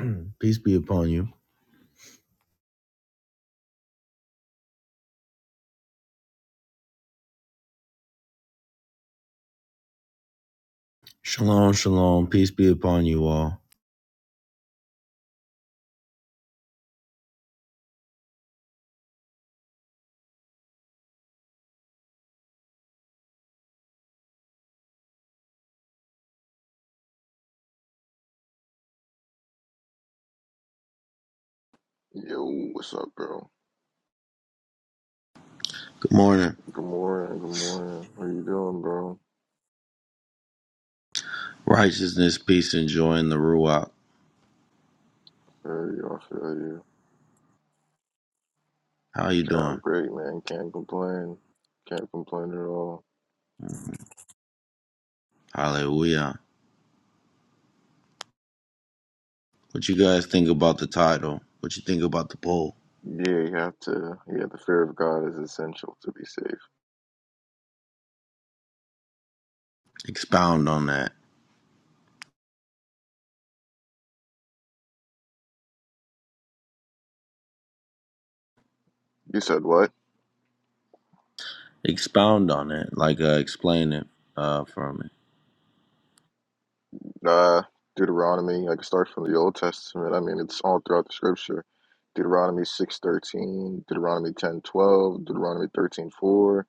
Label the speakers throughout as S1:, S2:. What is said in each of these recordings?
S1: Peace be upon you. Shalom, shalom. Peace be upon you all.
S2: Yo, what's up, bro?
S1: Good morning.
S2: Good morning, good morning. How you doing, bro?
S1: Righteousness, peace, and joy in the Ruach.
S2: Feel you, I feel you.
S1: How you
S2: Yeah, I'm
S1: doing?
S2: great, man. Can't complain. Can't complain at all.
S1: Hallelujah. What you guys think about the title? What you think about the poll?
S2: Yeah, you have to. Yeah, the fear of God is essential to be safe.
S1: Expound on that.
S2: You said what?
S1: Expound on it. Like, uh, explain it uh, for me.
S2: Uh, Deuteronomy, I can start from the Old Testament. I mean, it's all throughout the scripture. Deuteronomy 6.13, Deuteronomy 10.12, Deuteronomy 13.4,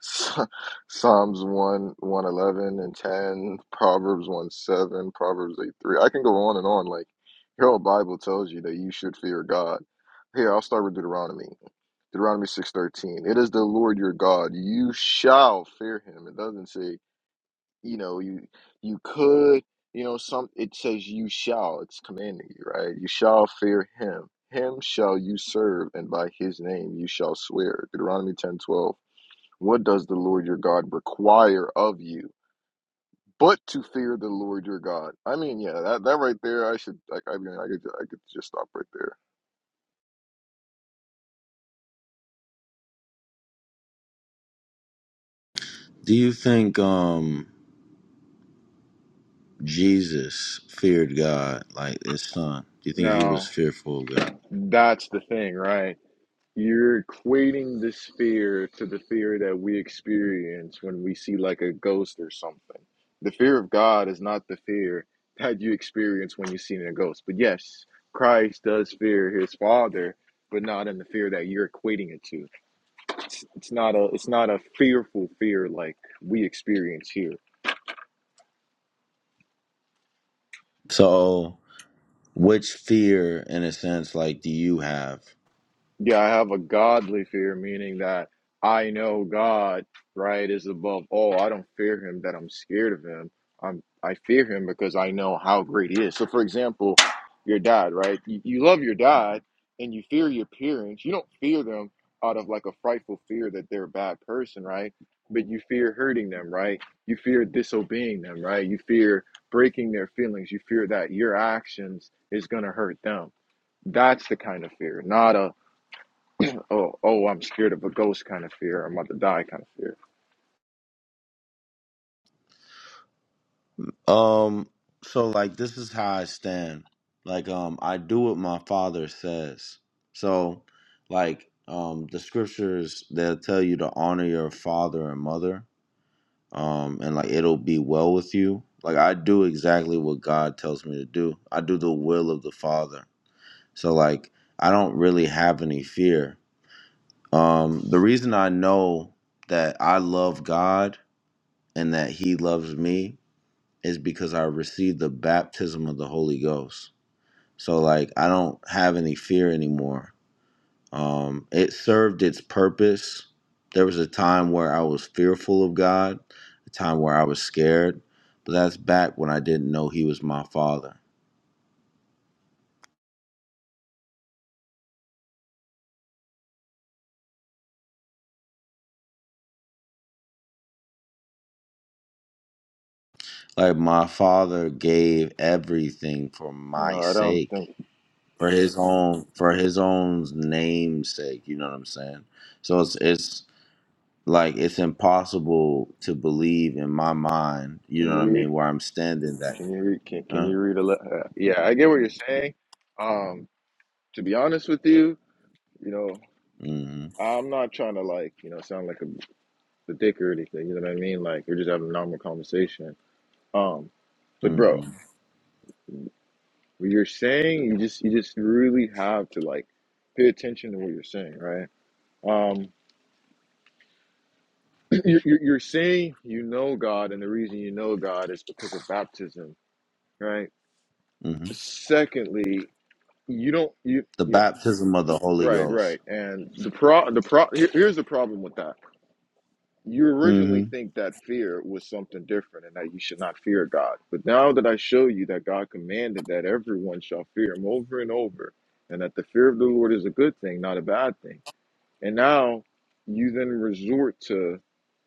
S2: Psalms 1, 111 and 10, Proverbs 1, 7, Proverbs 8, 3. I can go on and on. Like, your whole Bible tells you that you should fear God. Here, I'll start with Deuteronomy. Deuteronomy 6.13, it is the Lord your God. You shall fear him. It doesn't say you know you you could you know some it says you shall it's commanding you right you shall fear him him shall you serve and by his name you shall swear deuteronomy ten twelve. what does the lord your god require of you but to fear the lord your god i mean yeah that, that right there i should like i mean i could, I could just stop right there
S1: Do you think um, Jesus feared God like his son? Do you think he was
S2: Now,
S1: fearful of God?
S2: that's the thing, right? You're equating this fear to the fear that we experience when we see like a ghost or something. The fear of God is not the fear that you experience when you see a ghost. But yes, Christ does fear his father, but not in the fear that you're equating it to. It's, it's not a it's not a fearful fear like we experience here.
S1: So, which fear, in a sense, like, do you have?
S2: Yeah, I have a godly fear, meaning that I know God, right, is above all. I don't fear him that I'm scared of him. I'm I fear him because I know how great he is. So for example, your dad, right? You, you love your dad and you fear your parents. You don't fear them out of like a frightful fear that they're a bad person, right? But you fear hurting them, right? You fear disobeying them, right? You fear breaking their feelings. You fear that your actions is gonna hurt them. That's the kind of fear, not a oh, oh, I'm scared of a ghost kind of fear. I'm about to die kind of fear.
S1: Um, so like this is how I stand. Like, um, I do what my father says. So, like, um, the scriptures they'll tell you to honor your father and mother. Um, and like it'll be well with you. Like I do exactly what God tells me to do. I do the will of the Father. So like I don't really have any fear. Um, the reason I know that I love God and that He loves me is because I received the baptism of the Holy Ghost. So like I don't have any fear anymore. Um it served its purpose. There was a time where I was fearful of God, a time where I was scared, but that's back when I didn't know he was my father. Like my father gave everything for
S2: You
S1: my
S2: know, I don't
S1: sake,
S2: think.
S1: for his own for his own name's sake, you know what I'm saying? So it's it's like it's impossible to believe in my mind. You
S2: Can
S1: know
S2: you
S1: what I
S2: read?
S1: mean? Where I'm standing, that.
S2: Can you read? Can, can
S1: Uh,
S2: you read a? le- Uh, yeah, I get what you're saying. Um, to be honest with you, you know,
S1: hmm
S2: I'm not trying to like, you know, sound like a the dick or anything. You know what I mean? Like we're just having a normal conversation. Um, but
S1: hmm
S2: bro, what you're saying, you just you just really have to like pay attention to what you're saying, right? Um, you're, you're you're saying you know God, and the reason you know God is because of baptism right?
S1: hmm
S2: Secondly, you don't you
S1: The
S2: yeah
S1: baptism of the Holy
S2: right
S1: Ghost.
S2: right and the pro the pro here, here's the problem with that. You originally
S1: hmm
S2: think that fear was something different and that you should not fear God, but now that I show you that God commanded that everyone shall fear Him over and over, and that the fear of the Lord is a good thing, not a bad thing, and now you then resort to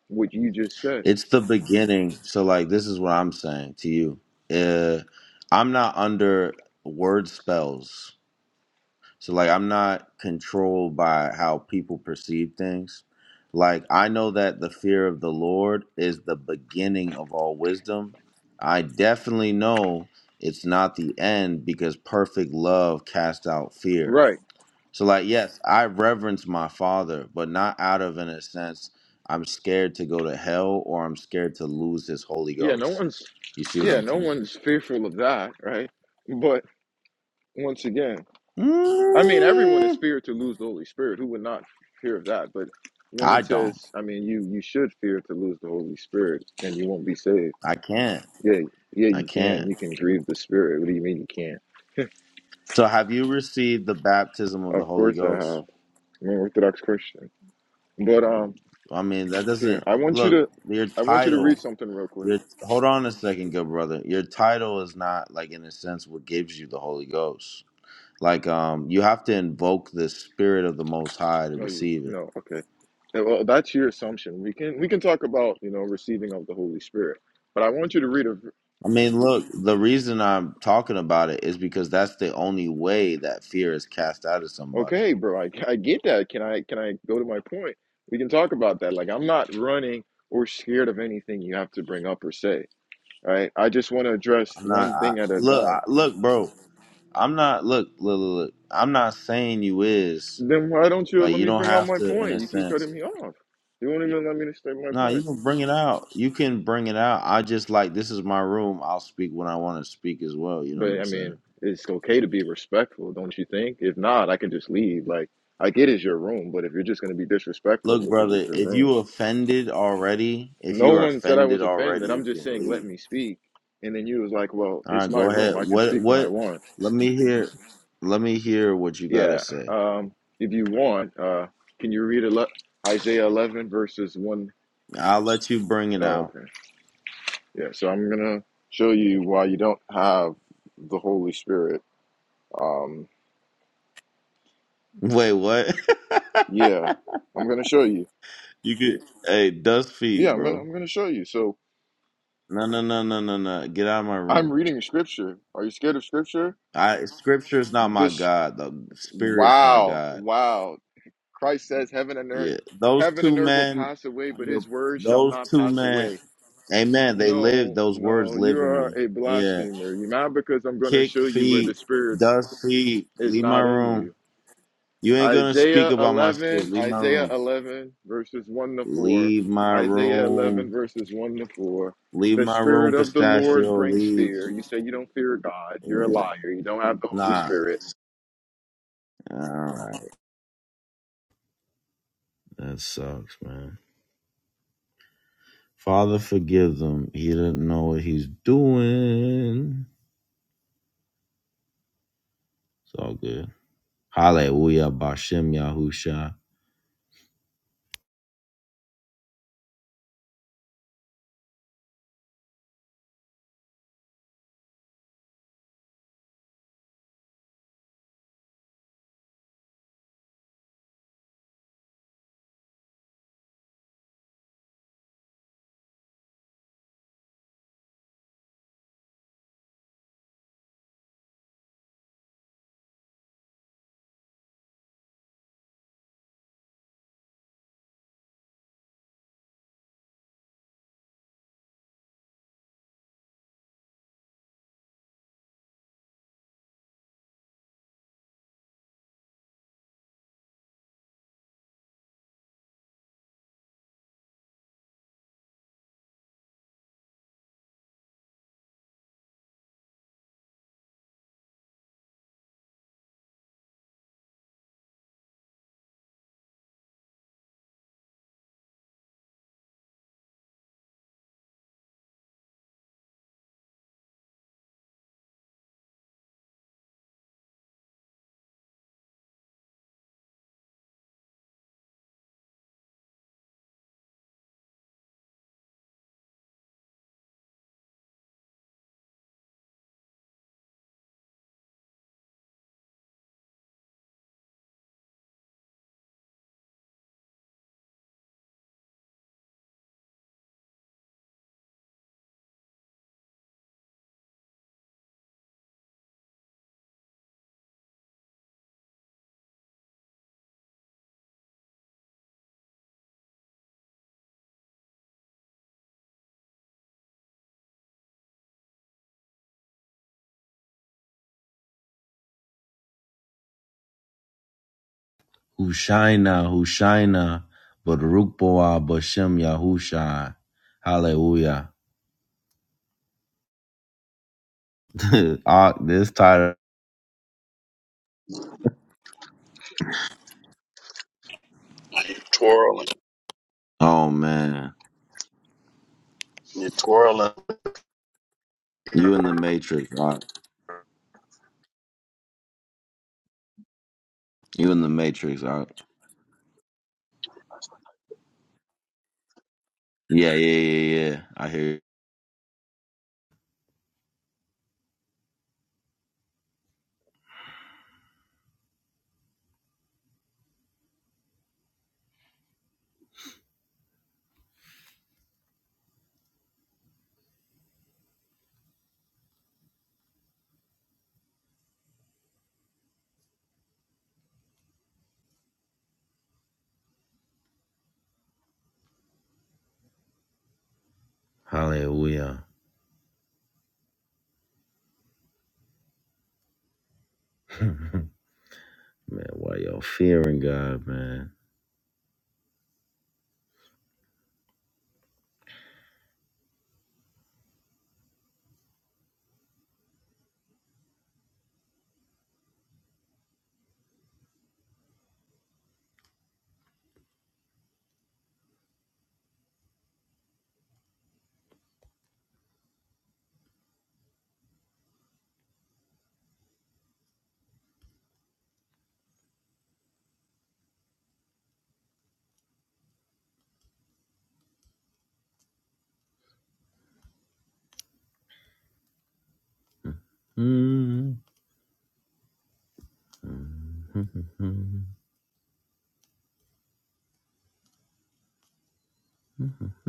S2: what you just said,
S1: It's the beginning. So, like, this is what I'm saying to you. Uh, I'm not under word spells. So like I'm not controlled by how people perceive things. Like I know that the fear of the Lord is the beginning of all wisdom. I definitely know it's not the end because perfect love casts out fear.
S2: right?
S1: So like yes, I reverence my father, but not out of in a sense I'm scared to go to hell or I'm scared to lose his Holy
S2: Yeah, no
S1: Ghost.
S2: one's
S1: You see what
S2: yeah,
S1: I'm
S2: no
S1: saying?
S2: one's fearful of that, right? But once again. I mean, everyone is
S1: Mm,
S2: feared to lose the Holy Spirit. Who would not fear of that? But when
S1: I
S2: it
S1: don't.
S2: says, I mean, you you should fear to lose the Holy Spirit, and you won't be saved.
S1: I can't.
S2: Yeah, yeah,
S1: I
S2: you
S1: can't.
S2: can. You can grieve the Spirit. What do you mean you can't?
S1: So have you received the baptism of the
S2: Of
S1: Holy
S2: course I have.
S1: Ghost?
S2: I'm an Orthodox Christian. But um,
S1: I mean, that
S2: here
S1: doesn't
S2: I want you
S1: look
S2: to,
S1: your
S2: I want you to read
S1: title.
S2: something real quick.
S1: Your hold on a second, good brother. Your title is not like in a sense what gives you the Holy Ghost. Like um, you have to invoke the Spirit of the Most High to
S2: No, you,
S1: receive it.
S2: no, okay. Yeah, Well, that's your assumption. We can we can talk about you know receiving of the Holy Spirit, but I want you to read a
S1: I mean, look, the reason I'm talking about it is because that's the only way that fear is cast out of somebody.
S2: Okay, bro, I, I get that. Can I can I go to my point? We can talk about that. Like I'm not running or scared of anything you have to bring up or say. All right. I just want to address
S1: I'm not
S2: one
S1: I,
S2: thing at a
S1: look,
S2: time.
S1: I, look, bro. I'm not look, look, look, look. I'm not saying you is.
S2: Then why don't you
S1: Like
S2: let
S1: you
S2: me
S1: don't
S2: bring out
S1: have
S2: my
S1: to, in
S2: point?
S1: a
S2: You keep cutting
S1: sense.
S2: me off. You won't even let me to state my
S1: No, you
S2: point.
S1: can bring it out. You can bring it out. I just like this is my room. I'll speak when I want to speak as well. You know what
S2: But
S1: I'm
S2: I
S1: saying?
S2: mean, it's okay to be respectful, don't you think? If not, I can just leave. Like I get it's your room, but if you're just gonna be disrespectful
S1: Look,
S2: because it's
S1: brother,
S2: your
S1: if
S2: room,
S1: you offended already, if
S2: No
S1: you are
S2: one said I
S1: offended
S2: was
S1: already,
S2: offended.
S1: you
S2: I'm just
S1: can
S2: saying, let
S1: leave.
S2: me speak. And then you was like, well,
S1: All
S2: it's
S1: right,
S2: my
S1: go
S2: room.
S1: ahead.
S2: I can
S1: What?
S2: speak when I
S1: What?
S2: want.
S1: Let me hear. Let me hear what you gotta
S2: Yeah.
S1: say.
S2: Um, if you want, uh, can you read ele- Isaiah 11 verses 1?
S1: I'll let you bring
S2: Oh,
S1: it out.
S2: okay. Yeah. So I'm going to show you why you don't have the Holy Spirit. Um,
S1: Wait, what?
S2: yeah. I'm going to show you.
S1: you
S2: Yeah.
S1: could. Hey, dust
S2: yeah
S1: feet,
S2: I'm going to,
S1: bro.
S2: I'm going to show you. So
S1: No, no, no, no, no, no. Get out of my room.
S2: I'm reading scripture. Are you scared of scripture?
S1: I scripture's not my
S2: This,
S1: God, the spirit's my
S2: wow.
S1: God.
S2: Wow. Christ says, Heaven and earth,
S1: Yeah. Those
S2: heaven and
S1: two
S2: earth will
S1: men
S2: pass away,
S1: on
S2: but
S1: your
S2: his word shall
S1: those
S2: not
S1: two
S2: pass
S1: men
S2: away.
S1: Amen. They live
S2: No,
S1: those words
S2: no, you
S1: live in
S2: are
S1: me.
S2: a
S1: Yeah.
S2: blasphemer. You mad because I'm going to
S1: Kick
S2: show you where the
S1: feet,
S2: spirit
S1: dust feet,
S2: is
S1: leave my
S2: not in
S1: room.
S2: you.
S1: You ain't gonna speak
S2: Isaiah
S1: about my
S2: 11,
S1: spirit. Leave my
S2: Isaiah
S1: room.
S2: 11, verses 1 to 4.
S1: Leave my
S2: Isaiah
S1: room.
S2: 11, verses 1 to 4.
S1: Leave
S2: The
S1: my room,
S2: spirit of the Lord
S1: pistachio,
S2: brings
S1: leave.
S2: fear. You say you don't fear God. You're a
S1: Yeah.
S2: liar. You don't have the Holy
S1: Nah.
S2: Spirit.
S1: All right. That sucks, man. Father, forgive them. He didn't know what he's doing. It's all good. Hallelujah, Bashem Yahusha. Hushaina, Hushaina, Baruch Boah, Bashem Yahusha. Hallelujah. Ark, this title.
S3: twirling.
S1: Oh, man.
S3: You're twirling.
S1: You in the Matrix, Ark. You in the Matrix, Ark. Yeah, yeah, yeah, yeah. I hear you. Hallelujah. man, why y'all fearing God, man?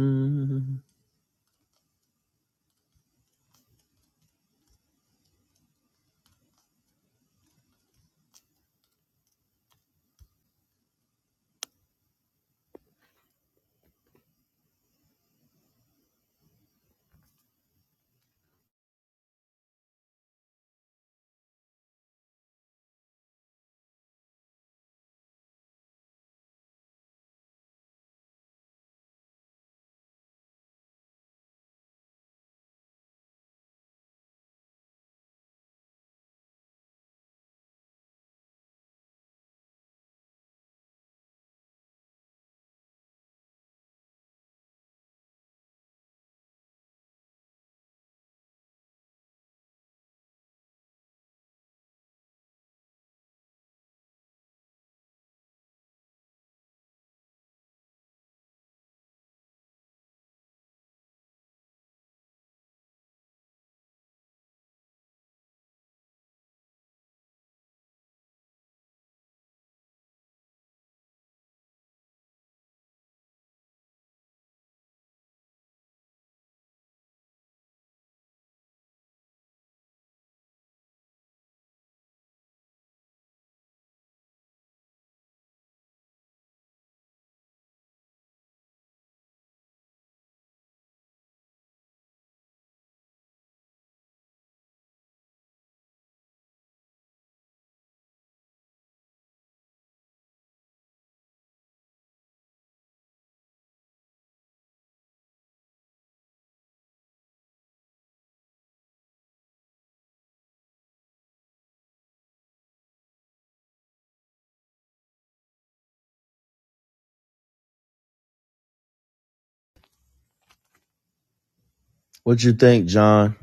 S1: What you think, John?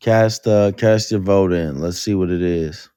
S1: Cast uh cast your vote in. Let's see what it is.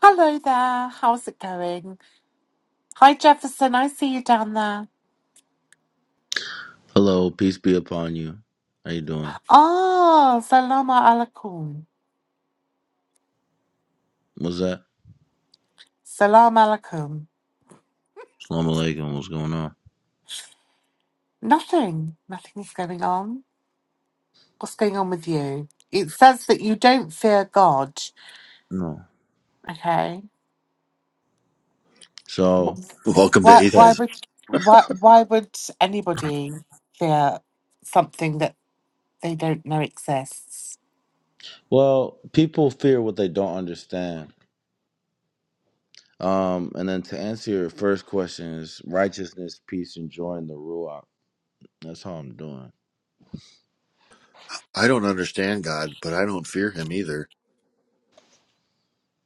S4: Hello there, how's it going? Hi Jefferson, I see you down there.
S1: Hello, peace be upon you. How you doing?
S4: Ah, salam alaikum.
S1: What's that?
S4: Salam alaikum.
S1: Salam alaikum, what's going on?
S4: Nothing, Nothing is going on. What's going on with you? It says that you don't fear God.
S1: No.
S4: Okay.
S1: So
S4: Wh-
S5: Welcome to
S4: Why?
S1: Yeah.
S4: Why
S5: atheism.
S4: would? Why? Why would anybody fear something that they don't know exists?
S1: well, people fear what they don't understand. Um, and then to answer your first question is righteousness, peace, and joy in the ruach. That's how I'm doing.
S5: I don't understand God, but I don't fear him either.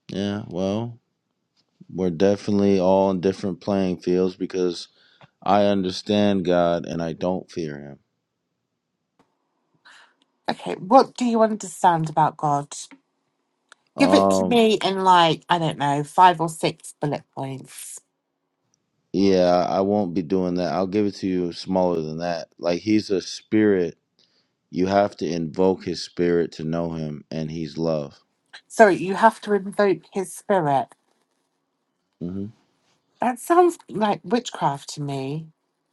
S1: Yeah, well, we're definitely all on different playing fields because I understand God and I don't fear him.
S4: Okay. What do you understand about God? Give it to
S1: Um,
S4: me in like, I don't know, five or six bullet points.
S1: yeah, I won't be doing that. I'll give it to you smaller than that. Like he's a spirit. You have to invoke his spirit to know him, and he's love.
S4: Sorry, you have to invoke his spirit.
S1: hmm
S4: That sounds like witchcraft to me,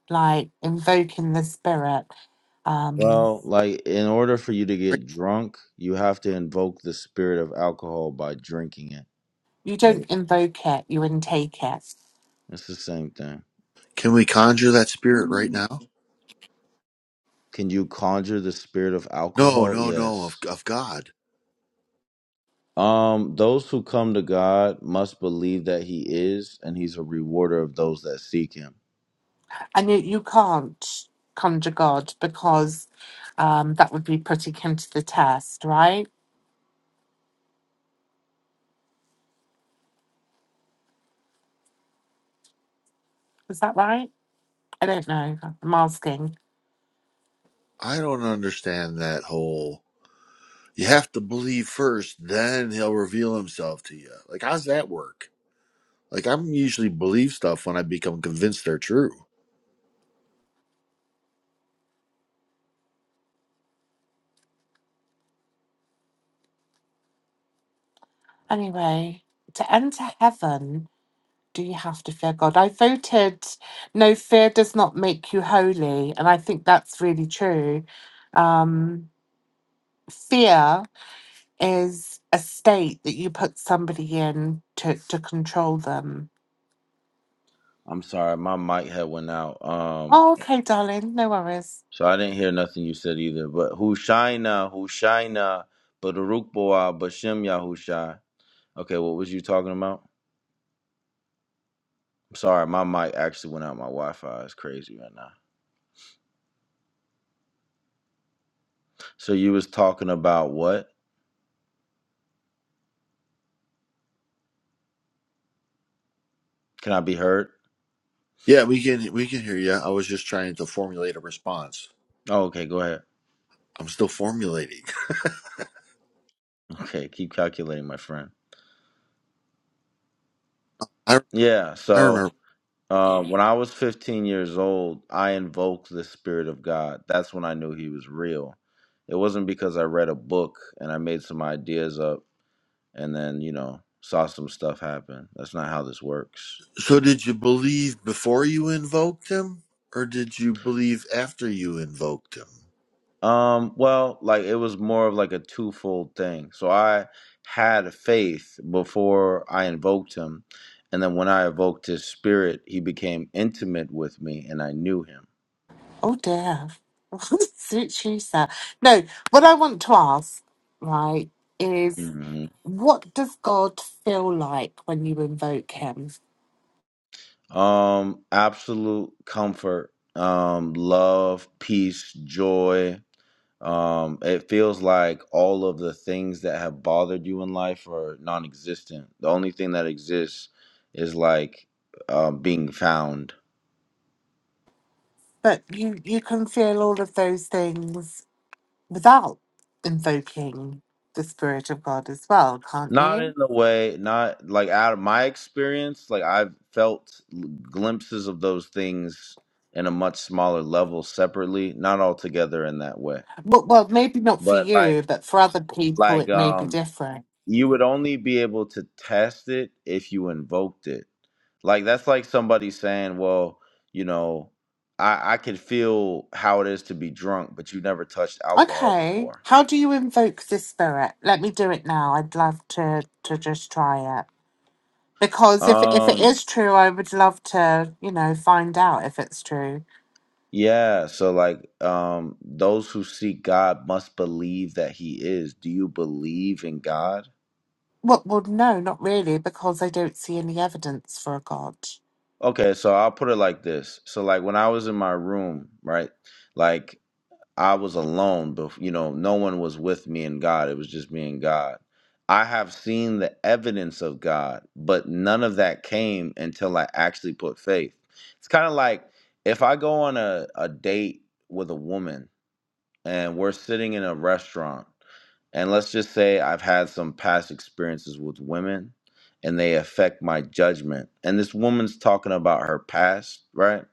S4: like invoking the spirit. Um,
S1: Well, like in order for you to get drunk, you have to invoke the spirit of alcohol by drinking it.
S4: you
S1: Like
S4: don't invoke it, you intake it.
S1: it's the same thing.
S5: Can we conjure that spirit right
S4: Mm.
S5: now?
S1: Can you conjure the spirit of
S5: No,
S1: alcohol?
S5: no, no, of,
S1: Yes.
S5: of God.
S1: Um, those who come to God must believe that He is, and He's a rewarder of those that seek Him.
S4: And you, you can't conjure God because um, that would be putting him to the test, right? Is that right? I don't know. I'm asking.
S5: I don't understand that whole. You have to believe first, then he'll reveal himself to you. Like, how's that work? Like, I'm usually believe stuff when I become convinced they're true.
S4: Anyway, to enter heaven. Do you have to fear God? I voted no, fear does not make you holy. And I think that's really true. Um, fear is a state that you put somebody in to, to control them.
S1: I'm sorry, my mic had went out. Um,
S4: Oh, okay, darling, no worries.
S1: so I didn't hear nothing you said either. But Hushaina, Hushaina, Barukboa, Bashem Yahushai. Okay, what was you talking about? I'm sorry, my mic actually went out. My Wi-Fi is crazy right now. So you was talking about what? Can I be heard?
S5: Yeah, we can we can hear you. I was just trying to formulate a response.
S1: Oh, okay, go ahead.
S5: I'm still formulating.
S1: Okay, keep calculating, my friend.
S5: I
S1: Yeah,
S5: I
S1: so
S5: remember
S1: Um, when I was 15 years old, I invoked the Spirit of God. That's when I knew He was real. It wasn't because I read a book and I made some ideas up and then, you know, saw some stuff happen. That's not how this works.
S5: So did you believe before you invoked him, or did you believe after you invoked him?
S1: Um, well, like it was more of like a twofold thing. So I had faith before I invoked Him. And then when I evoked His Spirit, He became intimate with me and I knew
S4: Oh, dear. Suit you, sir. No, what I want to ask, right, is
S1: Him.
S4: what does God feel like when you invoke him?
S1: Um, absolute comfort, um, love, peace, joy. Um, it feels like all of the things that have bothered you in life are non existent. The only thing that exists is like um, being found.
S4: But you, you can feel all of those things without invoking the spirit of God as well, can't
S1: Not in
S4: you?
S1: the way, not like out of my experience, like I've felt glimpses of those things in a much smaller level separately, not all together in that way.
S4: Well, well, maybe not for
S1: But like,
S4: you, but for other people,
S1: like,
S4: it may be
S1: um,
S4: different.
S1: you would only be able to test it if you invoked it. Like that's like somebody saying, "Well, you know, I I could feel how it is to be drunk, but you never touched alcohol
S4: Okay,
S1: before."
S4: how do you invoke the spirit? Let me do it now. I'd love to to just try it because if if it
S1: Um
S4: is true, I would love to you know find out if it's true.
S1: yeah, so like um those who seek God must believe that he is. Do you believe in God?
S4: Well, well, no, not really, because I don't see any evidence for a God.
S1: Okay, so I'll put it like this. So like when I was in my room, right? Like I was alone, but you know, no one was with me and God. It was just me and God. I have seen the evidence of God, but none of that came until I actually put faith. It's kind of like if I go on a, a date with a woman and we're sitting in a restaurant and let's just say I've had some past experiences with women and they affect my judgment. And this woman's talking about her past, right?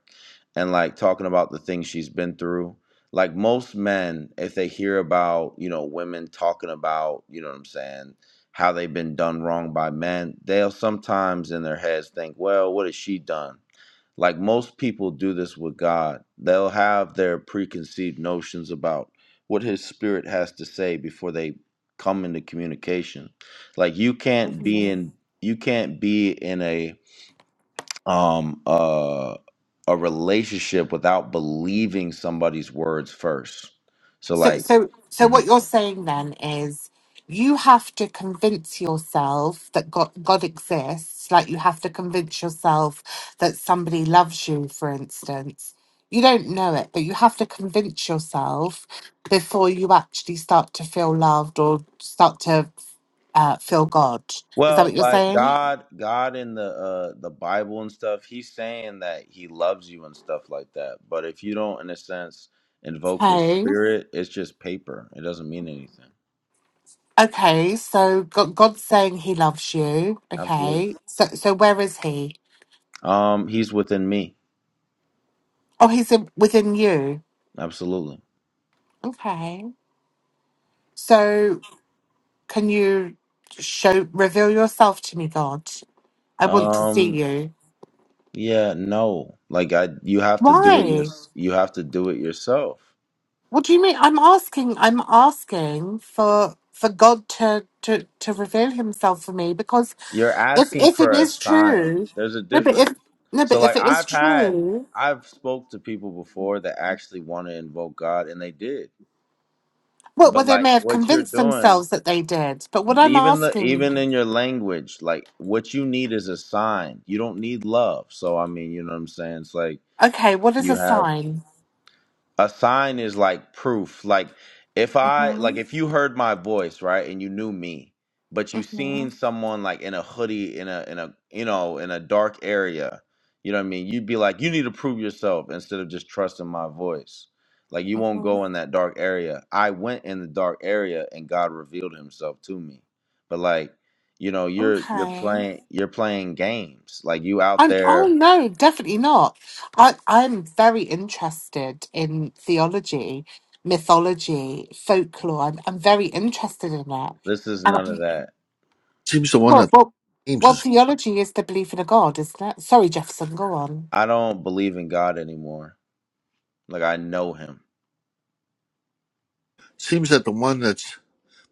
S1: And like talking about the things she's been through. Like most men, if they hear about, you know, women talking about, you know what I'm saying, how they've been done wrong by men, they'll sometimes in their heads think, well, what has she done? like most people do this with God. They'll have their preconceived notions about what his spirit has to say before they come into communication. Like you can't be
S4: Mhm.
S1: in you can't be in a um uh a relationship without believing somebody's words first. So
S4: So,
S1: like
S4: so, so,
S1: mm-hmm.
S4: what you're saying then is you have to convince yourself that God, God exists. Like you have to convince yourself that somebody loves you, for instance. You don't know it, but you have to convince yourself before you actually start to feel loved or start to uh, feel God. Is that
S1: Well,
S4: what you're
S1: like
S4: saying?
S1: God, God in the uh the Bible and stuff, he's saying that he loves you and stuff like that. But if you don't in a sense invoke his
S4: Okay.
S1: spirit, it's just paper. It doesn't mean anything.
S4: Okay. So God God's saying He loves you.
S1: Absolutely.
S4: Okay. So, so where is He?
S1: Um he's within me.
S4: Oh, He's in, within you.
S1: Absolutely.
S4: Okay. So can you show reveal yourself to me, God? I want to see
S1: Um
S4: you.
S1: yeah, no. Like I you have to do it your,
S4: Why?
S1: you have to do it yourself.
S4: What do you mean? I'm asking I'm asking for for God to to, to reveal himself for me because
S1: You're
S4: if
S1: asking
S4: if it
S1: for a
S4: is
S1: sign.
S4: true
S1: There's a
S4: no but if
S1: difference.
S4: no but
S1: So
S4: if
S1: like
S4: it is
S1: I've had
S4: true
S1: I've spoke to people before that actually want to invoke God and they did.
S4: well,
S1: But
S4: well they
S1: like
S4: may have
S1: what you're
S4: convinced
S1: doing,
S4: themselves that they did. But what I'm
S1: even the
S4: asking
S1: even in your language, like what you need is a sign. You don't need love. So I mean, you know what I'm saying? It's like
S4: okay, what is
S1: you
S4: a
S1: have
S4: sign?
S1: a sign is like proof like if i like
S4: Mm-hmm.
S1: if you heard my voice right and you knew me but you
S4: Mm-hmm.
S1: seen someone like in a hoodie in a in a you know in a dark area you know what i mean you'd be like you need to prove yourself instead of just trusting my voice like you won't
S4: Mm-hmm.
S1: go in that dark area i went in the dark area and god revealed himself to me but like you know you're you're
S4: Okay.
S1: playing you're playing games like you out
S4: I'm, oh
S1: there
S4: no, definitely not. I, I'm very interested in theology, mythology, folklore. I'm, I'm very interested in that.
S1: this is
S4: And
S1: none
S4: I-
S1: of that
S5: Seems the one
S4: well,
S5: that
S4: well,
S5: games
S4: well,
S5: is
S4: theology is the belief in a God, isn't it? Sorry, Jefferson, go on.
S1: i don't believe in god anymore Like I know him.
S5: seems that the one that's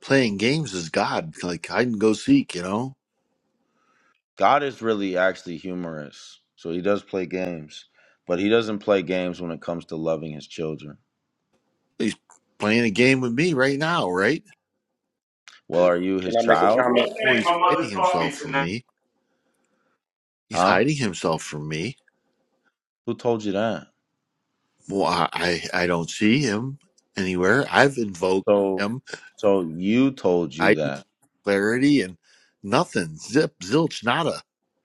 S5: playing games is God. Like hide and go seek, you know.
S1: God is really actually humorous. So he does play games, but he doesn't play games when it comes to loving his children.
S5: He's playing a game with me right now, right?
S1: Well, are you his
S6: Can I make a
S1: child?
S6: comment?
S5: Or
S6: Hey,
S5: he's
S6: my
S5: hiding
S6: mother taught
S5: himself
S6: me
S5: from
S6: tonight.
S5: me. He's
S1: Huh?
S5: hiding himself from me.
S1: Who told you that?
S5: Well, I I, I don't see him anywhere. I've invoked
S1: So
S5: him,
S1: so you told you
S5: hiding
S1: that.
S5: clarity and nothing. Zip, zilch, nada.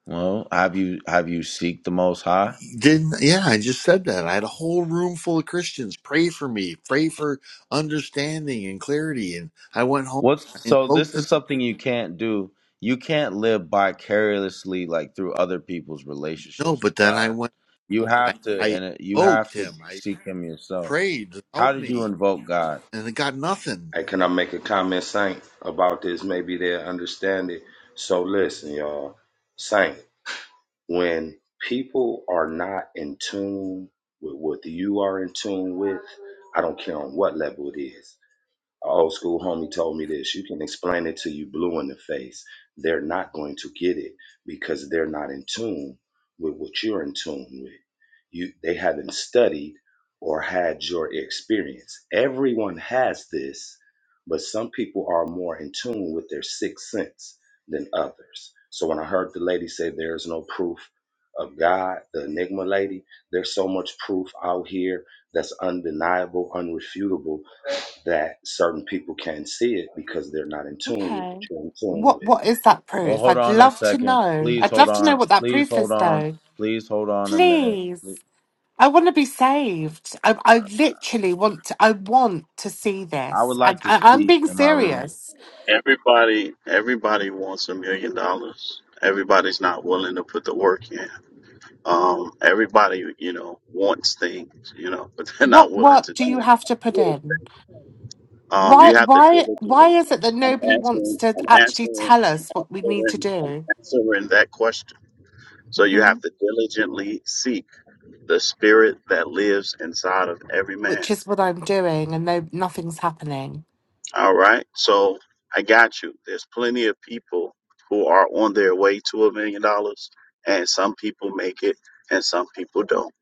S1: Well, have you have you seek the most high?
S5: Didn't yeah, I just said that. I had a whole room full of Christians. Pray for me. Pray for understanding and clarity. And I went home. I
S1: What's so
S5: invoked
S1: this is
S5: the
S1: something you can't do. You can't live vicariously like through other people's
S5: no,
S1: relationships
S5: but
S1: with
S5: then I
S1: God.
S5: went.
S1: You
S5: I
S1: have to
S5: I
S1: and it- you
S5: invoked
S1: have to
S5: him. I
S1: seek him yourself.
S5: prayed,
S1: How
S5: help
S1: did you
S5: me,
S1: invoke God?
S5: and it got nothing.
S6: Hey, can I make a comment, Saint, about this? Maybe they'll understand it. So listen, y'all. Saint, when people are not in tune with what you are in tune with, I don't care on what level it is. A old school homie told me this you can explain it to you blue in the face they're not going to get it because they're not in tune with what you're in tune with you they haven't studied or had your experience everyone has this but some people are more in tune with their sixth sense than others so when i heard the lady say there's no proof of god the enigma lady there's so much proof out here that's undeniable unrefutable that certain people can't see it because they're not in tune with what
S4: Okay.
S6: you're in tune
S4: What
S6: with.
S4: What is that
S1: Well,
S4: proof?
S1: hold
S4: I'd
S1: on a
S4: love to
S1: second.
S4: know.
S1: Please
S4: I'd
S1: hold
S4: love to know
S1: on.
S4: what that
S1: Please
S4: proof
S1: hold
S4: is,
S1: on.
S4: though.
S1: Please hold on a minute.
S4: Please.
S1: Ple-
S4: I want to be saved. I, I literally want to. I want to see
S1: I would
S4: this, and
S1: like to
S4: I, I'm
S1: speak
S4: being
S1: in my room.
S4: serious.
S3: Everybody, everybody wants a million dollars. Everybody's not willing to put the work in. Um, everybody, you know, wants things, you know, but they're not
S4: what
S3: willing to
S4: work do you
S3: do.
S4: have to put
S3: what It. takes.
S4: in?
S3: Um,
S4: Why
S3: you have to
S4: why why
S3: diligently.
S4: is it that
S3: I'm
S4: nobody wants
S3: answering.
S4: to
S3: I'm
S4: actually
S3: answering.
S4: tell us
S3: I'm
S4: what we need to
S3: answering. I'm
S4: do?
S3: answering that question. So you
S4: hmm
S3: have to diligently seek the spirit that lives inside of every man.
S4: Which is what I'm doing, and no nothing's happening.
S3: All right. So I got you. There's plenty of people who are on their way to a million dollars, and some people make it and some people don't.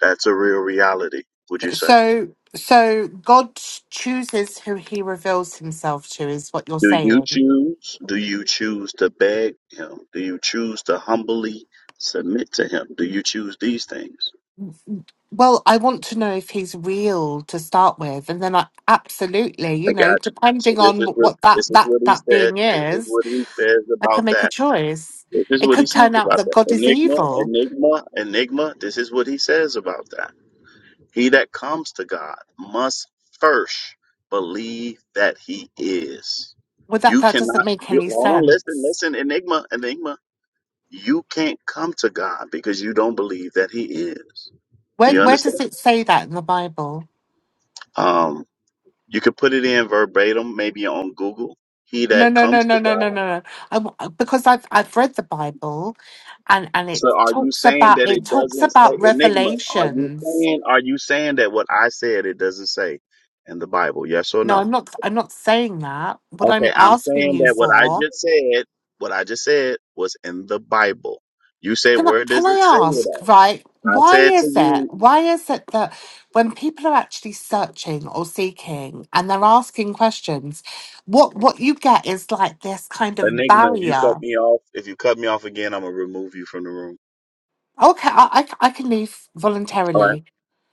S3: That's a real reality, would you say?
S4: So so God chooses who He reveals Himself to is what you're
S3: Do you
S4: saying.
S3: choose? Do you choose to beg him? Do you choose to humbly submit to him? Do you choose these things?
S4: Well, I want to know if He's real to start with, and then I absolutely, you
S3: I
S4: know,
S3: got you. So
S4: depending
S3: this
S4: on
S3: is
S4: wh-
S3: what
S4: what that
S3: this is
S4: that
S3: what he
S4: that
S3: said.
S4: being
S3: This is
S4: is,
S3: what he says
S4: I can
S3: about
S4: make a
S3: that.
S4: choice.
S3: This is
S4: It
S3: what he
S4: could
S3: says
S4: turn out
S3: about
S4: that
S3: that.
S4: God is
S3: Enigma,
S4: evil
S3: enigma, enigma. This is what he says about that. He that comes to God must first believe that he is.
S4: Well, that
S3: You
S4: that doesn't
S3: cannot,
S4: make
S3: you,
S4: any
S3: hold on, listen,
S4: sense.
S3: listen, Enigma, Enigma. You can't come to God because you don't believe that he is. Do
S4: Where
S3: you
S4: where does
S3: understand?
S4: it say that in the Bible?
S3: Um, you could put it in verbatim, maybe on Google. He
S4: No,
S3: that
S4: no, no,
S3: comes to
S4: no, no, no, no.
S3: God.
S4: no. I w uh, because I've I've read the Bible, and and it
S3: So are you
S4: talks
S3: saying
S4: about
S3: that it
S4: it talks
S3: doesn't say
S4: about
S3: Enigma? Are you
S4: revelations.
S3: saying, are you saying that what I said, it doesn't say in the Bible? Yes or
S4: No,
S3: no?
S4: I'm not I'm not saying that. What I'm
S3: Okay, I'm
S4: asking
S3: saying
S4: you
S3: that what I
S4: for,
S3: just said, what I just said was in the Bible. You say,
S4: can I
S3: where
S4: can
S3: does
S4: I
S3: it say it
S4: ask
S3: at?
S4: right?
S3: I
S4: Why
S3: said to
S4: is it?
S3: you,
S4: Why is it that when people are actually searching or seeking and they're asking questions, what what you get is like this kind of
S3: Enigma, if you
S4: barrier
S3: cut me off, if you cut me off again, I'm gonna remove you from the room.
S4: Okay, I I I can leave
S3: All right.
S4: voluntarily.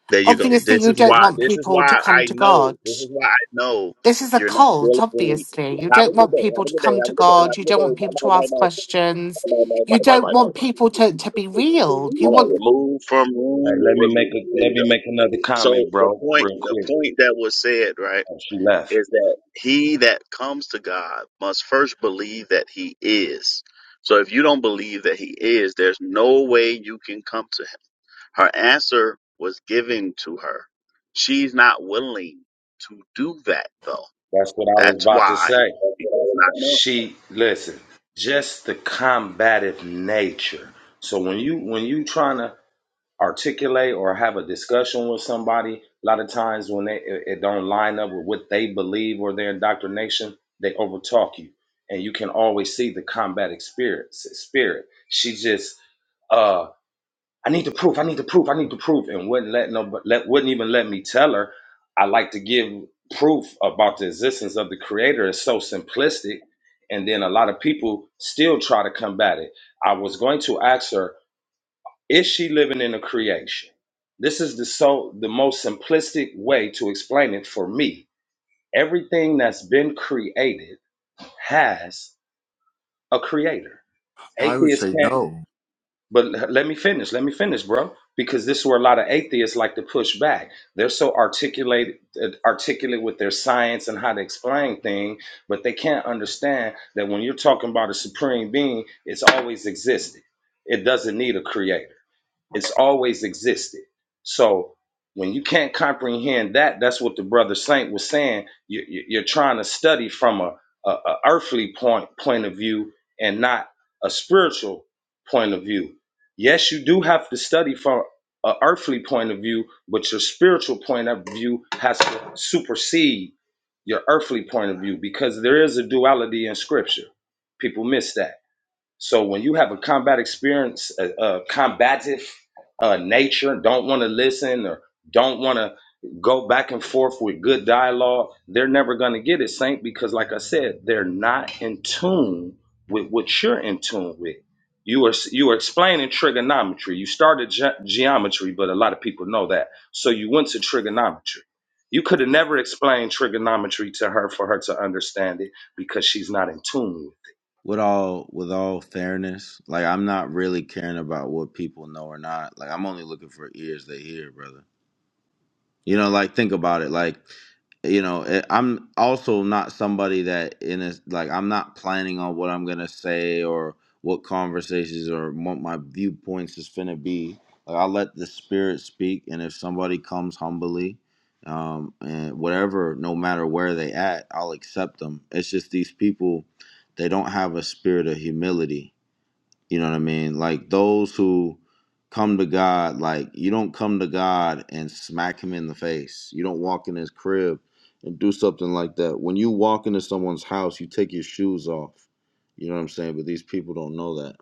S3: There you go.
S4: Obviously,
S3: This
S4: you
S3: is
S4: don't
S3: why
S4: want
S3: this is
S4: people to
S3: why
S4: come
S3: I
S4: to
S3: know.
S4: God.
S3: This is why I know
S4: This is a
S3: you're not
S4: cult,
S3: diligently.
S4: obviously. You
S3: Have a
S4: don't
S3: good
S4: want
S3: day. Have
S4: people
S3: a
S4: to
S3: good day.
S4: come
S3: Have
S4: to
S3: a good day.
S4: God.
S3: Have a
S4: You
S3: good
S4: don't
S3: day.
S4: want
S3: Bye
S4: people
S3: bye
S4: to
S3: bye
S4: ask
S3: bye.
S4: questions.
S3: Bye bye bye
S4: You
S3: bye bye
S4: don't
S3: bye.
S4: want people
S3: bye.
S4: to, to be real. You
S3: Hold on.
S4: want
S3: Remove from
S6: All right,
S3: room.
S6: let me make
S3: Remove.
S6: a
S3: There you
S6: let
S3: go.
S6: me make another
S3: So
S6: comment,
S3: the
S6: bro,
S3: point,
S6: real
S3: the
S6: quick.
S3: point that was said, right,
S6: Oh, she left.
S3: is that he that comes to God must first believe that he is. So if you don't believe that he is, there's no way you can come to him. Her answer was given to her. She's not willing to do that though.
S6: That's what I was
S3: That's
S6: about to
S3: why
S6: say.
S3: she does not know.
S6: She listen, just the combative nature. So when you when you trying to articulate or have a discussion with somebody, a lot of times when they it, it don't line up with what they believe or their indoctrination, they overtalk you, and you can always see the combative spirit. Spirit. She just uh, I need the proof, I need the proof, I need the proof, and wouldn't let no, let wouldn't even let me tell her. I like to give proof about the existence of the creator. It's so simplistic, and then a lot of people still try to combat it. I was going to ask her, is she living in a creation? This is the so the most simplistic way to explain it for me. Everything that's been created has a creator.
S5: I would
S6: Atheists
S5: say
S6: can't
S5: no.
S6: But l- let me finish. Let me finish, bro. Because this is where a lot of atheists like to push back. They're so articulate, uh, articulate with their science and how to explain things, but they can't understand that when you're talking about a supreme being, it's always existed. It doesn't need a creator. It's always existed. So when you can't comprehend that, that's what the brother Saint was saying. You, you- you're trying to study from a, a, a earthly point point of view and not a spiritual point of view. Yes, you do have to study from a earthly point of view, but your spiritual point of view has to supersede your earthly point of view because there is a duality in Scripture. People miss that so when you have a combat experience, a, a combative uh, nature, don't want to listen or don't want to go back and forth with good dialogue, they're never going to get it, Saint, because like I said, they're not in tune with what you're in tune with. You are you were explaining trigonometry. You started ge- geometry, but a lot of people know that. So you went to trigonometry. You could have never explained trigonometry to her for her to understand it because she's not in tune with it.
S1: With all with all fairness, like I'm not really caring about what people know or not. Like I'm only looking for ears to hear, brother. You know, like think about it. Like, you know, eh, I'm also not somebody that in a like I'm not planning on what I'm gonna say or what conversations or what my viewpoints is finna be. Like I let the spirit speak, and if somebody comes humbly, um, and whatever, no matter where they at, I'll accept them. It's just these people, they don't have a spirit of humility you know what I mean? Like those who come to God, like you don't come to God and smack him in the face. You don't walk in his crib and do something like that. When you walk into someone's house, you take your shoes off. You know what I'm saying? But these people don't know that.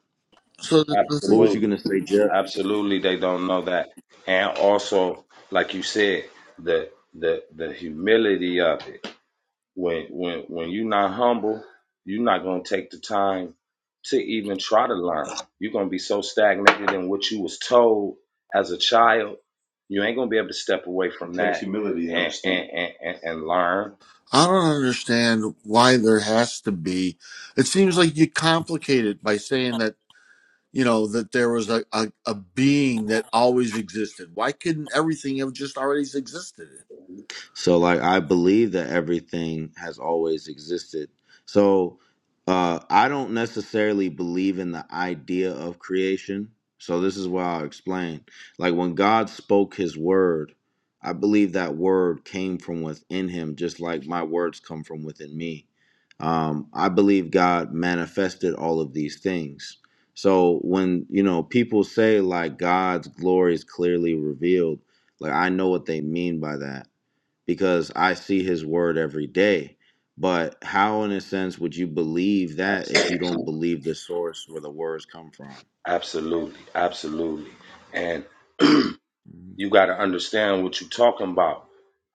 S5: So the, the
S1: What
S5: thing
S1: was you
S6: Absolutely.
S1: gonna say, Jeff?
S6: Absolutely they don't know that. And also, like you said, the the the humility of it. When when when you're not humble, you're not gonna take the time to even try to learn. You're gonna be so stagnated in what you was told as a child, you ain't gonna be able to step away from It takes that humility and, and, and, understanding. and, and learn.
S5: I don't understand why there has to be. It seems like you complicate it by saying that you know that there was a, a, a being that always existed. Why couldn't everything have just already existed?
S1: So like I believe that everything has always existed. So uh I don't necessarily believe in the idea of creation. So this is why I'll explain. Like when God spoke his word, I believe that word came from within him just like my words come from within me. Um I believe God manifested all of these things. So when, you know, people say like God's glory is clearly revealed, like I know what they mean by that because I see his word every day. But how, in a sense, would you believe that if you
S6: Absolutely.
S1: don't believe the source where the words come from?
S6: Absolutely. Absolutely. And
S1: Mhm.
S6: you got to understand what you're talking about.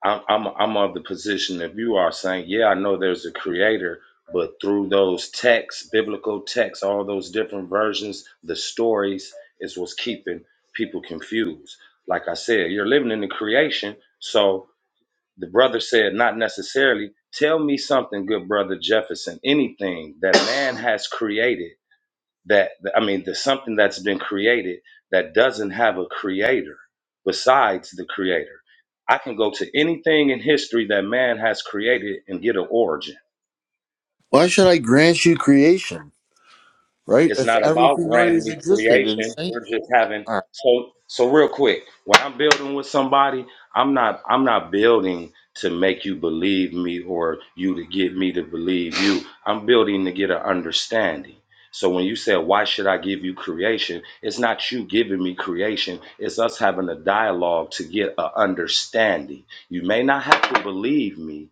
S6: I'm, I'm I'm of the position if you are saying, yeah, I know there's a creator, but through those texts, biblical texts, all those different versions, the stories is what's keeping people confused. Like I said, you're living in the creation, so the brother said, not necessarily. Tell me something, good brother Jefferson, anything that man has created that I mean, there's something that's been created that doesn't have a creator besides the creator. I can go to anything in history that man has created and get an origin
S5: Why should I grant you creation, right?
S6: It's
S5: If
S6: not about
S5: everything
S6: granting
S5: always
S6: me
S5: existed in
S6: creation.
S5: Saint.
S6: We're just having
S5: or-
S6: so so real quick. When I'm building with somebody, I'm not I'm not building to make you believe me or you to get me to believe you. I'm building to get an understanding. So when you said why should I give you creation, it's not you giving me creation. It's us having a dialogue to get an understanding. You may not have to believe me,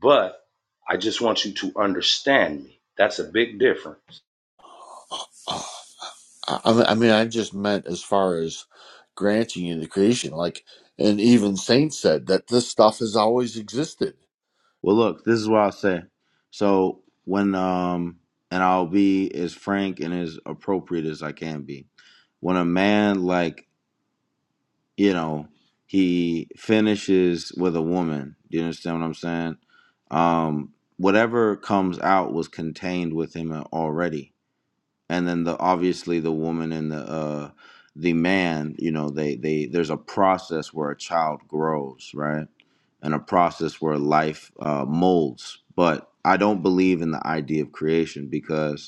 S6: but I just want you to understand me. That's a big difference.
S5: I I mean, I just meant as far as granting you the creation, like, and even Saint said that this stuff has always existed.
S1: Well, look, this is what I'll say. So, when, um, and I'll be as frank and as appropriate as I can be. When a man, like, you know, he finishes with a woman, do you understand what I'm saying? Um, whatever comes out was contained with him already and then the obviously the woman and the uh the man you know they they there's a process where a child grows right and a process where life uh molds but i don't believe in the idea of creation because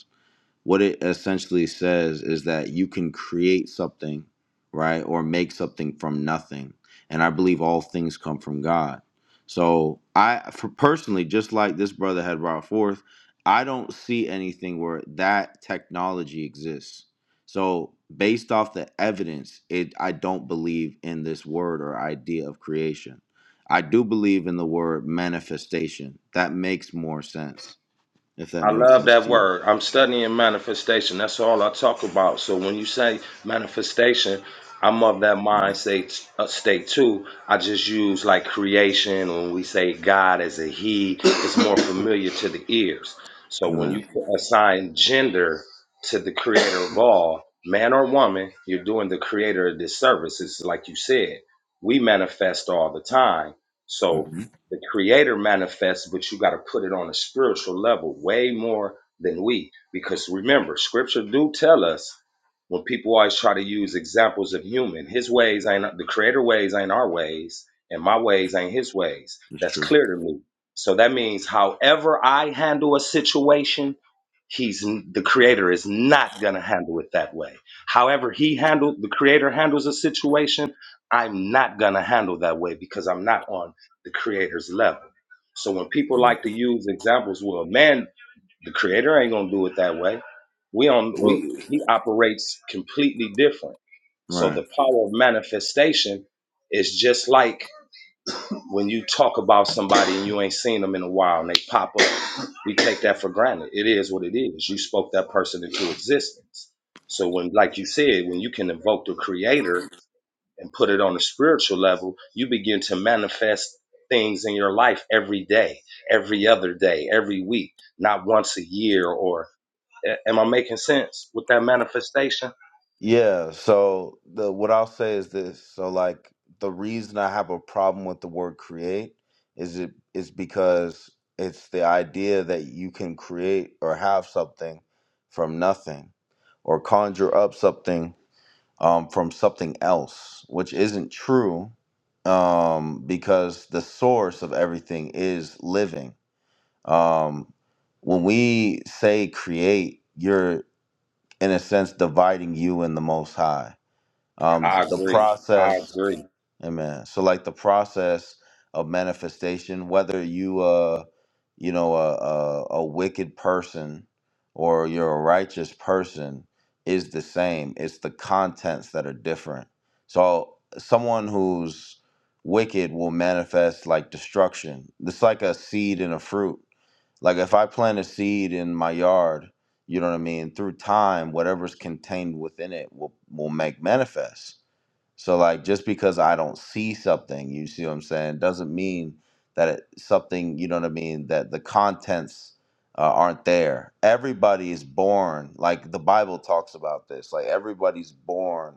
S1: what it essentially says is that you can create something, right, or make something from nothing. And I believe all things come from God. So I, for personally, just like this brother had brought forth, I don't see anything where that technology exists. So based off the evidence, it I don't believe in this word or idea of creation. I do believe in the word manifestation. That makes more sense, if that
S6: I
S1: makes
S6: love
S1: sense
S6: that
S1: to you.
S6: word. I'm studying manifestation. That's all I talk about. So when you say manifestation, I'm of that mind
S1: Mhm.
S6: state, uh, state too. I just use like creation when we say God as a He, it's more familiar to the ears. So when
S1: Amen.
S6: you assign gender to the creator of all, man or woman, you're doing the creator a disservice. It's like you said, we manifest all the time. So
S1: Mm-hmm.
S6: the creator manifests but you got to put it on a spiritual level way more than we because remember scripture do tell us when people always try to use examples of human his ways ain't the creator ways ain't our ways and my ways ain't his ways
S1: That's
S6: that's
S1: true.
S6: clear to me so that means however i handle a situation he's the creator is not going to handle it that way however he handled the creator handles a situation i'm not going to handle that way because i'm not on the creator's level. So when people
S1: Mhm.
S6: like to use examples, well, man, the creator ain't gonna do it that way. We on
S1: Well,
S6: we he operates completely different. So
S1: right.
S6: the power of manifestation is just like when you talk about somebody and you ain't seen them in a while and they pop up. We take that for granted. It is what it is. You spoke that person into existence. So when, like you said, when you can invoke the creator and put it on a spiritual level, you begin to manifest things in your life every day, every other day, every week, not once a year or am I making sense with that manifestation?
S1: Yeah, so the what I'll say is this. So like the reason I have a problem with the word create is it is because it's the idea that you can create or have something from nothing or conjure up something um, from something else, which isn't true um, because the source of everything is living. Um, when we say create, you're in a sense dividing you and the most high um
S6: I
S1: the
S6: agree. I
S1: process
S6: agree.
S1: amen so like the process of manifestation whether you uh you know a, a a wicked person or you're a righteous person is the same it's the contents that are different so someone who's wicked will manifest like destruction it's like a seed and a fruit like if i plant a seed in my yard you know what i mean through time whatever's contained within it will will make manifest so like just because I don't see something, you see what I'm saying, doesn't mean that it, something, you know what I mean, that the contents uh, aren't there. Everybody is born, like the Bible talks about this, like everybody's born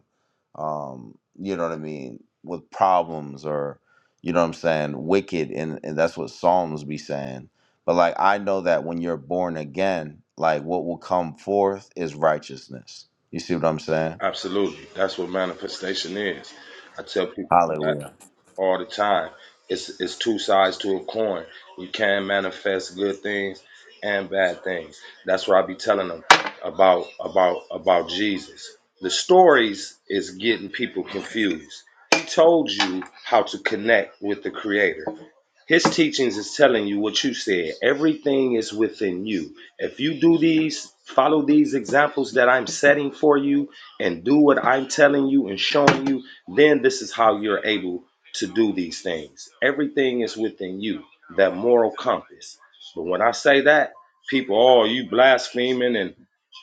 S1: um, you know what I mean, with problems or you know what I'm saying, wicked and, and that's what Psalms be saying. But like I know that when you're born again, like what will come forth is righteousness. You see what I'm saying?
S6: Absolutely. That's what manifestation is. I tell people that
S1: Hallelujah.
S6: all the time. It's it's two sides to a coin. You can manifest good things and bad things. That's what I be telling them about about about Jesus. The stories is getting people confused. He told you how to connect with the creator. His teachings is telling you what you said. Everything is within you. If you do these, follow these examples that I'm setting for you and do what I'm telling you and showing you, then this is how you're able to do these things. Everything is within you, that moral compass. But when I say that, people, oh, you blaspheming and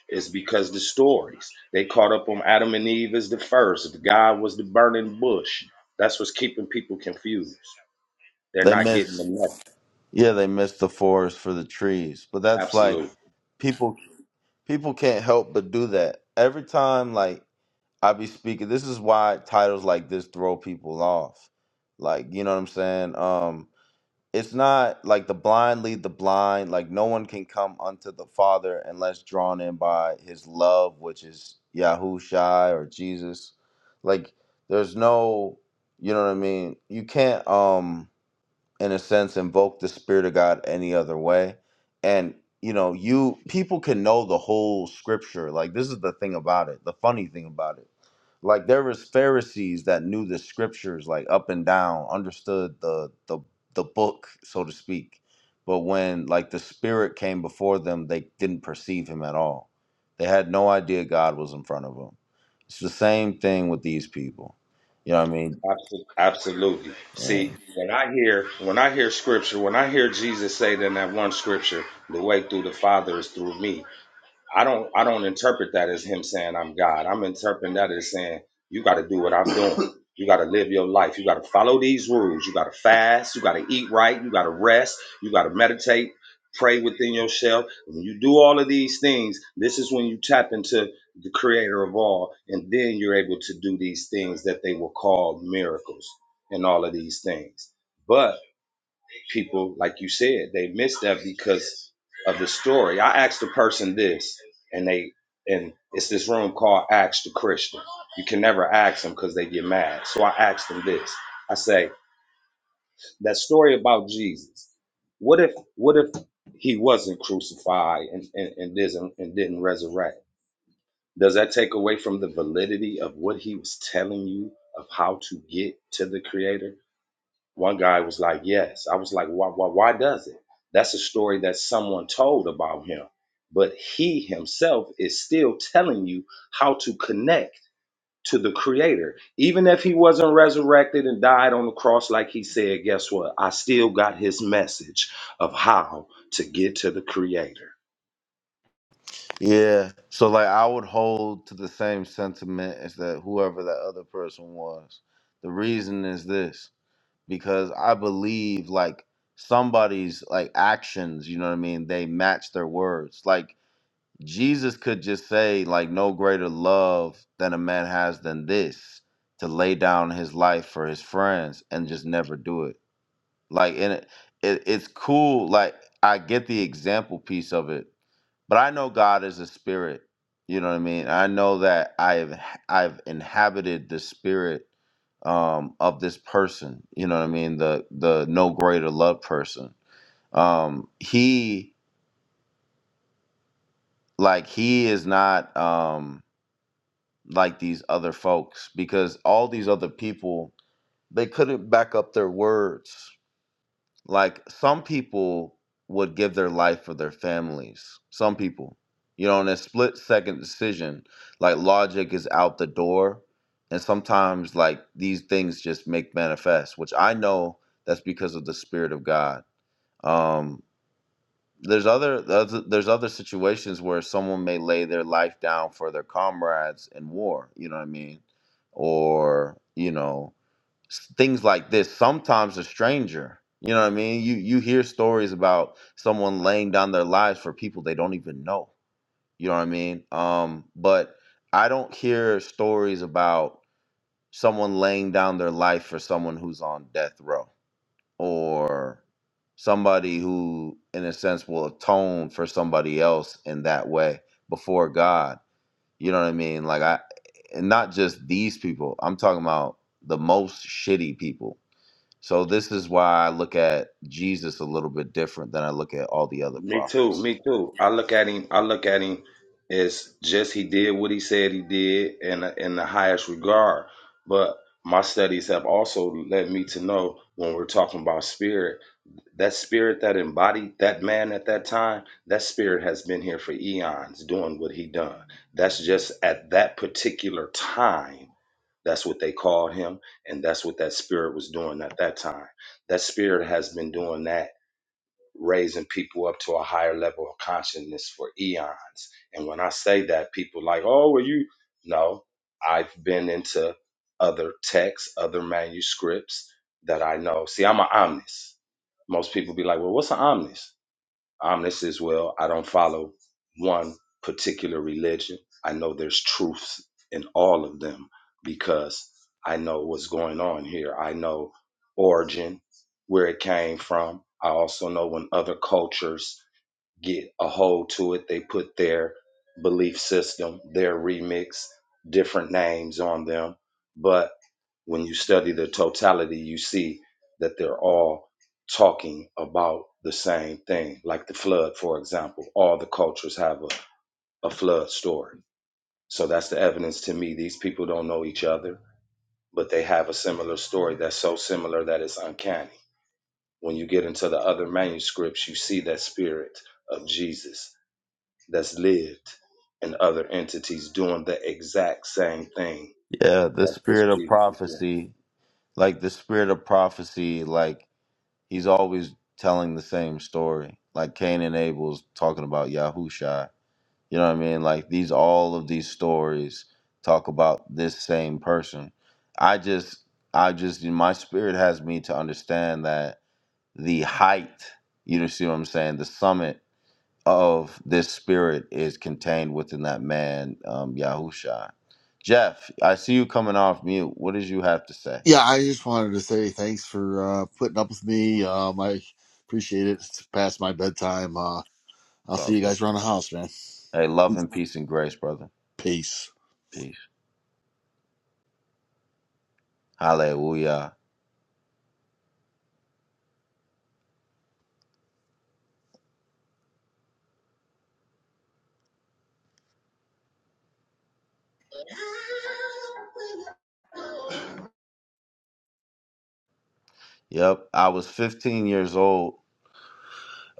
S6: it's because the stories. They caught up on Adam and Eve as the first. God was the burning bush. That's what's keeping people confused. They're
S1: They
S6: not getting the
S1: miss.
S6: message.
S1: Yeah, they miss the forest for the trees. But that's like
S6: Absolutely.
S1: people people can't help but do that. Every time like I be speaking, this is why titles like this throw people off. Like, you know what I'm saying? Um it's not like the blind lead the blind, like no one can come unto the Father unless drawn in by his love, which is Yahushai or Jesus. Like there's no you know what I mean? You can't um in a sense invoke the spirit of god any other way and you know you people can know the whole scripture like this is the thing about it the funny thing about it like there was pharisees that knew the scriptures like up and down understood the the the book so to speak but when like the spirit came before them they didn't perceive him at all they had no idea god was in front of them it's the same thing with these people you know what i mean
S6: Absolutely. Absolutely. See, when I hear when I hear scripture, when I hear Jesus say in that one scripture, the way through the Father is through me. I don't I don't interpret that as him saying I'm God. I'm interpreting that as saying you got to do what I'm doing. You got to live your life. You got to follow these rules. You got to fast. You got to eat right. You got to rest. You got to meditate. Pray within yourself. When you do all of these things, this is when you tap into the creator of all, and then you're able to do these things that they will call miracles and all of these things. But people, like you said, they missed that because of the story. I asked the person this, and they and it's this room called Ask the Christian. You can never ask them because they get mad. So I asked them this. I say that story about Jesus. What if what if he wasn't crucified and and, and didn't and didn't resurrect? Does that take away from the validity of what he was telling you of how to get to the Creator? One guy was like, "Yes." I was like, "Why? Why? Why does it?" That's a story that someone told about him, but he himself is still telling you how to connect to the Creator, even if he wasn't resurrected and died on the cross like he said. Guess what? I still got his message of how to get to the Creator.
S1: Yeah. So like I would hold to the same sentiment as that whoever that other person was. The reason is this because I believe like somebody's like actions, you know what I mean, they match their words. Like Jesus could just say like no greater love than a man has than this to lay down his life for his friends and just never do it. Like and it, it it's cool like I get the example piece of it but I know God is a spirit. You know what I mean? I know that I've I've inhabited the spirit um, of this person. You know what I mean? The the no greater love person. Um, he like he is not um, like these other folks because all these other people they couldn't back up their words. Like some people would give their life for their families. Some people, you know, in a split second decision, like logic is out the door. And sometimes, like these things just make manifest, which I know that's because of the Spirit of God. Um, there's other, other there's other situations where someone may lay their life down for their comrades in war. You know what I mean? Or you know, s- things like this sometimes a stranger you know what i mean you you hear stories about someone laying down their lives for people they don't even know you know what i mean um but i don't hear stories about someone laying down their life for someone who's on death row or somebody who in a sense will atone for somebody else in that way before god you know what i mean like i and not just these people i'm talking about the most shitty people so this is why I look at Jesus a little bit different than I look at all the other
S6: Me too.
S1: prophets.
S6: Me too. I look at him. I look at him as just he did what he said he did, in, in the highest regard. But my studies have also led me to know when we're talking about spirit, that spirit that embodied that man at that time, that spirit has been here for eons doing what he done. That's just at that particular time. That's what they called him, and that's what that spirit was doing at that time. That spirit has been doing that raising people up to a higher level of consciousness for eons. And when I say that, people like, oh, well, you no, I've been into other texts, other manuscripts that I know. See, I'm an omnis. Most people be like, well, what's an omnis? Omnis as well. I don't follow one particular religion. I know there's truth in all of them because I know what's going on here. I know origin, where it came from. I also know when other cultures get a hold to it. They put their belief system, their remix, different names on them. But when you study the totality, you see that they're all talking about the same thing. Like the flood, for example, all the cultures have a, a flood story. So that's the evidence to me. These people don't know each other, but they have a similar story that's so similar that it's uncanny. When you get into the other manuscripts, you see that spirit of Jesus that's lived in other entities doing the exact same thing
S1: Yeah, the
S6: that this
S1: spirit of
S6: Jesus is doing.
S1: prophecy, like the spirit of prophecy, like he's always telling the same story. Like Cain and Abel's talking about Yahusha. You know what I mean? Like these all of these stories talk about this same person. I just I just my spirit has me to understand that the height, you know see what I'm saying, the summit of this spirit is contained within that man, um, Yahusha. Jeff, I see you coming off mute. What did you have to say?
S5: Yeah, I just wanted to say thanks for uh, putting up with me. Um, I appreciate it. It's past my bedtime. Uh,
S1: It's
S5: I'll
S1: all
S5: see you
S1: good.
S5: guys around the house, man.
S1: Hey, love and peace and grace, brother.
S5: Peace.
S1: Peace. Hallelujah. Yep. I was 15 years old.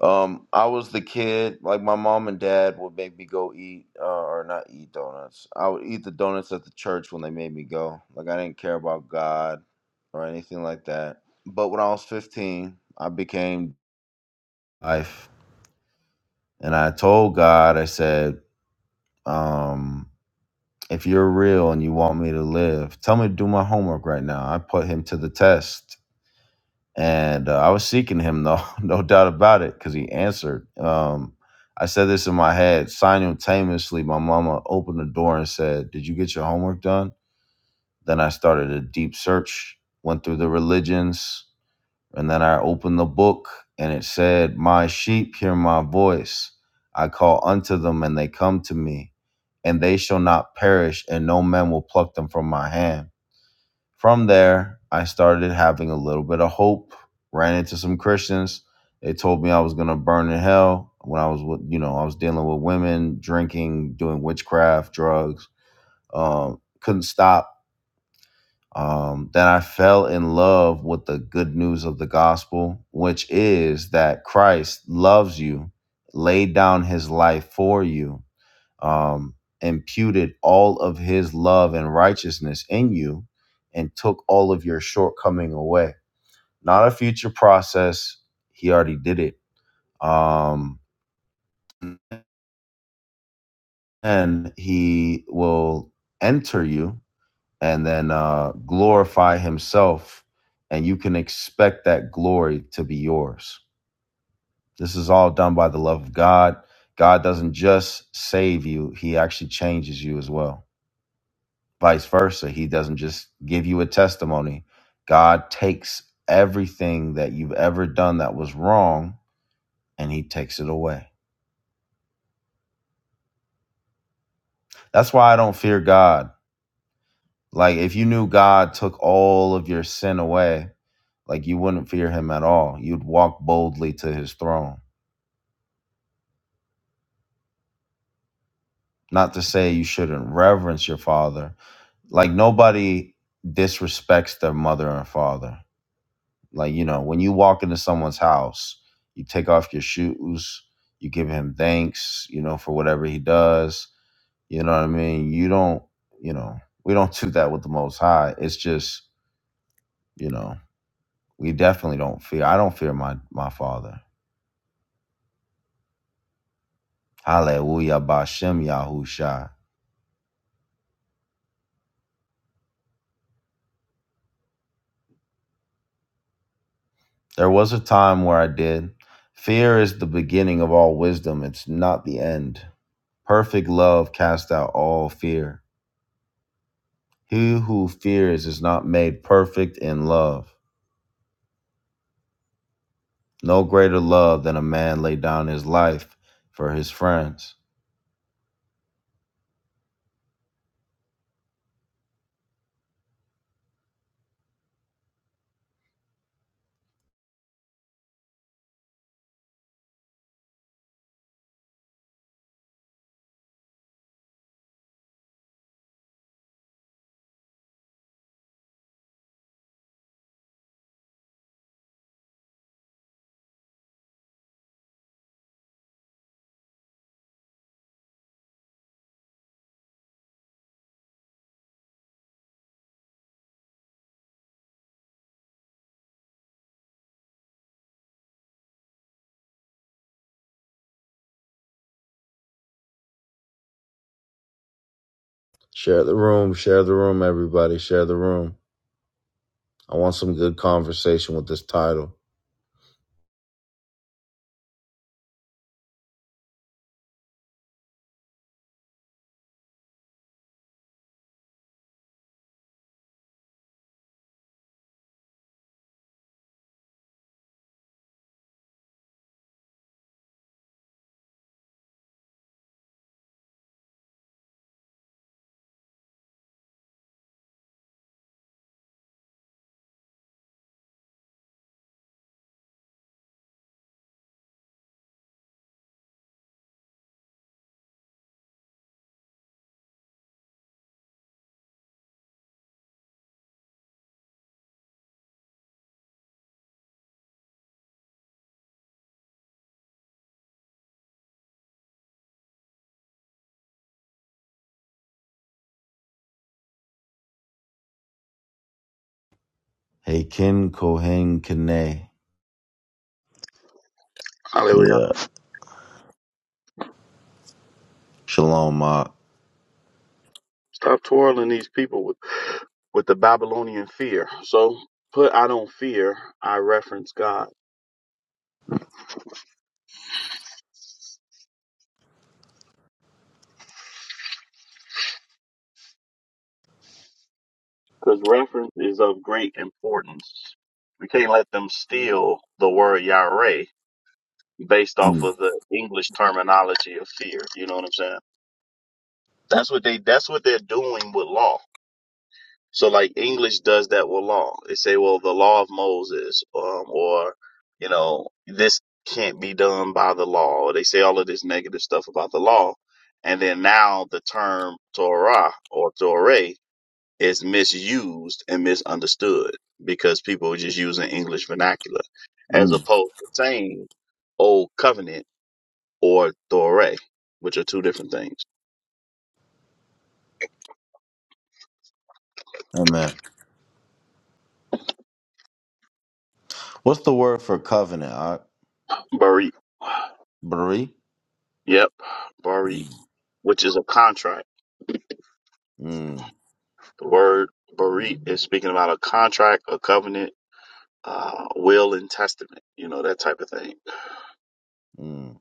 S1: Um, I was the kid, like my mom and dad would make me go eat, uh, or not eat donuts. I would eat the donuts at the church when they made me go. Like I didn't care about God or anything like that. But when I was 15, I became life. And I told God, I said, um, if you're real and you want me to live, tell me to do my homework right now. I put him to the test. And uh, I was seeking him, though, no doubt about it, because he answered. Um, I said this in my head. Simultaneously, my mama opened the door and said, Did you get your homework done? Then I started a deep search, went through the religions, And then I opened the book and it said, My sheep hear my voice. I call unto them and they come to me, and they shall not perish, and no man will pluck them from my hand. From there, I started having a little bit of hope, ran into some Christians. They told me I was going to burn in hell when I was with, you know, I was dealing with women, drinking, doing witchcraft, drugs. Um, couldn't stop um, then I fell in love with the good news of the gospel, which is that Christ loves you, laid down his life for you, um, imputed all of his love and righteousness in you, and took all of your shortcoming away. Not a future process. He already did it. Um, and he will enter you and then uh, glorify himself and you can expect that glory to be yours this is all done by the love of god god doesn't just save you he actually changes you as well vice versa he doesn't just give you a testimony god takes everything that you've ever done that was wrong and he takes it away that's why i don't fear god like if you knew god took all of your sin away Like you wouldn't fear him at all. You'd walk boldly to his throne. Not to say you shouldn't reverence your father. Like nobody disrespects their mother and father. Like, you know, when you walk into someone's house, you take off your shoes, you give him thanks, you know, for whatever he does. You know what I mean? You don't, you know, we don't do that with the most high. It's just, you know, we definitely don't fear. I don't fear my my father. Hallelujah, Bashem Yahusha. There was a time where I did. Fear is the beginning of all wisdom, it's not the end. Perfect love casts out all fear. He who fears is not made perfect in love. No greater love than a man lay down his life for his friends. Share the room, share the room, everybody, share the room. I want some good conversation with this title. Hey, Ken Kohen Kene.
S3: Hallelujah.
S1: Yeah. Shalom, Ma.
S3: Stop twirling these people with with the Babylonian fear. So put I don't fear, I reference God. because reference is of great importance. We can't let them steal the word Yahweh based off
S1: Mm,
S3: of the English terminology of fear. You know what I'm saying? That's what they that's what they're doing with law. So like English does that with law. They say, well, the law of Moses, um, or you know, this can't be done by the law. They say all of this negative stuff about the law, and then now the term Torah or Torah is misused and misunderstood because people are just using English vernacular as
S1: mm.
S3: opposed to saying Old Covenant or Thore, which are two different things.
S1: Amen. What's the word for covenant? Uh,
S3: Barit.
S1: Bari?
S3: Yep, Barit,
S1: Mm,
S3: which is a contract.
S1: mm,
S3: The word Barit is speaking about a contract, a covenant, uh, will and testament, you know, that type of thing.
S1: mm,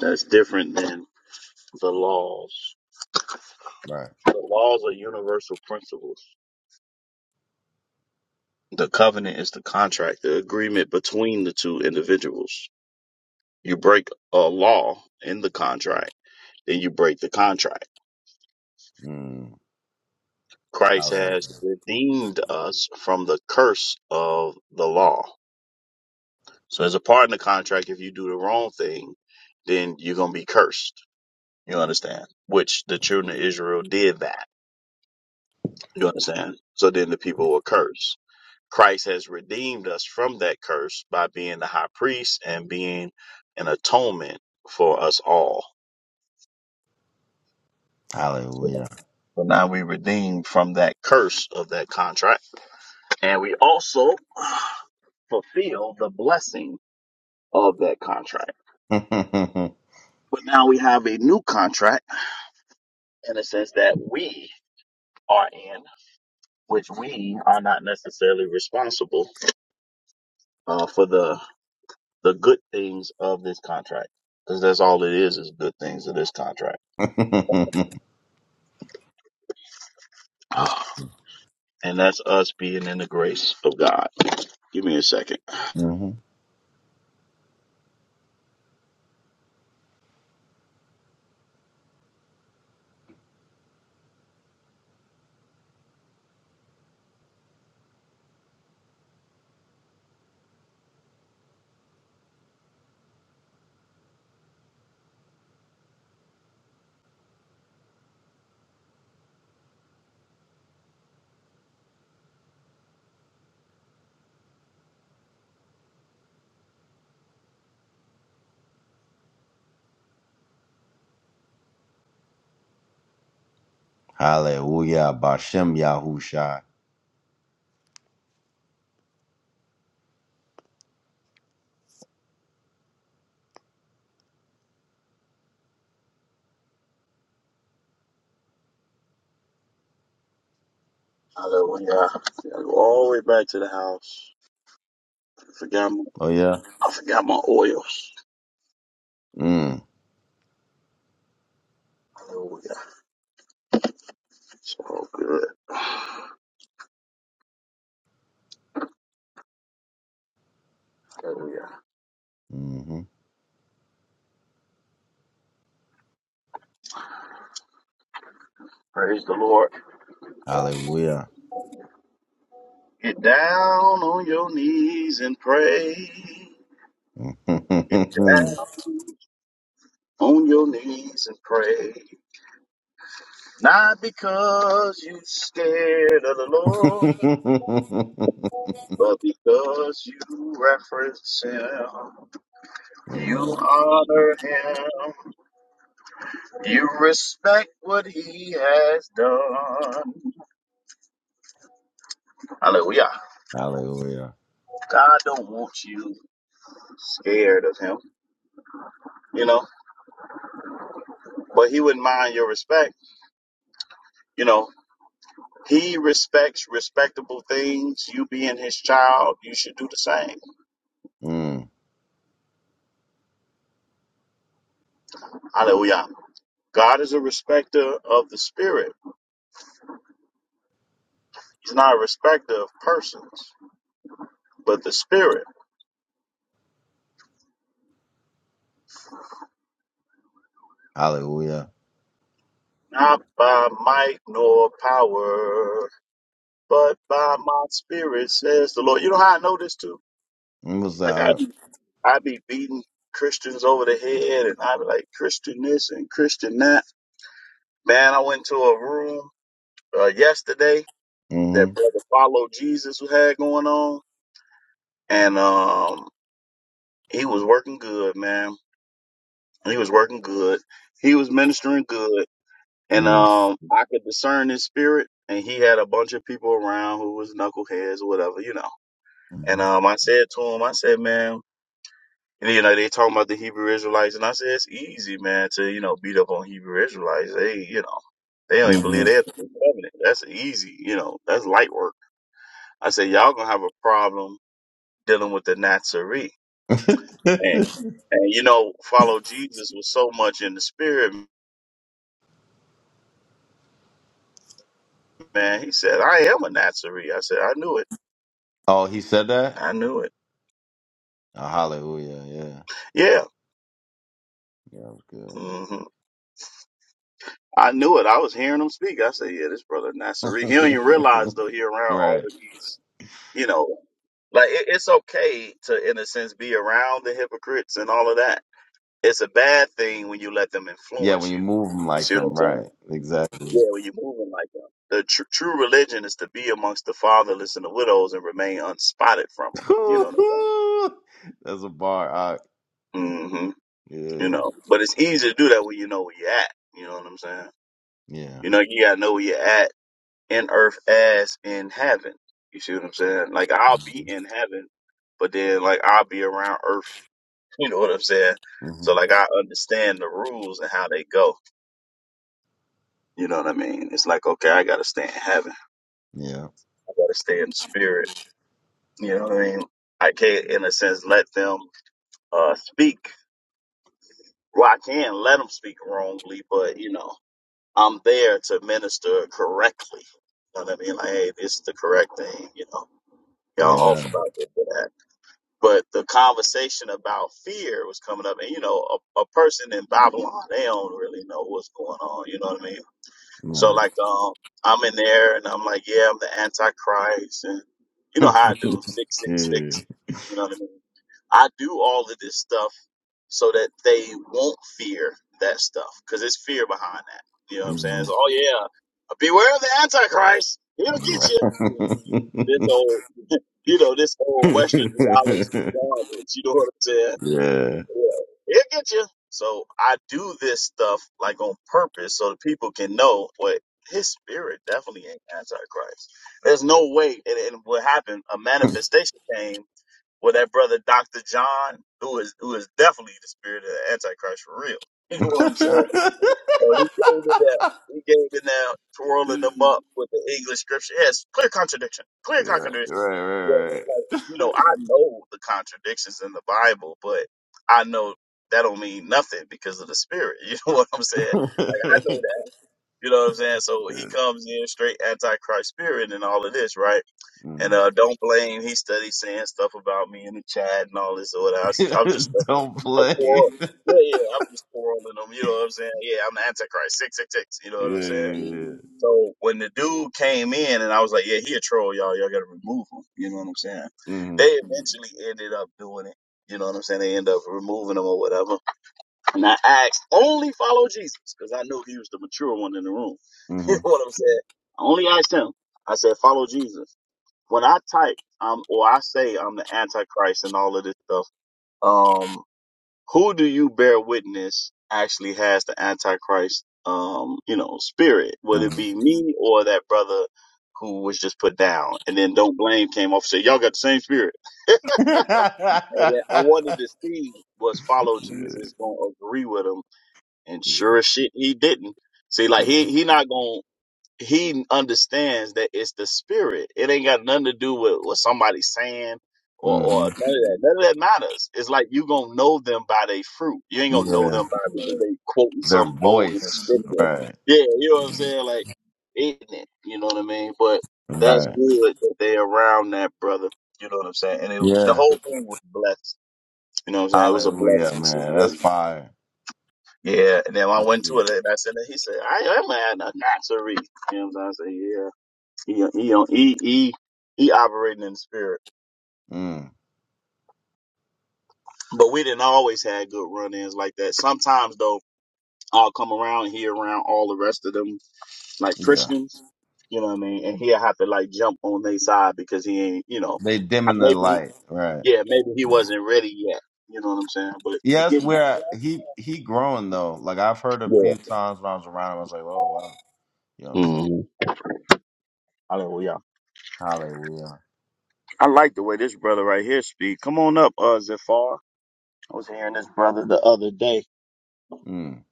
S3: That's different than the laws.
S1: right.
S3: The laws are universal principles The covenant is the contract, the agreement between the two individuals. You break a law in the contract, then you break the contract.
S1: Mm.
S3: Christ
S1: Hallelujah.
S3: has redeemed us from the curse of the law. So, as a part in the contract, if you do the wrong thing, then you're going to be cursed. You understand? Which the children of Israel did that. You understand? So then the people were cursed. Christ has redeemed us from that curse by being the high priest and being an atonement for us all.
S1: Hallelujah.
S3: So now we redeemed from that curse of that contract. And we also fulfill the blessing of that contract.
S1: yes.
S3: But now we have a new contract in a sense that we are in, which we are not necessarily responsible uh, for the the good things of this contract. Because that's all it is is good things of this contract. And that's us being in the grace of God. Give me a second.
S1: hmm Hallelujah. Bashem Yahusha.
S3: Hallelujah. I go all the way back to the house. I forgot my,
S1: Oh, yeah.
S3: I forgot my oils.
S1: Mm.
S3: Hallelujah. It's all good. Hallelujah.
S1: hmm
S3: Praise the Lord.
S1: Hallelujah.
S3: Get down on your knees and pray. Get down
S1: Amen.
S3: on your knees and pray. Not because you're scared of the Lord, but because you reference Him. You honor him. You respect what he has done. Hallelujah.
S1: Hallelujah.
S3: God don't want you scared of him, you know, but he wouldn't mind your respect. You know, he respects respectable things. You being his child, you should do the same.
S1: Mm.
S3: Hallelujah. God is a respecter of the spirit. He's not a respecter of persons, but the spirit.
S1: Hallelujah.
S3: Not by might nor power. but by my spirit says the Lord. You know how I know this too?
S1: Mm, What's
S3: Like I
S1: that?
S3: I be beating Christians over the head, and I be like Christian this and Christian that. Man, I went to a room uh, yesterday that
S1: Mm-hmm.
S3: brother follow Jesus had going on, and um, he was working good, man. He was working good. He was ministering good, and um, I could discern his spirit. And he had a bunch of people around who was knuckleheads or whatever, you know. And
S1: Mm-hmm.
S3: um, I said to him, I said, man. And you know, they talking about the Hebrew Israelites, and I said it's easy, man, to you know beat up on Hebrew Israelites. They, you know, they don't even
S1: Mm-hmm.
S3: believe they have the new covenant. That's easy, you know. That's light work. I said y'all gonna have a problem dealing with the Nazarene. And and you know, follow Jesus was so much in the spirit, man. He said, "I am a Nazarene." I said, "I knew it.
S1: oh, he said that?
S3: I knew it.
S1: Oh, hallelujah. Yeah.
S3: Yeah."
S1: Yeah,
S3: hmm I knew it. I was hearing him speak. I said, "Yeah, this brother
S1: that
S3: Nazarene. He
S1: was
S3: don't even realize
S1: good.
S3: though he around all
S1: right.
S3: of these You know, like it, it's okay to, in a sense, be around the hypocrites and all of that. It's a bad thing when you let them
S1: Yeah,
S3: influence
S1: when you
S3: you.
S1: move them
S3: You
S1: like
S3: see what
S1: them.
S3: I'm saying?
S1: Right. Exactly.
S3: Yeah, when you're moving like that. The tr- true religion is to be amongst the fatherless and the widows and remain unspotted from them.
S1: That's
S3: You know what I'm
S1: a bar. I,
S3: saying? hmm You
S1: yeah,
S3: know, but it's easy to do that when you know where you're at. You know what I'm saying?
S1: yeah,
S3: You know, you gotta know where you're at in earth as in heaven. You see what I'm saying? Like I'll be in heaven, but then like I'll be around earth You know what I'm saying?
S1: hmm
S3: So like I understand the rules and how they go. You know what I mean? It's like okay, I gotta stay in heaven.
S1: yeah,
S3: I gotta stay in the spirit. You know what I mean? I can't, in a sense, let them uh speak. Well, I can let them speak wrongly, but you know, I'm there to minister correctly. You know what I mean? Like, hey, this is the correct thing. You know, y'all off
S1: yeah.
S3: about this or that. But the conversation about fear was coming up, and you know, a, a person in Babylon, they don't really know what's going on. You know what I mean? So
S1: Right.
S3: like um I'm in there and I'm like, yeah, I'm the antichrist and you know how I do six six
S1: yeah.
S3: six. You know what I mean? I do all of this stuff so that they won't fear that stuff because there's fear behind that. You know what I'm saying?
S1: hmm
S3: It's, oh yeah, beware of the antichrist. He'll get
S1: Right.
S3: you. You know, This whole you know this whole Western theology garbage. You know what I'm saying?
S1: yeah.
S3: It'll get you. So I do this stuff like on purpose so that people can know what his spirit definitely ain't antichrist. There's no way and, and what happened, a manifestation came with that brother Dr. John, who is who is definitely the spirit of the antichrist for real. You know what I'm saying? So he gave it that. He gave it now, twirling them up with the English scripture. Yes, clear contradiction. Clear
S1: right, right,
S3: contradiction.
S1: right,
S3: Yeah, but,
S1: right.
S3: like, you know, I know the contradictions in the Bible, but I know that don't mean nothing because of the Spirit. You know what I'm saying? Like, I know that. You know what I'm saying? So he comes in straight antichrist spirit and all of this, right? And
S1: Mm.
S3: uh, don't blame. He studied saying stuff about me in the chat and all this or whatever. I am just uh,
S1: Don't
S3: a
S1: play.
S3: quarrel. Yeah, yeah. yeah, I'm just quarreling them. You know what I'm saying? Yeah, I'm the Antichrist. Six, six, six. You know
S1: yeah,
S3: what I'm
S1: yeah, yeah.
S3: saying? So when the dude came in and I was like, yeah, he a troll, y'all. Y'all gotta remove him. You know what I'm saying? They
S1: Mm-hmm.
S3: eventually ended up doing it. You know what I'm saying? They end up removing him or whatever. And I asked, only follow Jesus, because I knew he was the mature one in the room. you know
S1: Mm-hmm.
S3: what I'm saying? I only asked him. I said, follow Jesus when I type um or I say I'm the Antichrist and all of this stuff, um, who do you bear witness actually has the Antichrist um, you know, spirit? Would it
S1: Mm-hmm.
S3: be me or that brother who was just put down? And then Don't Blame came off and said, Y'all got the same spirit. And then I wanted to see was follow
S1: yeah,
S3: Jesus gonna agree with him and
S1: yeah.
S3: sure as shit he didn't. See, like he he not gonna he understands that it's the spirit. It ain't got nothing to do with what somebody's saying or, or none of that. None of that matters. It's like you gonna know them by their fruit. You ain't gonna know
S1: Mm-hmm.
S3: them by whether they quoting
S1: Their
S3: some bogus
S1: voice.
S3: scripture.
S1: Right.
S3: Yeah, you know what I'm saying? Like ignorant, you know what I mean? But that's
S1: Right.
S3: good that they around that brother. You know what I'm saying? And it, the
S1: Yeah.
S3: whole thing was blessed. You know what I'm saying? It was a
S1: Hallelujah,
S3: blessing
S1: man. That's
S3: situation.
S1: fire.
S3: Yeah, and then when I
S1: That's
S3: went to
S1: good.
S3: it and I said, he said, I am a Nazarene. You know what I'm saying? I said, yeah. He, he, don't- he, he, he operating in the spirit.
S1: Mm.
S3: But we didn't always have good run-ins like that. Sometimes though, I'll come around and he around all the rest of them like
S1: Yeah.
S3: Christians. You know what I mean? And he'll have to like jump on their side because he ain't, you know,
S1: They
S3: I-
S1: dimming the
S3: maybe,
S1: light. Right.
S3: yeah, maybe he wasn't ready yet. You know what I'm saying? But he
S1: Yeah, that's
S3: getting that
S1: where I-
S3: stuff.
S1: he he growing though. Like I've heard a
S3: Yeah.
S1: few times when I was around him, I was like, oh wow. You know what I'm saying?
S3: Mm-hmm. Hallelujah.
S1: Hallelujah.
S3: I like the way this brother right here speak. Come on up, uh, Zafar. I was hearing this brother the other day.
S1: Mm.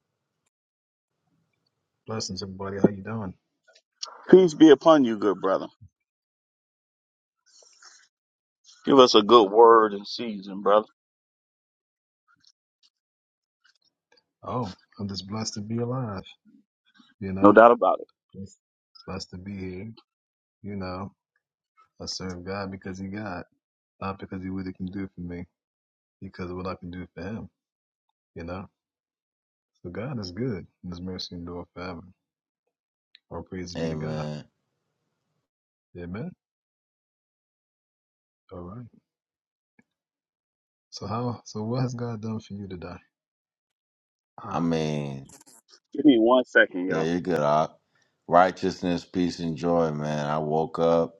S7: Blessings, everybody. How you doing?
S3: Peace be upon you, good brother. Give us a good word in season, brother.
S7: Oh, I'm just blessed to be alive. You
S3: No
S7: know,
S3: doubt about it.
S7: just blessed to be here. You know, I serve God because He God, not because He what He can do for me, because of what I can do for Him. You know, so God is good. And His mercy endure forever. All praise be to God.
S1: Amen.
S7: Amen. All right. So how? So what has God done for you today?
S1: I
S7: Ah,
S1: mean,
S3: Give me one second,
S1: yeah,
S3: y'all.
S1: you're good. Op. Righteousness, peace, and joy, man. I woke up,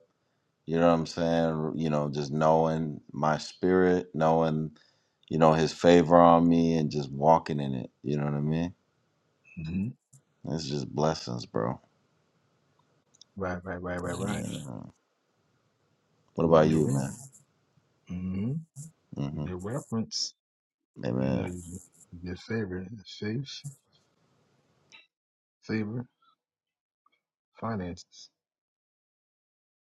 S1: you know what I'm saying? You know, just knowing my spirit, knowing you know, his favor on me and just walking in it. You know what I mean?
S7: hmm
S1: It's just blessings, bro.
S7: right, right, right, right, right.
S1: Yeah. What
S7: You
S1: about
S7: get
S1: you, man?
S7: ready. hmm You
S1: hmm
S7: get reference. You know,
S1: Amen.
S7: you you get favor, faith, favor. finances.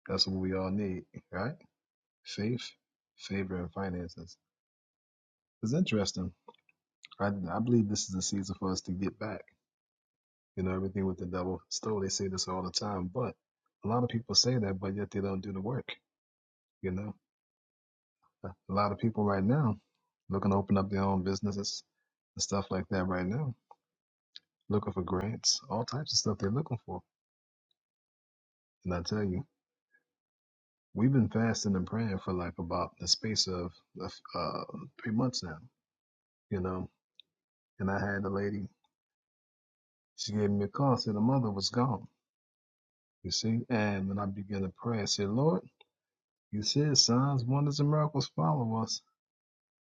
S7: That's what we all need, right? Faith, favor, and finances. It's interesting. I, I believe this is a season for us to get back. You know, everything with the devil stole, they say this all the time, but a lot of people say that, but yet they don't do the work. You know, a lot of people right now looking to open up their own businesses and stuff like that right now, looking for grants, all types of stuff they're looking for. And I tell you, we've been fasting and praying for like about the space of uh, three months now. You know, And I had the lady, she gave me a call, said the mother was gone, you see. And when I began to pray, I said, Lord, you said signs, wonders, and miracles follow us.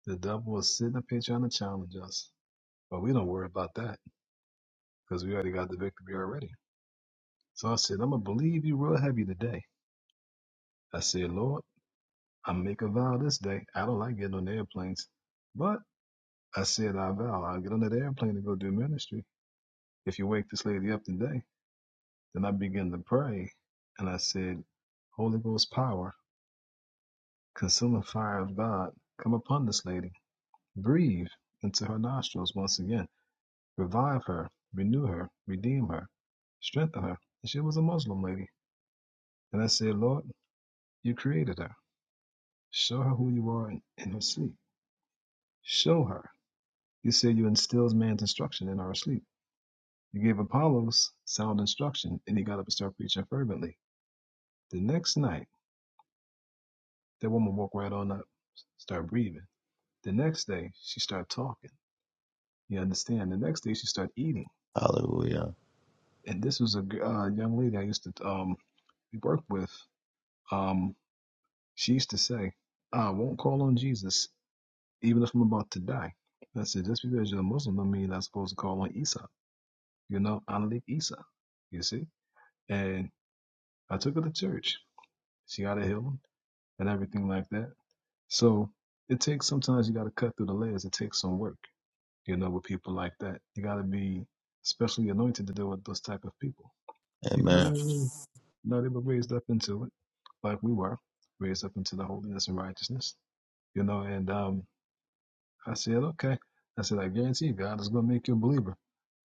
S7: The devil is sitting up here trying to challenge us. But we don't worry about that because we already got the victory already. So I said, I'm going to believe you real heavy today. I said, Lord, I make a vow this day. I don't like getting on airplanes. But I said, I vow I'll get on that airplane and go do ministry if you wake this lady up today. Then I began to pray, and I said, Holy Ghost power, consuming fire of God, come upon this lady. Breathe into her nostrils once again. Revive her, renew her, redeem her, strengthen her. And she was a Muslim lady. And I said, Lord, you created her. Show her who you are in, in her sleep. Show her. You said you instills man's instruction in our sleep. You gave Apollos sound instruction, and he got up and started preaching fervently. The next night, that woman woke right on up, started breathing. The next day, she started talking. You understand? The next day, she started eating.
S1: Hallelujah.
S7: And this was a uh, young lady I used to um, work with. Um, she used to say, I won't call on Jesus, even if I'm about to die. I said, just because you're a Muslim don't mean you're not supposed to call on Isa. You know, Analik Isa. You see? And I took her to church. She got a healing and everything like that. So it takes sometimes you got to cut through the layers. It takes some work. you know, with people like that. You got to be specially anointed to deal with those type of people because they
S1: Amen.
S7: was, you know, they were raised up into it, like we were raised up into the holiness and righteousness, you know. And um, I said, okay, I said, I guarantee you, God is going to make you a believer.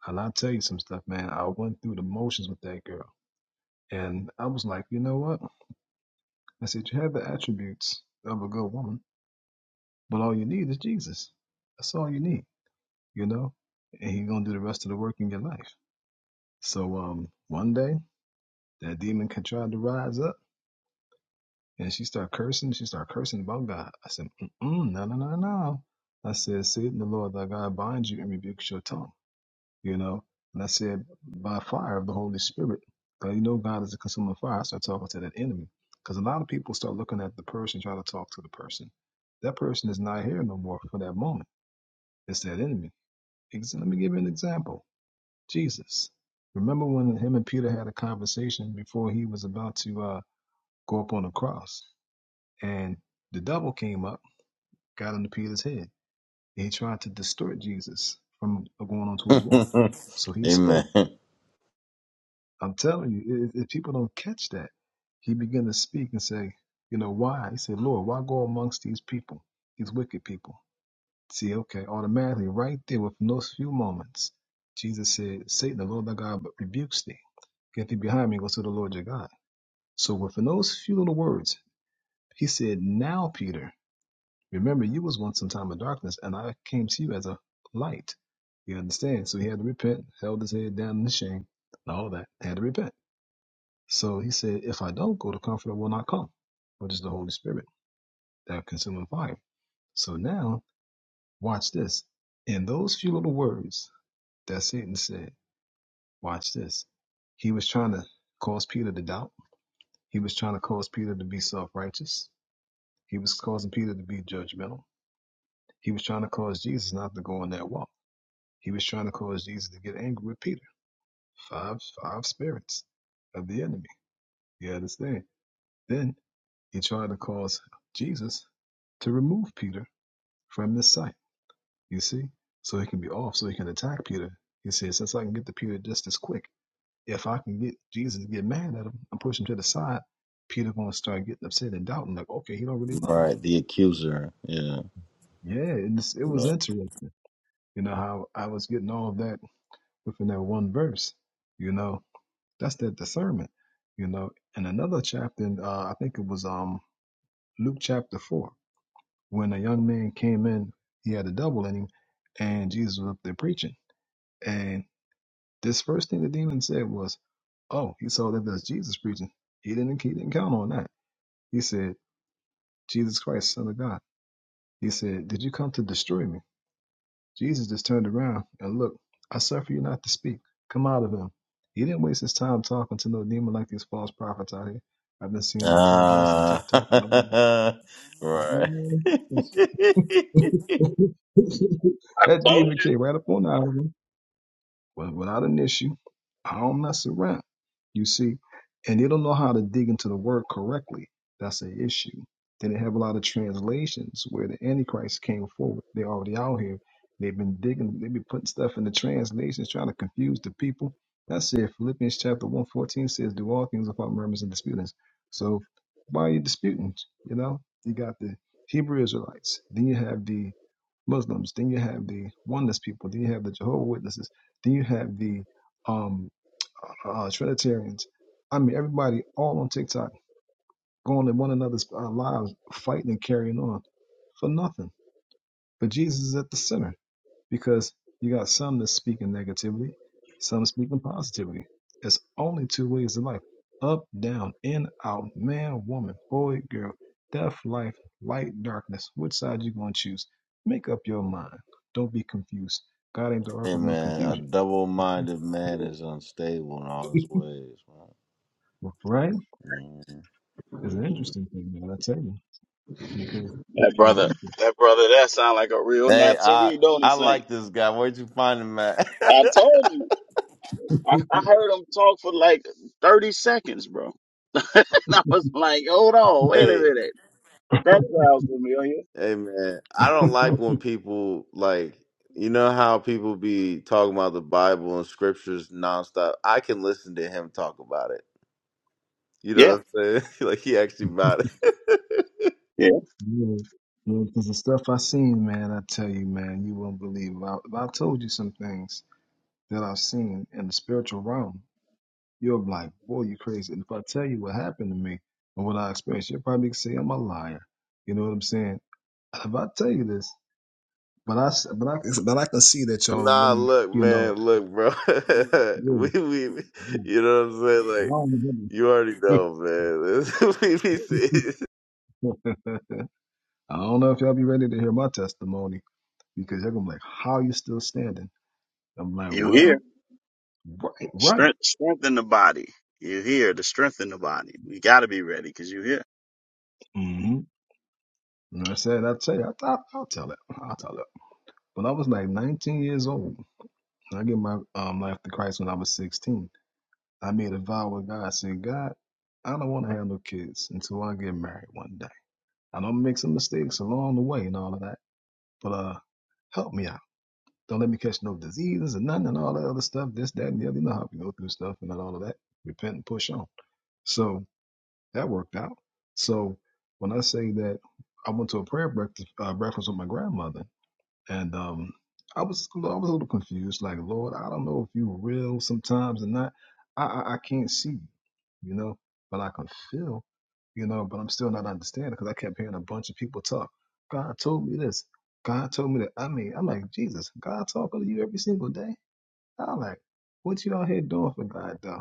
S7: And I tell you some stuff, man. I went through the motions with that girl, and I was like, you know what? I said, you have the attributes of a good woman, but all you need is Jesus. That's all you need, you know. And He's gonna do the rest of the work in your life So um, one day that demon can try to rise up, and she start cursing. She start cursing about God. I said, Mm-mm, no, no, no, no. I said, Satan, the Lord thy God binds you and rebukes your tongue. You know, and I said, by fire of the Holy Spirit, 'cause you know God is a consuming fire. I start talking to that enemy because a lot of people start looking at the person, trying to talk to the person. That person is not here no more for that moment. It's that enemy. Ex- Let me give you an example. Jesus. Remember when him and Peter had a conversation before he was about to uh, go up on the cross, and the devil came up, got into Peter's head. He tried to distort Jesus from going on to his walk. So he spoke.
S1: Amen.
S7: I'm telling you, if, if people don't catch that, he began to speak and say, you know, why? He said, Lord, why go amongst these people, these wicked people? See, okay, automatically, right there with no few moments, Jesus said, Satan, the Lord thy God, but rebukes thee. Get thee behind me, go to the Lord your God. So within those few little words, he said, Now, Peter, remember you was once in time of darkness, and I came to you as a light. You understand? So he had to repent, held his head down in the shame, and all that, had to repent. So he said, If I don't go, the comforter will not come, which is the Holy Spirit, that consuming fire. So now, watch this. In those few little words, That's it. And said, watch this. He was trying to cause Peter to doubt. He was trying to cause Peter to be self righteous. He was causing Peter to be judgmental. He was trying to cause Jesus not to go on that walk. He was trying to cause Jesus to get angry with Peter. Five five spirits of the enemy. You understand? Then he tried to cause Jesus to remove Peter from his sight. You see? So he can be off, so he can attack Peter. He says, since I can get to Peter just as quick. if I can get Jesus to get mad at him and push him to the side, Peter gonna start getting upset and doubting, like, okay, he don't really love
S1: Right. The accuser. Yeah.
S7: me. Yeah, and it's, it was
S1: Look.
S7: interesting, you know how I was getting all of that within that one verse. You know, that's that discernment. You know, and another chapter, in, uh, I think it was um Luke chapter four, when a young man came in, he had a devil in him, and Jesus was up there preaching, and this first thing the demon said was, "Oh, he saw that that's Jesus preaching. He didn't he didn't count on that." He said. Jesus Christ, Son of God. He said, Did you come to destroy me? Jesus just turned around and looked, I suffer you not to speak. Come out of him. He didn't waste his time talking to no demon like these false prophets out here. I've been seeing on Clubhouse and TikTok and all
S1: Ah. right.
S7: that.
S3: I
S7: that
S3: told
S7: demon
S3: you.
S7: came right up on the hour. But without an issue, I don't mess around. You see, and they don't know how to dig into the word correctly. That's an issue. Then they have a lot of translations where the Antichrist came forward. They're already out here. They've been digging, they've been putting stuff in the translations, trying to confuse the people. That's it. Philippians chapter 114 says, Do all things without murmurs and disputings. So why are you disputing? You know, you got the Hebrew Israelites, then you have the Muslims, then you have the oneness people, then you have the Jehovah Witnesses then you have the um, uh, Trinitarians. I mean, everybody all on TikTok going to one another's uh, lives, fighting and carrying on for nothing. But Jesus is at the center because you got some that's speaking negativity, some speaking positivity. It's only two ways of life up, down, in, out, man, woman, boy, girl, death, life, light, darkness. Which side you going to choose? Make up your mind. Don't be confused. God ain't the author of no
S1: Amen. A
S7: confusion.
S1: double minded man is unstable in all his ways,
S7: Right?
S1: man. Mhm.
S7: It's an interesting thing, man. I tell you, because
S3: That brother, that brother, that sound like a real
S1: Hey, I
S3: Nazarene, don't he,
S1: I
S3: Saint?
S1: like this guy. Where'd you find him at?
S3: I told you. I, I heard him talk for like 30 seconds, bro. and I was like, hold on, wait a
S1: Hey,
S3: minute. That sounds familiar.
S1: hey man, I don't like when people like you know how people be talking about the Bible and scriptures nonstop. I can listen to him talk about it. You know
S3: Yeah,
S1: what I'm saying? Like he actually about it.
S3: yeah.
S7: yeah, yeah, because the stuff I seen, man, I tell you, man, you won't believe. it. I, if I told you some things that I've seen in the spiritual realm, you'll be like, boy, you crazy. And if I tell you what happened to me and what I experienced, you'll probably say I'm a liar. You know what I'm saying? If I tell you this, but I, s- but I, but I can see that y'all
S1: Nah,
S7: really,
S1: look,
S7: you
S1: man,
S7: know,
S1: look, bro.
S7: yeah,
S1: we we
S7: yeah,
S1: you know what I'm saying?
S7: I
S1: Like you already
S7: don't
S1: know, man. we be serious.
S7: remember. I don't know if y'all be ready to hear my testimony because y'all gonna be like, how you still standing? I'm like,
S3: You hear.
S7: well, right, right.
S3: Strength, strength in the body. You hear the strength in the body. We got to be ready because you hear.
S7: Mm-hmm. And I said, I tell you, I thought I'll tell it. I'll tell it. When I was like 19 years old, I gave my um, life to Christ when I was 16. I made a vow with God. I said, God, I don't want to have no kids until I get married one day. I know i make some mistakes along the way and all of that, but uh, help me out. Don't let me catch no diseases and nothing and all that other stuff, this, that, and the other. You know how we go through stuff and all of that. Repent and push on. So that worked out. So when I say that I went to a prayer breakfast, uh, breakfast with my grandmother, and um, I was I was a little confused. Like, Lord, I don't know if you real sometimes or not. I, I I can't see you, you know, but I can feel, you know. But I'm still not understanding because I kept hearing a bunch of people talk. God told me this. God told me that. I mean, I'm like Jesus. God talking to you every single day. I'm like, what you out here doing for God though?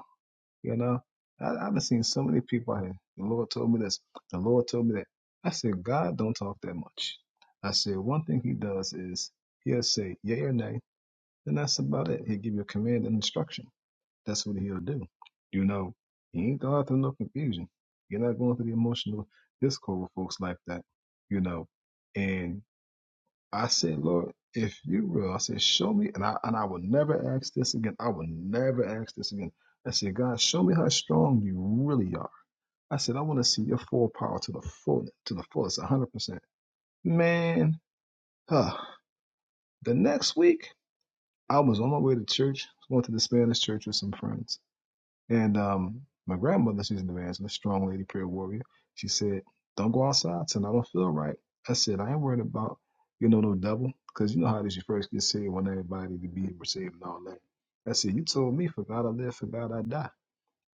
S7: You know, I, I've seen so many people out here. The Lord told me this. The Lord told me that. I said, God don't talk that much. I said, one thing he does is he'll say yea or nay, and that's about it. He'll give you a command and instruction. That's what he'll do. You know, he ain't going through no confusion. You're not going through the emotional discord with folks like that, you know. And I said, Lord, if you will, I said, show me, and I and I will never ask this again. I will never ask this again. I said, God, show me how strong you really are. I said, I want to see your full power to the full, to the fullest, hundred percent. Man, huh. the next week I was on my way to church, going to the Spanish church with some friends. And um, my grandmother, she's an evangelist, strong lady, prayer warrior. She said, "Don't go outside tonight. I don't feel right." I said, "I ain't worried about you know no devil, because you know how this. You first get saved, want everybody to be received and all that." I said, "You told me for God I live, for God I die."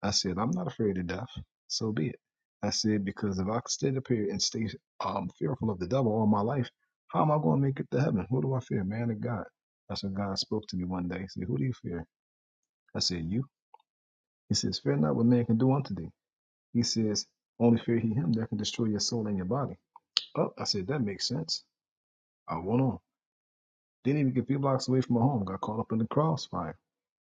S7: I said, "I'm not afraid of death. So be it." I said, "Because if I stay up here and stay um, fearful of the devil all my life, how am I going to make it to heaven? Who do I fear, man or God?" That's when God spoke to me one day. He said, "Who do you fear?" I said, "You." He says, "Fear not what man can do unto thee." He says, only fear he him that can destroy your soul and your body. Oh, I said, that makes sense. I went on. Didn't even get a few blocks away from my home. Got caught up in the crossfire,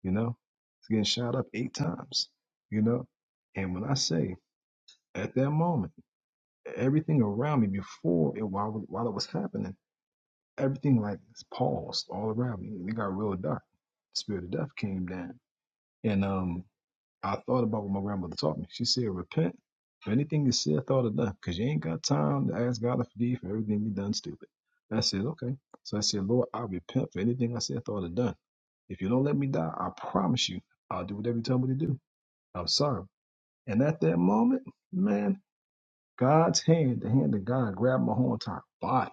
S7: you know? It's getting shot up eight times, you know? And when I say, at that moment, everything around me before it, while, while it was happening, everything like paused all around me. It got real dark. The spirit of death came down. And um, I thought about what my grandmother taught me. She said, repent for anything you said, thought, or done, because you ain't got time to ask God to forgive you for everything you done stupid. I said, okay. So I said, Lord, I repent for anything I said, thought, or done. If you don't let me die, I promise you, I'll do whatever you tell me to do. I'm sorry. And at that moment, man, God's hand, the hand of God, grabbed my whole entire body.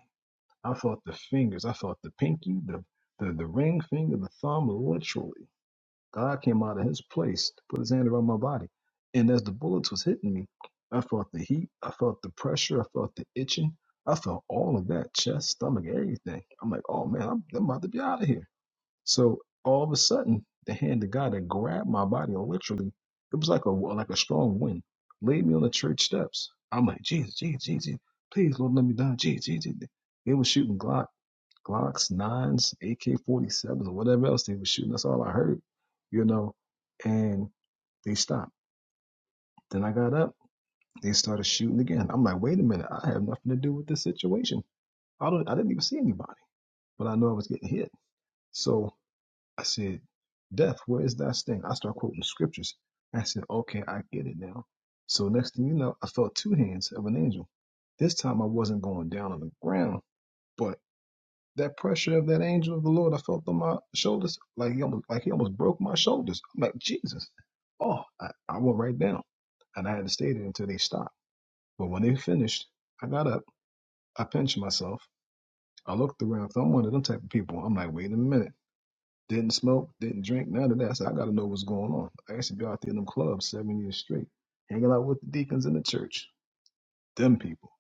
S7: I felt the fingers, I felt the pinky, the the, the ring finger, the thumb, literally. God came out of his place to put his hand around my body. And as the bullets was hitting me, I felt the heat, I felt the pressure, I felt the itching, I felt all of that, chest, stomach, everything. I'm like, oh man, I'm, I'm about to be out of here. So all of a sudden, the hand of God that grabbed my body literally, it was like a like a strong wind, laid me on the church steps. I'm like, Jesus, Jesus, Jesus, please Lord, let me die. Jesus, Jesus. They were shooting Glock. Glocks, nines, AK 47s, or whatever else they were shooting. That's all I heard, you know. And they stopped. Then I got up. They started shooting again. I'm like, wait a minute. I have nothing to do with this situation. I don't. I didn't even see anybody, but I know I was getting hit. So I said, "Death, where is that sting?" I start quoting scriptures. I said, "Okay, I get it now." So next thing you know, I felt two hands of an angel. This time I wasn't going down on the ground, but... that pressure of that angel of the Lord, I felt on my shoulders, like he almost, like he almost broke my shoulders. I'm like, Jesus, oh, I, I went right down, and I had to stay there until they stopped. But when they finished, I got up, I pinched myself, I looked around. So I'm one of them type of people. I'm like, wait a minute, didn't smoke, didn't drink, none of that. So I got to know what's going on. I used to be out there in them clubs seven years straight, hanging out with the deacons in the church them people,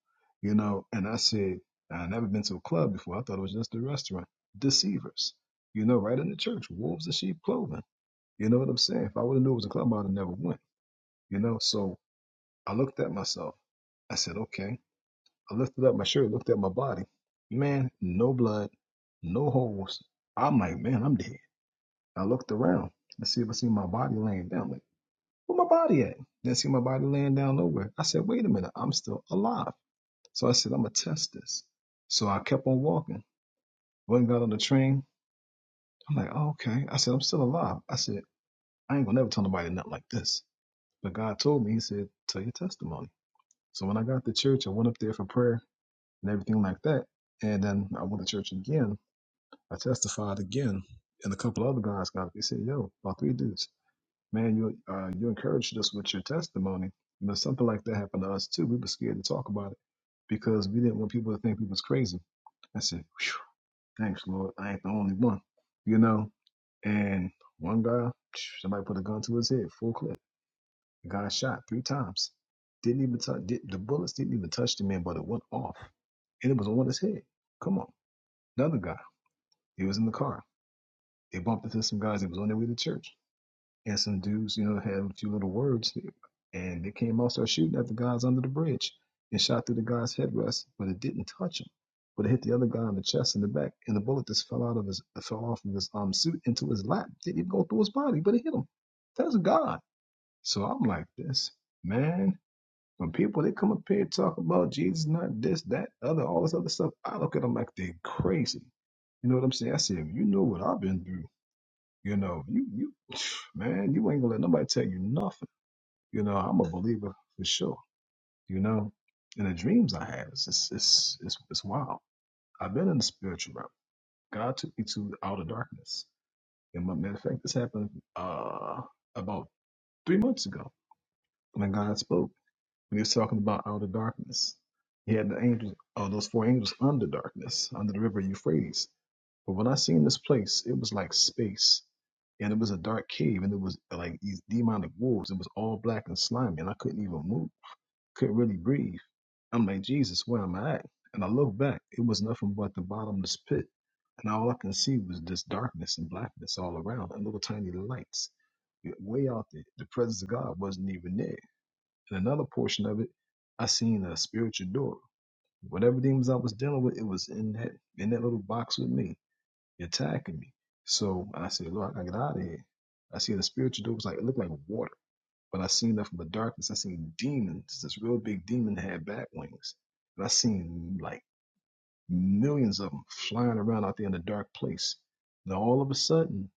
S7: you know. And I said, I never been to a club before. I thought it was just a restaurant. Deceivers, you know, right in the church, wolves in sheep clothing. You know what I'm saying? If I would have knew it was a club, I'd have never went. You know, so I looked at myself. I said, okay. I lifted up my shirt, looked at my body. Man, no blood, no holes. I'm like, man, I'm dead. I looked around to see if I see my body laying down. Like, where my body at? Didn't see my body laying down nowhere. I said, wait a minute, I'm still alive. So I said, I'm gonna test this. So I kept on walking. Went and got on the train. I'm like, oh, okay. I said, I'm still alive. I said, I ain't gonna never tell nobody nothing like this. But God told me, He said, tell your testimony. So when I got to church, I went up there for prayer and everything like that. And then I went to church again. I testified again, and a couple other guys got. up. They said, yo, about three dudes, man, you uh, you encouraged us with your testimony. You know, something like that happened to us too. We were scared to talk about it because we didn't want people to think we was crazy. I said, "Phew." Thanks, Lord. I ain't the only one. You know, and one guy, somebody put a gun to his head, full clip. The Guy shot three times. Didn't even touch. Did, the bullets didn't even touch the man, but it went off, and it was on his head. Come on. Another guy. He was in the car. They bumped into some guys that was on their way to church. And some dudes, you know, had a few little words, and they came out started shooting at the guys under the bridge and shot through the guy's headrest, but it didn't touch him. But it hit the other guy in the chest and the back, and the bullet just fell out of his fell off of his um suit into his lap. Didn't even go through his body, but it hit him. That's God. So I'm like this, man. When people they come up here and talk about Jesus, not this, that, other, all this other stuff, I look at them like they're crazy. You know what I'm saying? I said, you know what I've been through. You know, you you man, you ain't gonna let nobody tell you nothing. You know, I'm a believer for sure. You know, and the dreams I have, it's it's it's it's, it's wild. I've been in the spiritual realm. God took me to outer darkness. And my matter of fact, this happened uh about three months ago when God spoke. When he was talking about out of darkness, he had the angels, uh, those four angels under darkness, under the river Euphrates. But when I seen this place, it was like space, and it was a dark cave, and it was like these demonic wolves. It was all black and slimy, and I couldn't even move, couldn't really breathe. I'm like, Jesus, where am I at? And I looked back, it was nothing but the bottomless pit, and all I can see was this darkness and blackness all around, and little tiny lights way out there. The presence of God wasn't even there. In another portion of it, I seen a spiritual door. Whatever demons I was dealing with, it was in that in that little box with me, attacking me. So I said, Lord, I gotta get out of here. I seen the spiritual door was like it looked like water. But I seen that from the darkness. I seen demons. This real big demon had bat wings. And I seen like millions of them flying around out there in the dark place. Now all of a sudden,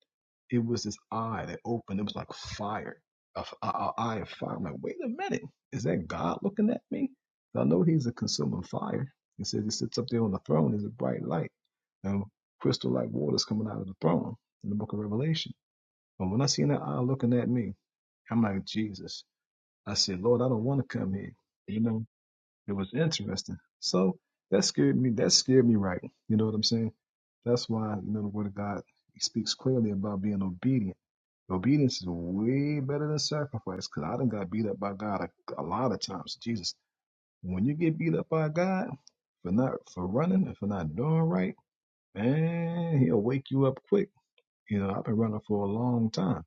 S7: it was this eye that opened. It was like fire, a a, a eye of fire. I'm like, wait a minute, is that God looking at me? I know He's a consuming fire. He says He sits up there on the throne. There's a bright light, and crystal like waters coming out of the throne in the Book of Revelation. And when I seen that eye looking at me, I'm like, Jesus. I said, Lord, I don't want to come here. You know, it was interesting. So that scared me. That scared me right. You know what I'm saying? That's why you know the Word of God speaks clearly about being obedient Obedience is way better than sacrifice because I done got beat up by God a, a lot of times. Jesus, when you get beat up by God for not for running and for not doing right, man, he'll wake you up quick. You know, I've been running for a long time.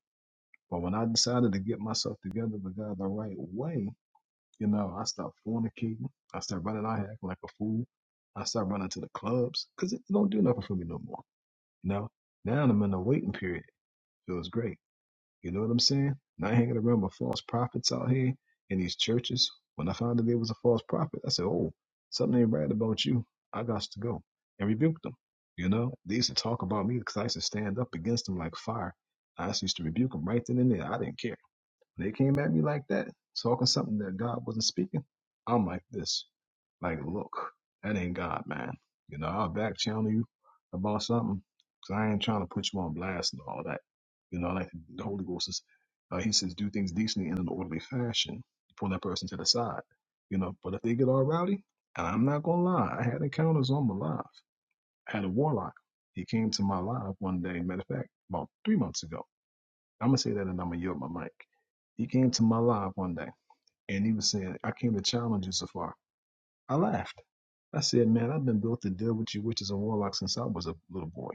S7: But when I decided to get myself together with God the right way, you know, I stopped fornicating. I started running out here acting like a fool. I started running to the clubs because it don't do nothing for me no more. You know, now I'm in the waiting period. Feels great you know what I'm saying? Not hanging around with false prophets out here in these churches. When I found out there was a false prophet, I said, Oh, something ain't right about you. I got to go. And rebuke them. You know, they used to talk about me because I used to stand up against them like fire. I used to rebuke them right then and there. I didn't care. When They came at me like that, talking something that God wasn't speaking. I'm like this, like, look, that ain't God, man. You know, I'll back channel you about something because I ain't trying to put you on blast and all that. You know, like the Holy Ghost is, uh, he says, do things decently and in an orderly fashion. Pull that person to the side, you know. But if they get all rowdy, and I'm not gonna lie, I had encounters on my life. I had a warlock. He came to my live one day. Matter of fact, about three months ago I'm gonna say that and I'm gonna yield my mic. He came to my live one day and he was saying, I came to challenge you so far. I laughed. I said, Man, I've been built to deal with you witches and warlocks since I was a little boy.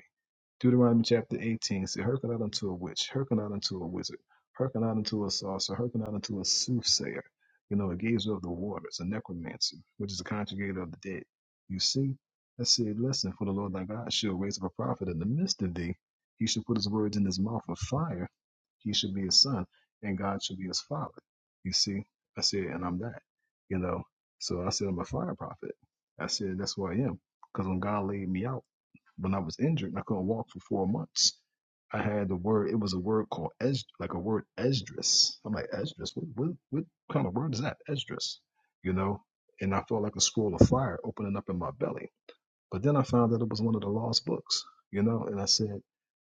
S7: Deuteronomy chapter 18 said, Hearken not unto a witch, hearken not unto a wizard, hearken not unto a sorcerer, hearken not unto a soothsayer, you know, a gazer of the waters, a necromancer, which is a conjugator of the dead. You see, I said, Listen, for the Lord thy God shall raise up a prophet in the midst of thee. He shall put his words in his mouth of fire. He shall be his son, and God shall be his father. You see, I said, and I'm that, you know. So I said, I'm a fire prophet. I said, that's who I am. Because when God laid me out, when I was injured and I couldn't walk for four months, I had the word. It was a word called es, like a word esdras. I'm like esdras. What, what what kind of word is that? Esdras, you know. And I felt like a scroll of fire opening up in my belly. But then I found that it was one of the lost books, you know. And I said,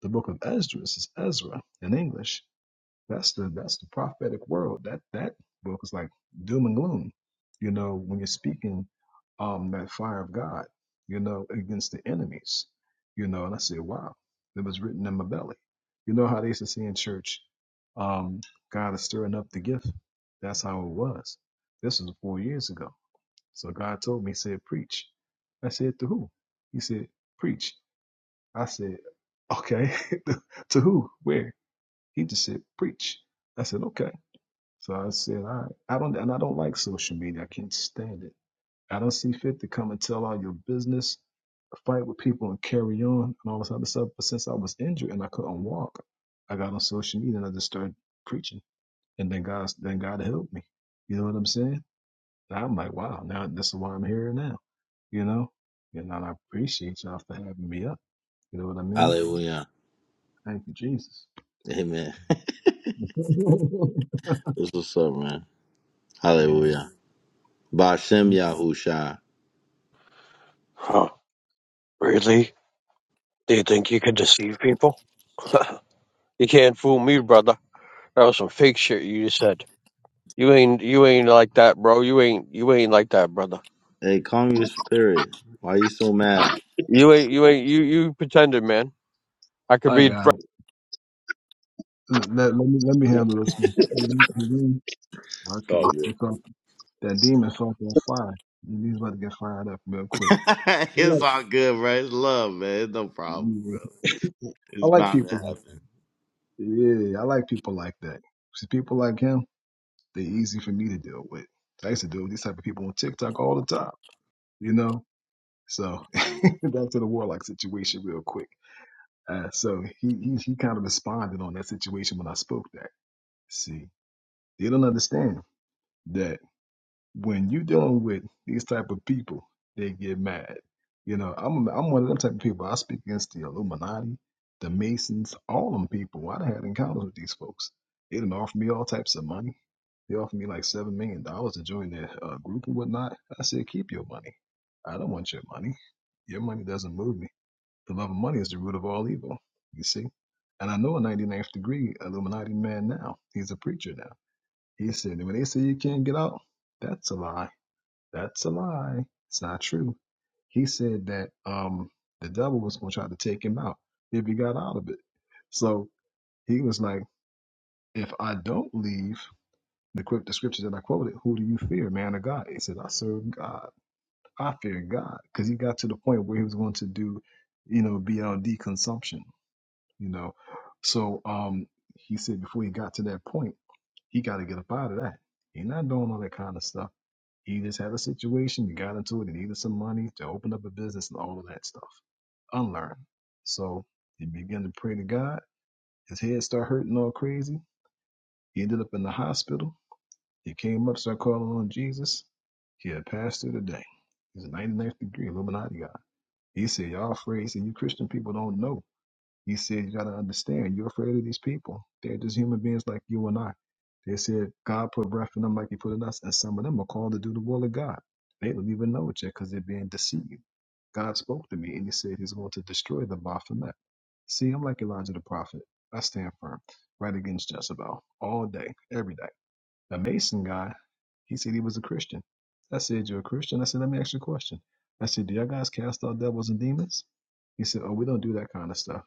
S7: the book of Esdras is Ezra in English, that's the that's the prophetic world. That that book is like doom and gloom. You know, when you're speaking um that fire of God, you know, against the enemies. You know, and I said, Wow, it was written in my belly. You know how they used to say in church, um, God is stirring up the gift. That's how it was. This was four years ago. So God told me, He said, Preach. I said, To who? He said, Preach. I said, Okay, to who? Where? He just said, preach. I said, okay. So I said, all right. I don't, and I don't like social media. I can't stand it. I don't see fit to come and tell all your business, fight with people and carry on and all this other stuff. But since I was injured and I couldn't walk, I got on social media and I just started preaching. And then God, then God helped me. You know what I'm saying? And I'm like, wow, now this is why I'm here now. You know? And I appreciate y'all for having me up. You know what I mean?
S1: Hallelujah.
S7: Thank you, Jesus.
S1: Amen. That's what's up, man.
S7: yeah.
S1: Hallelujah. Bashem Yahusha.
S8: Huh, really? Do you think you could deceive people? you can't fool me, brother. That was some fake shit you just said. You ain't you ain't like that, bro. You ain't you ain't like that, brother.
S1: Hey, calm your spirit. Why you so mad?
S8: You ain't you ain't you you pretended, man. I could
S7: I
S8: read
S7: got it. Let, let me let me handle this one. You- you- you-
S1: It's
S7: Okay,
S1: all
S7: you
S1: good.
S7: saw, that demon saw on fire. He's about to get fired up real quick. I
S1: it's
S7: like,
S1: all good, bro. It's love, man. It's no problem,
S7: yeah,
S1: bro.
S7: I
S1: It's
S7: like
S1: bound to
S7: people like
S1: happen.
S7: yeah, I like people like that. See, people like him, they are easy for me to deal with. I used to deal with these type of people on TikTok all the time, you know. So back to the warlock situation real quick. Uh, so he he he kind of responded on that situation when I spoke that. See, they don't understand that when you dealing with these type of people, they get mad. You know, I'm I'm one of them type of people. I speak against the Illuminati, the Masons, all them people. I done had encounters with these folks. They done offered me all types of money. They offered me like seven million dollars to join their uh, group and whatnot. I said, keep your money. I don't want your money. Your money doesn't move me. The love of money is the root of all evil. You see. And I know a 99th degree Illuminati man now. He's a preacher now. He said, when they say you can't get out, that's a lie that's a lie. It's not true. He said that um the devil was going to try to take him out if he got out of it. So he was like, if I don't leave, the, quote- the scripture that I quoted, who do you fear, man or God? He said, I serve God. I fear God. Because he got to the point where he was going to do, you know, BLD consumption, you know. So um he said before he got to that point, he got to get up out of that. He's not doing all that kind of stuff He just had a situation, he got into it, he needed some money to open up a business and all of that stuff. Unlearn. So he began to pray to God. His head started hurting all crazy. He ended up in the hospital. He came up, started calling on Jesus. He had passed through the day. He's a 99th degree Illuminati guy. He said, Y'all afraid? He said, You Christian people don't know. He said, You got to understand, you're afraid of these people. They're just human beings like you and I. They said, God put breath in them like He put in us. And some of them are called to do the will of God. They don't even know it yet because they're being deceived. God spoke to me and He said He's going to destroy the Baphomet. See, I'm like Elijah the prophet. I stand firm right against Jezebel all day, every day. The Mason guy, he said he was a Christian. I said, You're a Christian? I said, Let me ask you a question. I said, Do y'all guys cast out devils and demons? He said, Oh, we don't do that kind of stuff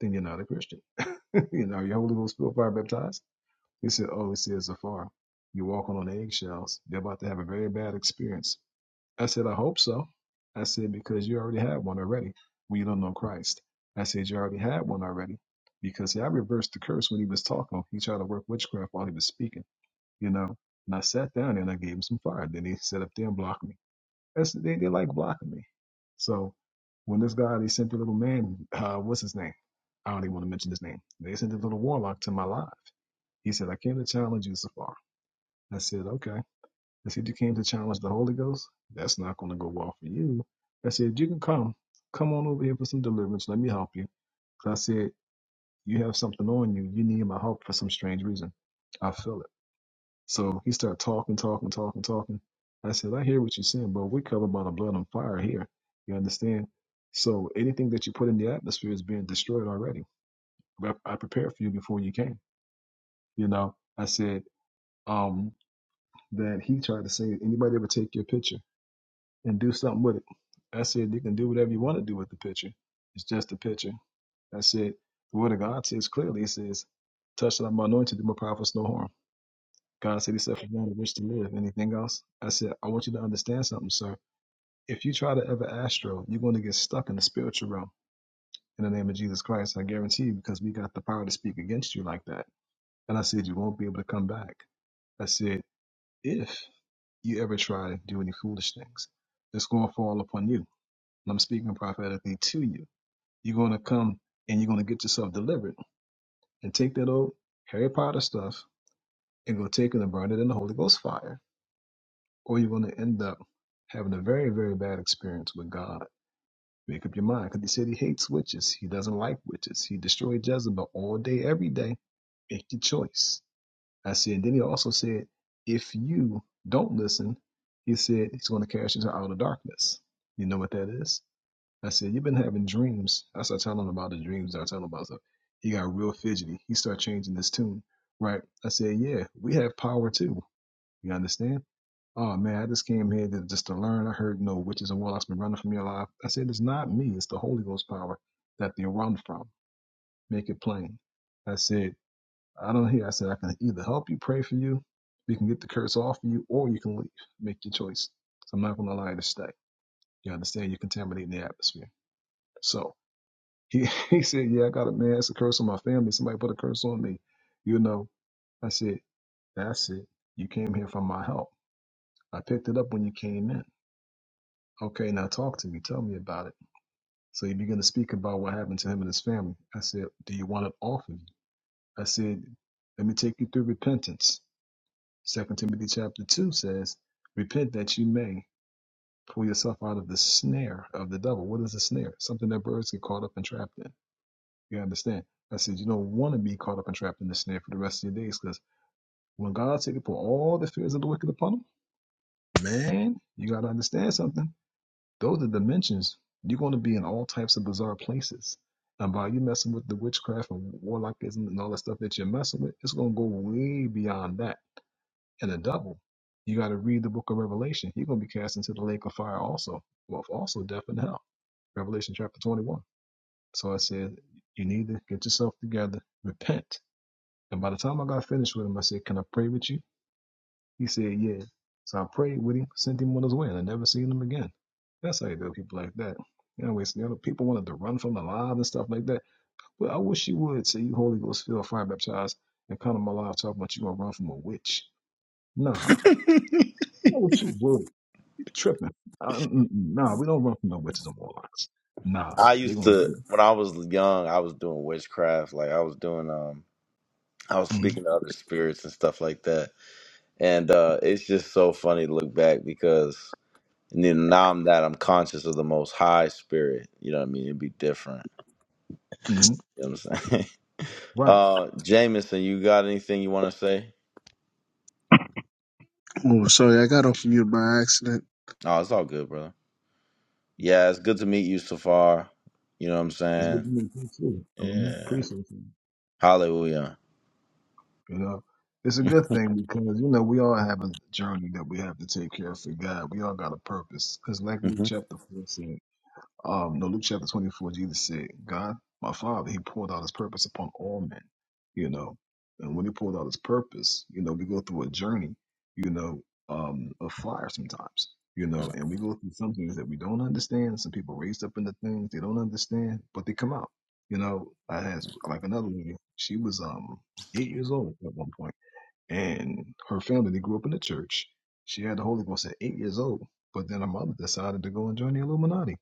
S7: then you're not a Christian. you know, are you Holy Ghost filled fire baptized? He said, Oh, he says afar. You're walking on eggshells. You're about to have a very bad experience. I said, I hope so. I said, because you already had one already when you don't know Christ. I said, you already had one already. Because see, I reversed the curse when he was talking. He tried to work witchcraft while he was speaking, you know. And I sat down and I gave him some fire. Then he sat up there and blocked me. That's they, they like blocking me. So when this guy they sent the little man, uh, what's his name? I don't even want to mention his name. They sent the little warlock to my live. He said, I came to challenge you, Safar. I said, Okay. I said, You came to challenge the Holy Ghost? That's not gonna go well for you. I said, You can come. Come on over here for some deliverance. Let me help you. 'Cause I said, You have something on you. You need my help for some strange reason. I feel it. So he started talking, talking, talking, talking. I said, I hear what you're saying, but we're covered by the blood and fire here. You understand? So anything that you put in the atmosphere is being destroyed already. I, I prepared for you before you came. You know, I said um, that he tried to say, anybody ever take your picture and do something with it? I said, you can do whatever you want to do with the picture. It's just a picture. I said, the word of God says clearly, it says, touch that I'm anointed, do my powerful no harm. God said, He said, for one wish to live. Anything else? I said, I want you to understand something, sir. If you try to ever astro, you're going to get stuck in the spiritual realm in the name of Jesus Christ. I guarantee you, because we got the power to speak against you like that. And I said, You won't be able to come back. I said, If you ever try to do any foolish things, it's going to fall upon you. And I'm speaking prophetically to you. You're going to come and you're going to get yourself delivered and take that old Harry Potter stuff and go take it and burn it in the Holy Ghost fire or you're going to end up having a very, very bad experience with God. Make up your mind because he said he hates witches. He doesn't like witches. He destroyed Jezebel all day, every day. Make your choice. I said, and then he also said, if you don't listen, he said he's going to cast you into outer darkness. You know what that is? I said, you've been having dreams. I started telling him about the dreams that I tell him about stuff. He got real fidgety. He started changing his tune, right? I said, yeah, we have power too. You understand? Oh man, I just came here to, just to learn. I heard no witches and warlocks been running from your life. I said, it's not me. It's the Holy Ghost power that they run from. Make it plain. I said, I don't hear. I said, I can either help you, pray for you, we can get the curse off you, or you can leave. Make your choice. So I'm not going to allow you to stay. You understand? You're contaminating the atmosphere. So he, he said, yeah, I got a man. It's a curse on my family. Somebody put a curse on me. You know, I said, that's it. You came here for my help. I picked it up when you came in. Okay, now talk to me. Tell me about it. So he began to speak about what happened to him and his family. I said, Do you want it off of you? I said, Let me take you through repentance. Second Timothy chapter two says, Repent that you may pull yourself out of the snare of the devil. What is a snare? Something that birds get caught up and trapped in. You understand? I said, You don't want to be caught up and trapped in the snare for the rest of your days because when God said to put all the fears of the wicked upon him, man, you got to understand something. Those are dimensions. You're going to be in all types of bizarre places. And by you messing with the witchcraft and warlockism and all the stuff that you're messing with, it's going to go way beyond that. And a double, you got to read the book of Revelation. You're going to be cast into the lake of fire also. Well, also death and hell. Revelation chapter 21. So I said, you need to get yourself together, repent. And by the time I got finished with him, I said, can I pray with you? He said, Yeah. So I prayed with him, sent him on his way, and I never seen him again. That's how you do people like that. Anyways, you know, people wanted to run from the live and stuff like that. But I wish you would say you Holy Ghost filled, fire baptized, and come to my live talking about you gonna run from a witch. Nah. I wish you would. you tripping. Uh, mm, mm, mm. nah, we don't run from no witches or warlocks. Nah,
S1: I
S7: they
S1: used
S7: gonna
S1: to
S7: do it.
S1: when I was young, I was doing witchcraft. Like I was doing um I was speaking
S7: Mm-hmm.
S1: to other spirits and stuff like that. And uh it's just so funny to look back because and then now I'm that I'm conscious of the most high spirit. You know what I mean? It'd be different.
S7: hmm
S1: You know what I'm saying?
S7: Right.
S1: uh Jameson, you got anything you wanna say?
S9: Oh, sorry, I got off mute by accident.
S1: Oh, it's all good, brother. Yeah, it's good to meet you, Safar. You know what I'm
S7: It's good
S1: saying?
S7: to meet you too. hmm
S1: Yeah.
S7: Appreciate you.
S1: Hallelujah.
S7: You know, it's a good thing because you know we all have a journey that we have to take care of for God. We all got a purpose because, like Luke
S1: hmm
S7: chapter four said. Um, no, Luke chapter 24, Jesus said, God, my Father, He poured out His purpose upon all men, you know. And when He poured out His purpose, you know, we go through a journey, you know, um, of fire sometimes, you know, and we go through some things that we don't understand. Some people raised up into things they don't understand, but they come out. You know, I had like another lady, she was um eight years old at one point and her family they grew up in the church. She had the Holy Ghost at eight years old, but then her mother decided to go and join the Illuminati,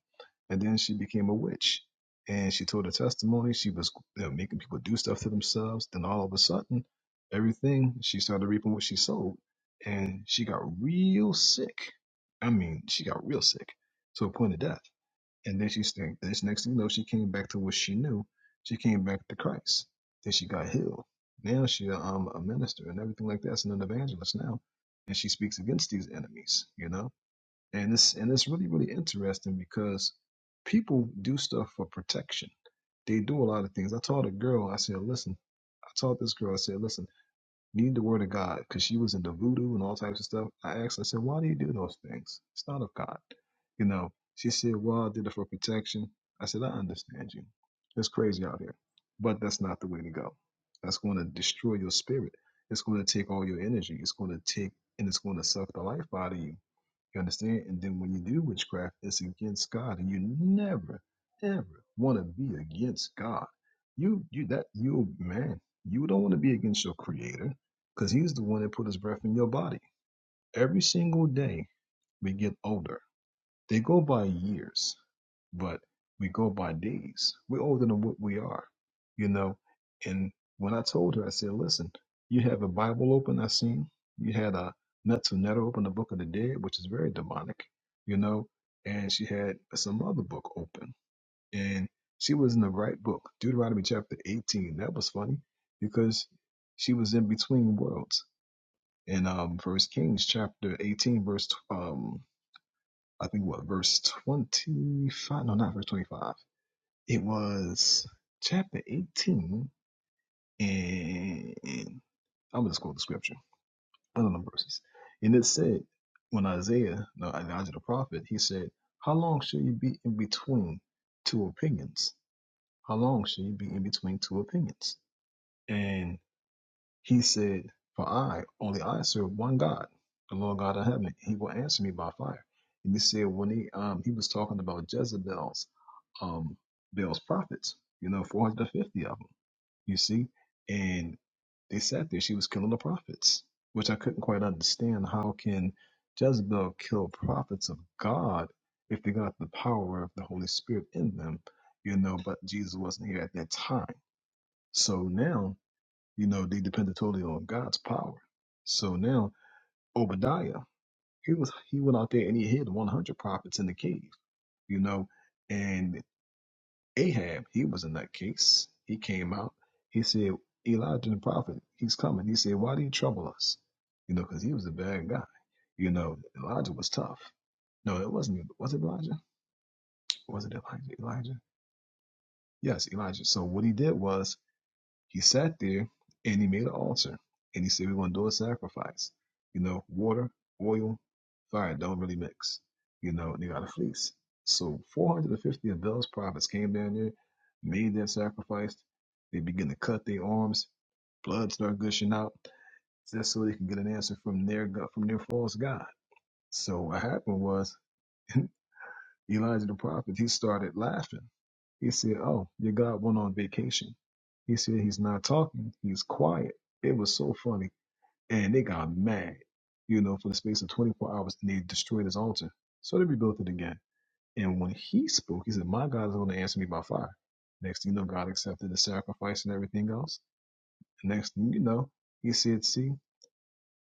S7: and then she became a witch. And she told her testimony. She was you know, making people do stuff to themselves. Then all of a sudden, everything she started reaping what she sowed, and she got real sick. I mean, she got real sick to a point of death. And then she st- this next thing you know, she came back to what she knew. She came back to Christ. Then she got healed. Now she a, um, a minister and everything like that, and an evangelist now. And she speaks against these enemies, you know? And it's and it's really, really interesting because people do stuff for protection. They do a lot of things. I told a girl, I said, listen, I told this girl, I said, listen, Need the word of God, because she was into voodoo and all types of stuff. I asked, her, I said, why do you do those things? It's not of God. You know, she said, well, I did it for protection. I said, I understand you. It's crazy out here, but that's not the way to go. That's going to destroy your spirit. It's going to take all your energy. It's going to take, and it's going to suck the life out of you you understand? And then when you do witchcraft, it's against God, and you never, ever want to be against God. You, you that you man, you don't want to be against your Creator, because He's the one that put His breath in your body. Every single day we get older. They go by years, but we go by days. We're older than what we are, you know. And when I told her, I said, listen, you have a Bible open, I seen. You had a Netanetta open, the Book of the Dead, which is very demonic, you know. And she had some other book open. And she was in the right book, Deuteronomy chapter 18. That was funny because she was in between worlds. In um, First Kings chapter 18, verse I think what verse 25 no not verse 25 it was chapter 18 and I'm gonna just quote the scripture I don't know verses and it said when Isaiah no Elijah the prophet he said how long shall you be in between two opinions how long shall you be in between two opinions And He said, For I, only I serve one God, the Lord God of heaven. He will answer me by fire. And you see, when he um he was talking about Jezebel's um Baal's prophets, you know, 450 of them, you see? And they sat there, she was killing the prophets, which I couldn't quite understand. How can Jezebel kill prophets of God if they got the power of the Holy Spirit in them? You know, but Jesus wasn't here at that time. So now you know, they depended totally on God's power. So now Obadiah, he was he went out there and he hid 100 prophets in the cave. You know, and Ahab, he was in that case. He came out. He said, Elijah the prophet, he's coming. He said, Why do you trouble us? You know, because he was a bad guy. You know, Elijah was tough. No, it wasn't. Was it Elijah? Was it Elijah? Elijah? Yes, Elijah. So what he did was He sat there and he made an altar and he said, We're going to do a sacrifice. You know, water, oil, fire don't really mix. You know, and they got a fleece. So 450 of Bell's prophets came down there, made their sacrifice. They begin to cut their arms. Blood started gushing out just so they can get an answer from their go- from their false god. So what happened was Elijah the prophet, he started laughing. He said, Oh, your God went on vacation. He said, He's not talking, he's quiet. It was so funny. And they got mad, you know, for the space of 24 hours, and they destroyed his altar. So they rebuilt it again. And when he spoke, he said, My God is going to answer me by fire. Next thing you know, God accepted the sacrifice and everything else. And next thing you know, he said, See,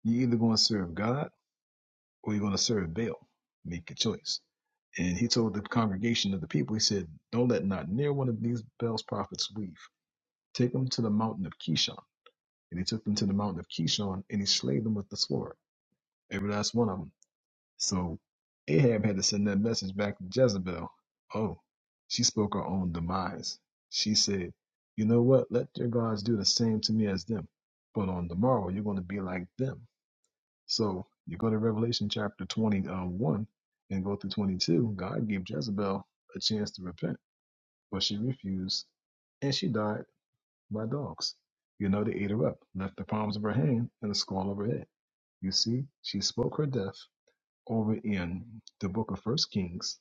S7: you either going to serve God or you're going to serve Baal. Make a choice. And he told the congregation of the people, he said, Don't let not near one of these Baal's prophets leave. Take them to the mountain of Kishon. And he took them to the mountain of Kishon and he slayed them with the sword, every last one of them. So Ahab had to send that message back to Jezebel. Oh, she spoke her own demise. She said, You know what? Let your gods do the same to me as them. But on the morrow, you're going to be like them. So you go to Revelation chapter 21 and go through 22. God gave Jezebel a chance to repent, but she refused and she died by dogs. You know, they ate her up, left the palms of her hand and the skull of her head. You see, she spoke her death over in the book of First Kings,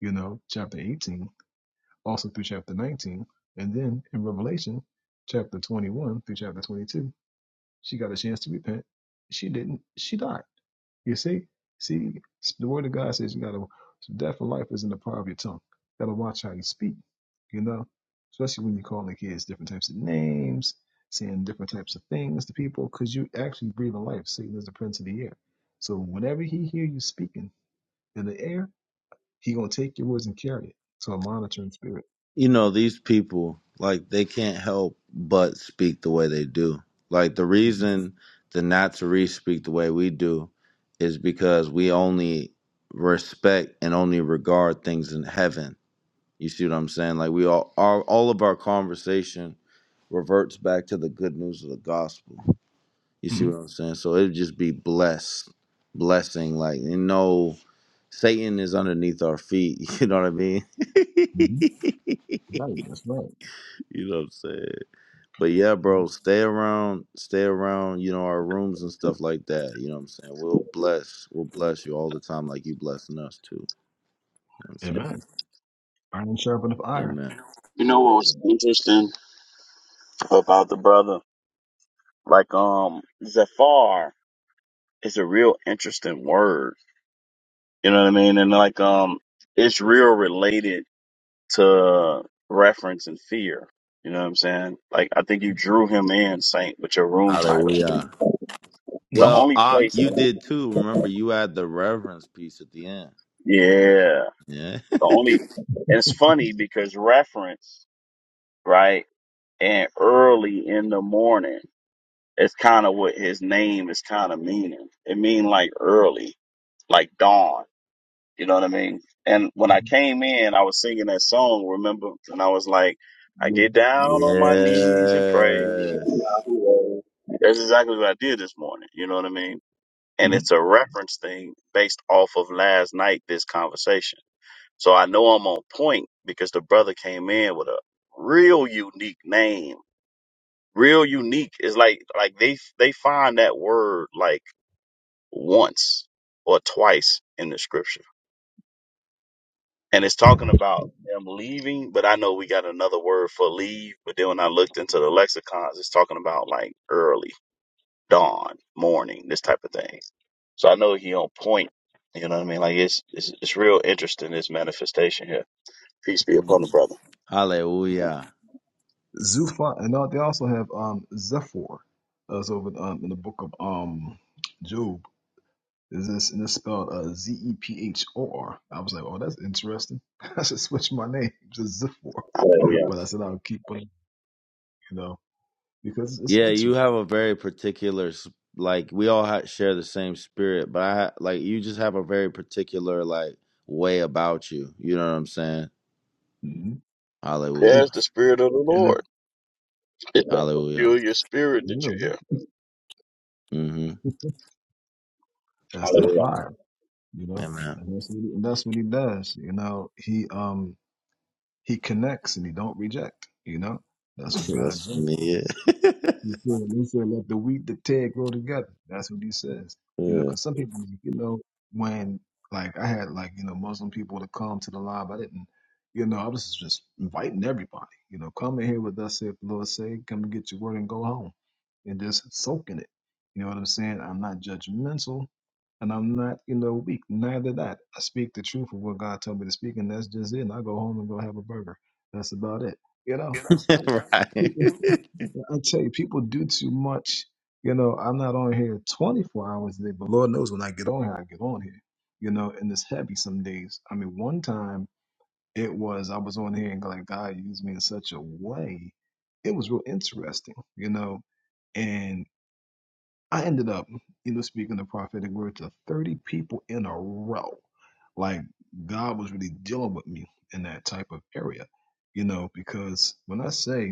S7: you know, chapter 18, also through chapter 19, and then in Revelation chapter 21 through chapter 22. She got a chance to repent. She didn't. She died. You see? See, the word of God says you gotta so death and life is in the power of your tongue. gotta watch how you speak, you know? Especially when you're calling kids different types of names, saying different types of things to people, because you actually breathe breathing life. Satan is the prince of the air. So whenever he hear you speaking in the air, he gonna take your words and carry it. So a monitoring spirit.
S1: You know, these people, like, they can't help but speak the way they do. Like, the reason the Natsuri speak the way we do is because we only respect and only regard things in heaven. You see what I'm saying? Like, we all, our, all of our conversation reverts back to the good news of the gospel. You see
S7: hmm
S1: what I'm saying? So it would just be blessed, blessing. Like, and no, Satan is underneath our feet. You know what I mean?
S7: hmm
S1: you
S7: Right, that's right.
S1: know what I'm saying? But yeah,
S7: Mhm.
S1: bro, stay around, stay around. You know our rooms and stuff like that. You know what I'm saying? We'll bless, we'll bless you all the time, like you blessing us too. You know what I'm saying?
S7: Amen. Iron sharpeneth iron.
S1: Amen.
S3: You know what was interesting about the brother? Like, um, Zafar. it's a real interesting word. You know what I mean? And like um it's real related to reference and fear. You know what I'm saying? Like I think you drew him in, Saint, with your room title.
S1: Hallelujah.
S3: The
S7: Mm-hmm.
S1: Well,
S3: only
S1: Ak,
S3: place
S1: you did too. Remember, you had the reverence piece at the end.
S3: Yeah.
S1: Yeah.
S3: The only it's funny because reference, right? And early in the morning it's kind of what his name is kind of meaning. It mean like early, like dawn. You know what I mean? And when I
S7: Mm-hmm.
S3: came in, I was singing that song, remember? And I was like, I
S7: Yeah.
S3: get down on my knees and pray.
S1: Yes.
S3: That's exactly what I did this morning. You know what I mean? And
S7: Mm-hmm.
S3: it's a reference thing based off of last night, this conversation. So I know I'm on point because the brother came in with a real unique name. Real unique is like, like they, they find that word like once or twice in the scripture. and it's talking about them leaving, but I know we got another word for leave. But then when I looked into the lexicons, it's talking about like early, dawn, morning, this type of thing. So I know he on point. You know what I mean? Like it's it's, it's real interesting this manifestation here. Peace be upon the
S1: Mm.
S3: brother.
S1: Hallelujah.
S7: Zufa, and now they also have um, Zephyr. That's over um, in the book of um, Job. Is this and it's spelled uh, Z E P H O R? I was like, oh, that's interesting. I should switch my name to Zephyr.
S3: Hallelujah.
S7: But I said I'll keep it, you know, because it's
S1: Yeah, you
S7: interesting.
S1: have a very particular s- like we all ha- share the same spirit, but I ha- like you just have a very particular like way about you. You know what I'm saying?
S7: Mhm.
S3: There's
S1: Hallelujah.
S3: the spirit of the
S7: And
S3: Lord.
S7: then,
S3: It's that
S1: Hallelujah.
S3: peculiar spirit that
S7: you
S3: you
S7: know,
S3: hear.
S1: Mhm.
S7: that's that
S3: Hallelujah.
S7: fire, you know,
S1: Amen.
S7: and that's what he, and that's what he does. You know, he um he connects and he don't reject. You know, that's what
S1: Yeah,
S7: God
S1: That's what I
S7: does.
S1: mean,
S7: He said, he said, let the wheat, the tear grow together. That's what he says. You know,
S1: yeah.
S7: because some people, you know, when like I had like, you know, Muslim people to come to the live, I didn't, you know, I was just inviting everybody, you know, come in here with us if the Lord say, come and get your word and go home and just soak in it. You know what I'm saying? I'm not judgmental and I'm not, you know, weak. Neither that. I speak the truth of what God told me to speak, and that's just it. And I go home and go have a burger. That's about it. You know?
S1: Yeah. right.
S7: I tell you, people do too much. You know, I'm not on here 24 hours a day, but Lord knows when I get on here, I get on here. You know, and it's heavy some days. I mean, one time it was I was on here and like God used me in such a way. It was real interesting, you know. And I ended up, you know, speaking the prophetic word to 30 people in a row. Like God was really dealing with me in that type of area, you know, because when I say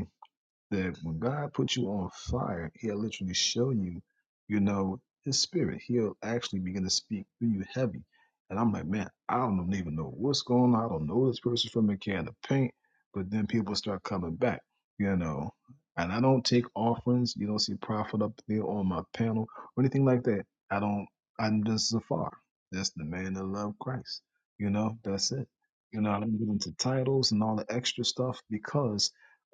S7: that when God puts you on fire, He'll literally show you, you know, His Spirit. He'll actually begin to speak through you heavy. And I'm like, man, I don't even know what's going on. I don't know this person from a can of paint. But then people start coming back, you know. And I don't take offerings. You don't see profit up there on my panel or anything like that. I don't. I'm just Zafar. That's the man that loved Christ. You know, that's it. You know, I don't get into titles and all the extra stuff because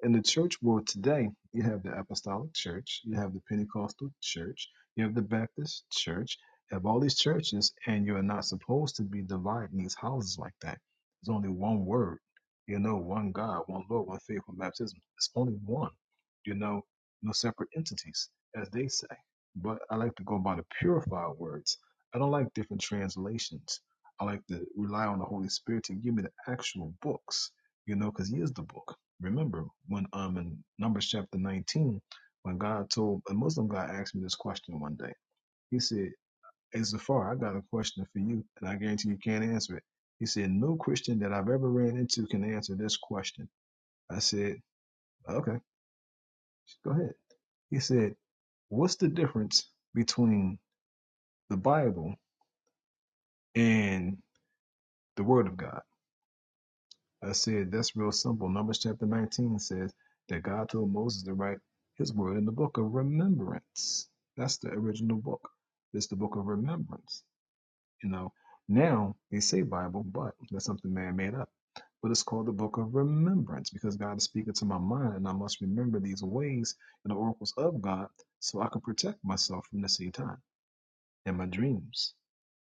S7: in the church world today, you have the Apostolic Church, you have the Pentecostal Church, you have the Baptist Church, you have all these churches, and you are not supposed to be dividing these houses like that. There's only one word, you know, one God, one Lord, one faith, one baptism. It's only one, you know, no separate entities, as they say. But I like to go by the purified words. I don't like different translations. I like to rely on the Holy Spirit to give me the actual books, you know, because He is the book remember when um in Numbers chapter 19, when God told a Muslim guy asked me this question one day. He said, Hey Zafar, I got a question for you, and I guarantee you can't answer it. He said, No Christian that I've ever ran into can answer this question. I said, Okay, go ahead. He said, What's the difference between the Bible and the Word of God? I said, that's real simple. Numbers chapter 19 says that God told Moses to write his word in the book of remembrance. That's the original book. It's the book of remembrance. You know, now they say Bible, but that's something man made up. But it's called the book of remembrance because God is speaking to my mind and I must remember these ways and the oracles of God so I can protect myself from the same time in my dreams,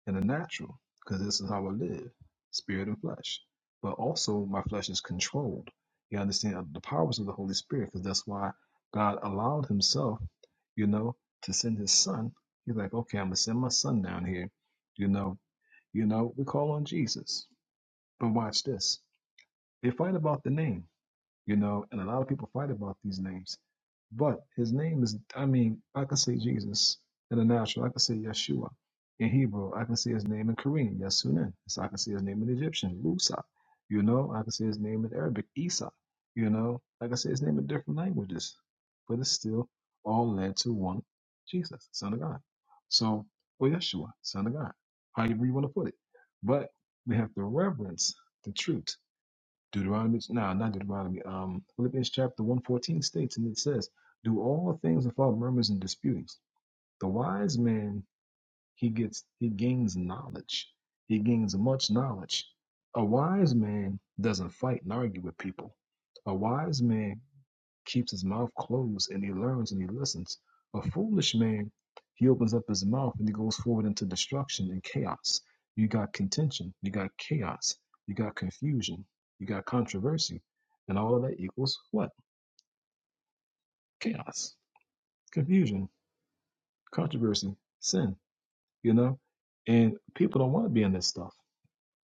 S7: in the natural, because this is how I live, spirit and flesh. But also, my flesh is controlled. You understand uh, the powers of the Holy Spirit, because that's why God allowed Himself, you know, to send His Son. He's like, okay, I'm gonna send my Son down here. You know, you know, we call on Jesus. But watch this. They fight about the name you know, and a lot of people fight about these names. But his name is, I mean, I can say Jesus in the natural, I can say Yeshua in Hebrew, I can say his name in Korean, Yasunin. So I can say his name in Egyptian, Lusa. You know, I can say his name in Arabic, Isa. You know, I can say his name in different languages, but it's still all led to one Jesus, Son of God. So, or Yeshua, Son of God, however you want to put it. But we have to reverence the truth Deuteronomy, nah, not Deuteronomy. Um, Philippians chapter one fourteen states, and it says, "Do all things without murmurs and disputings." The wise man he gets he gains knowledge. He gains much knowledge. A wise man doesn't fight and argue with people. A wise man keeps his mouth closed and he learns and he listens. A foolish man, he opens up his mouth and he goes forward into destruction and chaos. You got contention, you got chaos, you got confusion, you got controversy, and all of that equals what? Chaos, confusion, controversy, sin, you know? And people don't want to be in this stuff.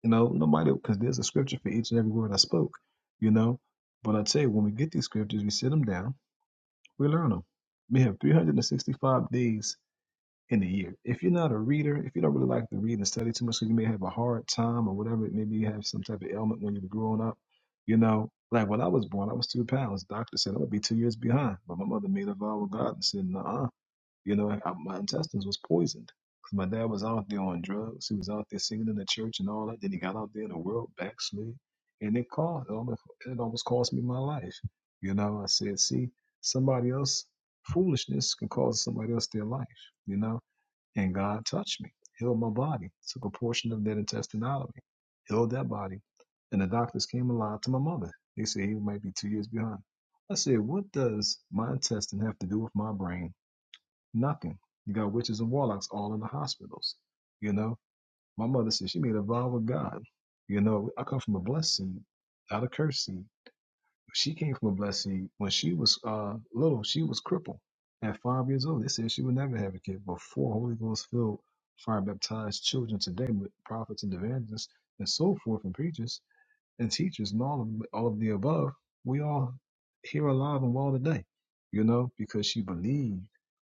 S7: You know, nobody, because there's a scripture for each and every word I spoke, you know? But I tell you, when we get these scriptures, we sit them down, we learn them. We have 365 days in a year. If you're not a reader, if you don't really like to read and study too much, 'cause you may have a hard time or whatever, maybe you have some type of ailment when you were growing up, you know, like when I was born, I was two pounds. doctor said I would be two years behind, but my mother made a vow with God and said, "Nah, you know, I, my intestines was poisoned." 'Cause My dad was out there on drugs. He was out there singing in the church and all that. Then he got out there in the world, backslid, and it cost. It almost, it almost cost me my life. You know, I said, "See, somebody else foolishness can cause somebody else their life." You know, and God touched me, healed my body, took a portion of that intestine out of me, healed that body. And the doctors came and lied to my mother. They said he might be two years behind. I said, What does my intestine have to do with my brain? Nothing. You got witches and warlocks all in the hospitals. You know, my mother said she made a vow with God. You know, I come from a blessed seed, not a cursed seed. She came from a blessed seed. When she was uh, little, she was crippled. At five years old, they said she would never have a kid. But four Holy Ghost filled, fire baptized children today with prophets and evangelists and so forth and preachers and teachers and all of all of the above. We all here alive and well today, you know, because she believed,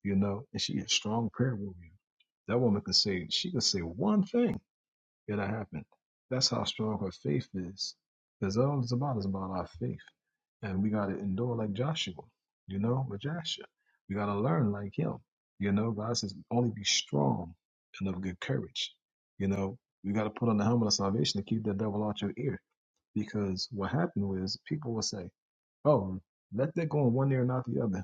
S7: you know, and she had strong prayer warrior. That woman could say she could say one thing Yet I haven't. That's how strong her faith is. Because all it's about is about our faith. And we got to endure like Joshua, you know, with Joshua. We got to learn like him. You know, God says, only be strong and of good courage. You know, we got to put on the helmet of salvation to keep the devil out your ear. Because what happened was people will say, oh, let that go in one ear and not the other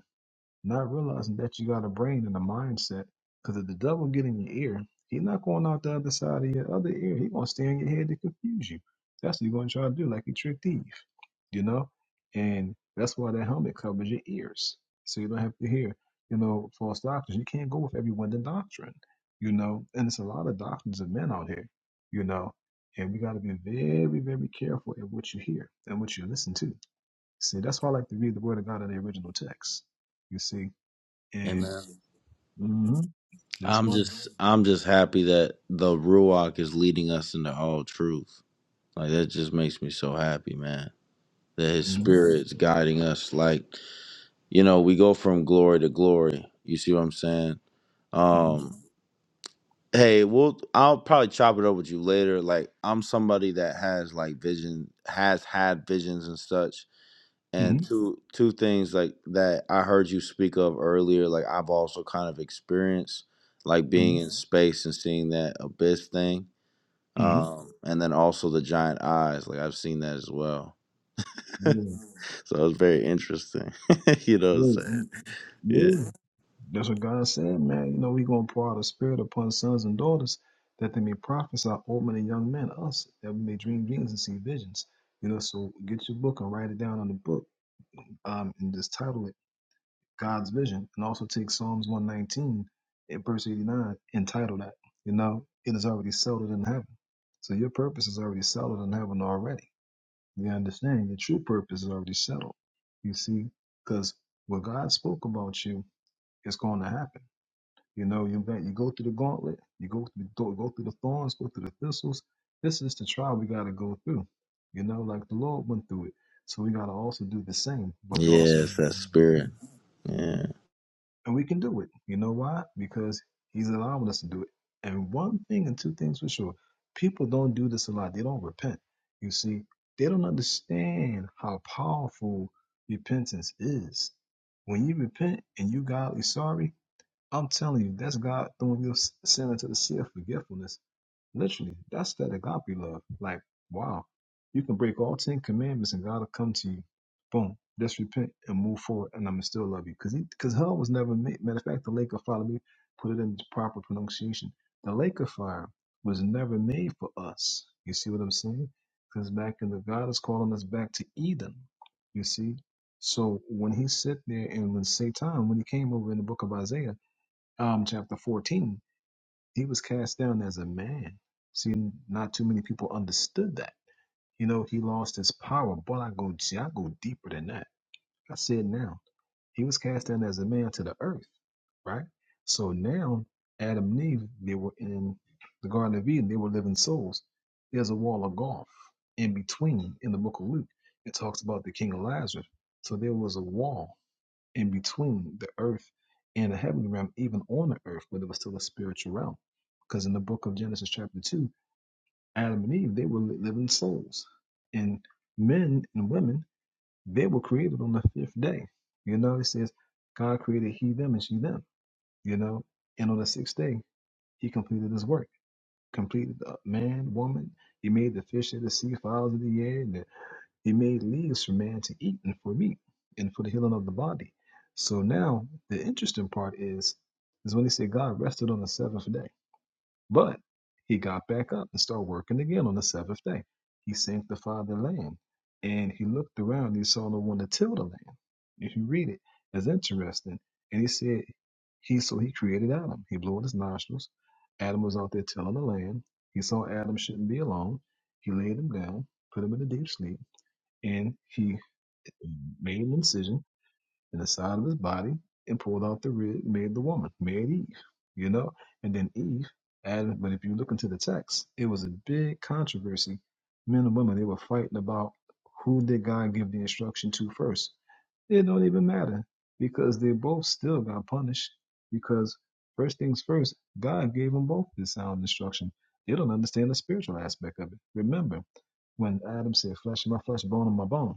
S7: not realizing that you got a brain and a mindset. Because if the devil get in your ear, he's not going out the other side of your other ear. He gonna stay in your head to confuse you. That's what he's gonna try to do, like he tricked Eve, you know. And that's why that helmet covers your ears, so you don't have to hear, you know, false doctrines. You can't go with every wind of doctrine, you know. And it's a lot of doctrines of men out here, you know. And we got to be very, very careful in what you hear and what you listen to. See, that's why I like to read the Word of God in the original text. You see, and
S1: Amen.
S7: hmm that's
S1: I'm
S7: why.
S1: just I'm just happy that the Ruach is leading us into all truth. Like that just makes me so happy, man. That his
S7: hmm
S1: spirit is guiding us like you know, we go from glory to glory. You see what I'm saying?
S7: hmm
S1: Um hey, we'll I'll probably chop it up with you later. Like I'm somebody that has like vision has had visions and such.
S7: hmm
S1: And two two things like that I heard you speak of earlier, like I've also kind of experienced like
S7: hmm
S1: being in space and seeing that abyss thing.
S7: hmm
S1: Um and then also the giant eyes, like I've seen that as well. so it
S7: Yeah.
S1: was very interesting. you know what
S7: Yeah.
S1: I'm saying?
S7: mm, Yeah.
S1: Yeah.
S7: That's what God said, man. You know, He gonna pour out a spirit upon sons and daughters that they may prophesy old men and young men, us, that we may dream dreams and see visions. You know, so get your book and write it down on the book. Um, and just title it God's Vision. And also take Psalms one nineteen and verse eighty nine and title that. You know, it is already settled in heaven. So your purpose is already settled in heaven already The understanding, the true purpose is already settled. You see, because what God spoke about you is going to happen. You know, you got you go through the gauntlet, you go through the, go through the thorns, go through the thistles. This is the trial we got to go through. You know, like the Lord went through it. So we got to also do the same, but we also
S1: Yes, that spirit. Yeah.
S7: and we can do it. You know why? Because he's allowing us to do it. And one thing and two things for sure people don't do this a lot. They don't repent. You see, they don't understand how powerful repentance is. When you repent and you godly sorry, I'm telling you, that's God throwing your sin into the sea of forgetfulness Literally, that's that agape love. Like, wow, you can break all ten commandments and God will come to you. Boom, just repent and move forward, and I'm gonna still love you. Cause he, cause hell was never made. Matter of fact, the lake of fire. Let me put it in proper pronunciation. The lake of fire was never made for us. You see what I'm saying? Cause back in the God is calling us back to Eden. You see. So when he sit there and when Satan, when he came over in the book of Isaiah, um, chapter 14 he was cast down as a man. See, not too many people understood that. You know, he lost his power, but I go, see, I go deeper than that. I said now, he was cast down as a man to the earth, right? So now, Adam and Eve, they were in the Garden of Eden, they were living souls. There's a wall of gulf in between in the book of Luke. It talks about the king of Lazarus. So there was a wall in between the earth and the heavenly realm, even on the earth, but it was still a spiritual realm. Because in the book of Genesis, chapter 2, Adam and Eve, they were li- living souls. And men and women, they were created on the fifth day. You know, it says God created he, them, and she, them. You know, and on the sixth day, he completed his work, completed uh, man, woman. He made the fish of the sea, fowls of the air, he made leaves for man to eat and for meat and for the healing of the body. So now the interesting part is is when they say God rested on the seventh day. But he got back up and started working again on the seventh day. He sanctified the land. And he looked around and he saw no one to till the land. If you read it, it's interesting. And he said he so he created Adam. He blew in his nostrils. Adam was out there tilling the land. He saw Adam shouldn't be alone. He laid him down, put him in a deep sleep. And he made an incision in the side of his body and pulled out the rib, made the woman, made Eve, you know? And then Eve, Adam, but if you look into the text, it was a big controversy. Men and women, they were fighting about who did God give the instruction to first. It don't even matter because they both still got punished because first things first, God gave them both the sound instruction. They don't understand the spiritual aspect of it. Remember, when Adam said, Flesh of my flesh, bone of my bone.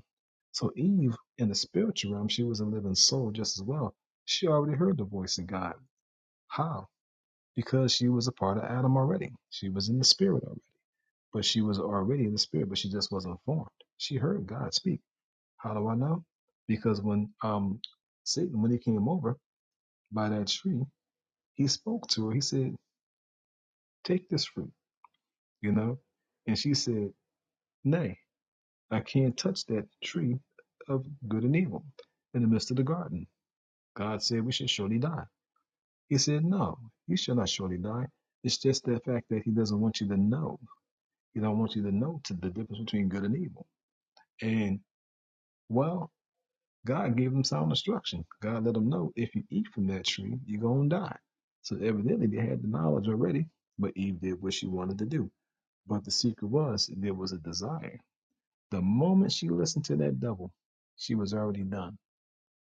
S7: So Eve, in the spiritual realm, she was a living soul just as well. She already heard the voice of God. How? Because she was a part of Adam already. She was in the spirit already. But she was already in the spirit, but she just wasn't formed. She heard God speak. How do I know? Because when um Satan, when he came over by that tree, he spoke to her. He said, Take this fruit, you know? And she said, Nay. I can't touch that tree of good and evil in the midst of the garden. God said we should surely die. He said, No, you shall not surely die. It's just the fact that he doesn't want you to know. He don't want you to know to the difference between good and evil. And well, God gave them sound instruction. God let them know if you eat from that tree, you're gonna die. So evidently they had the knowledge already, but Eve did what she wanted to do. But the secret was there was a desire. The moment she listened to that devil, she was already done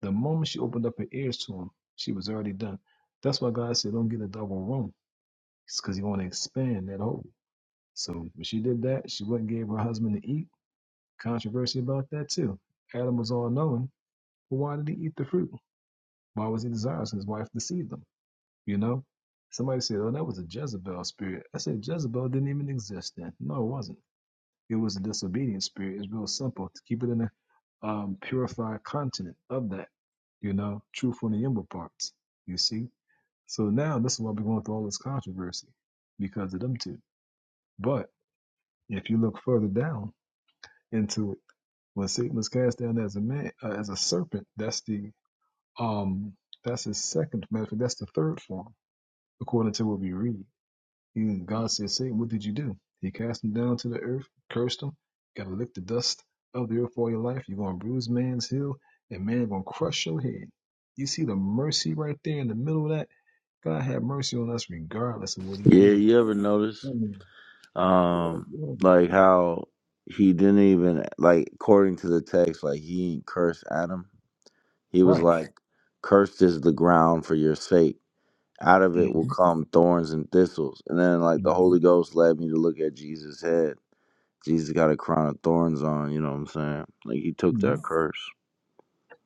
S7: The moment she opened up her ears to him, she was already done. That's why God said, don't get a double wrong. It's because he want to expand that hole. So when she did that, she went and gave her husband to eat. Controversy about that too. Adam was all knowing. But why did he eat the fruit? Why was he desirous? and His wife deceived him. You know? Somebody said, oh, that was a Jezebel spirit. I said, Jezebel didn't even exist then. No, it wasn't. It was a disobedient spirit. It's real simple to keep it in a um, purified continent of that, you know, truth on the inward parts, you see. So now this is why we're going through all this controversy because of them two. But if you look further down into it, when Satan was cast down as a man, uh, as a serpent, that's the um, that's his second. Matter of fact, that's the third form according to what we read. Even God said, Say, what did you do? He cast him down to the earth, cursed him, gotta lick the dust of the earth all your life. You're gonna bruise man's heel, and man gonna crush your head. You see the mercy right there in the middle of that? God had mercy on us regardless of what he
S1: Yeah,
S7: did.
S1: you ever notice
S7: Mm,
S1: um
S7: yeah,
S1: like how he didn't even like according to the text, like he didn't Adam. He was
S7: Right.
S1: like, Cursed is the ground for your sake. Out of it will
S7: hmm
S1: come thorns and thistles. And then like the
S7: hmm
S1: Holy Ghost led me to look at Jesus' head. Jesus got a crown of thorns on, you know what I'm saying? Like he took
S7: hmm
S1: that curse.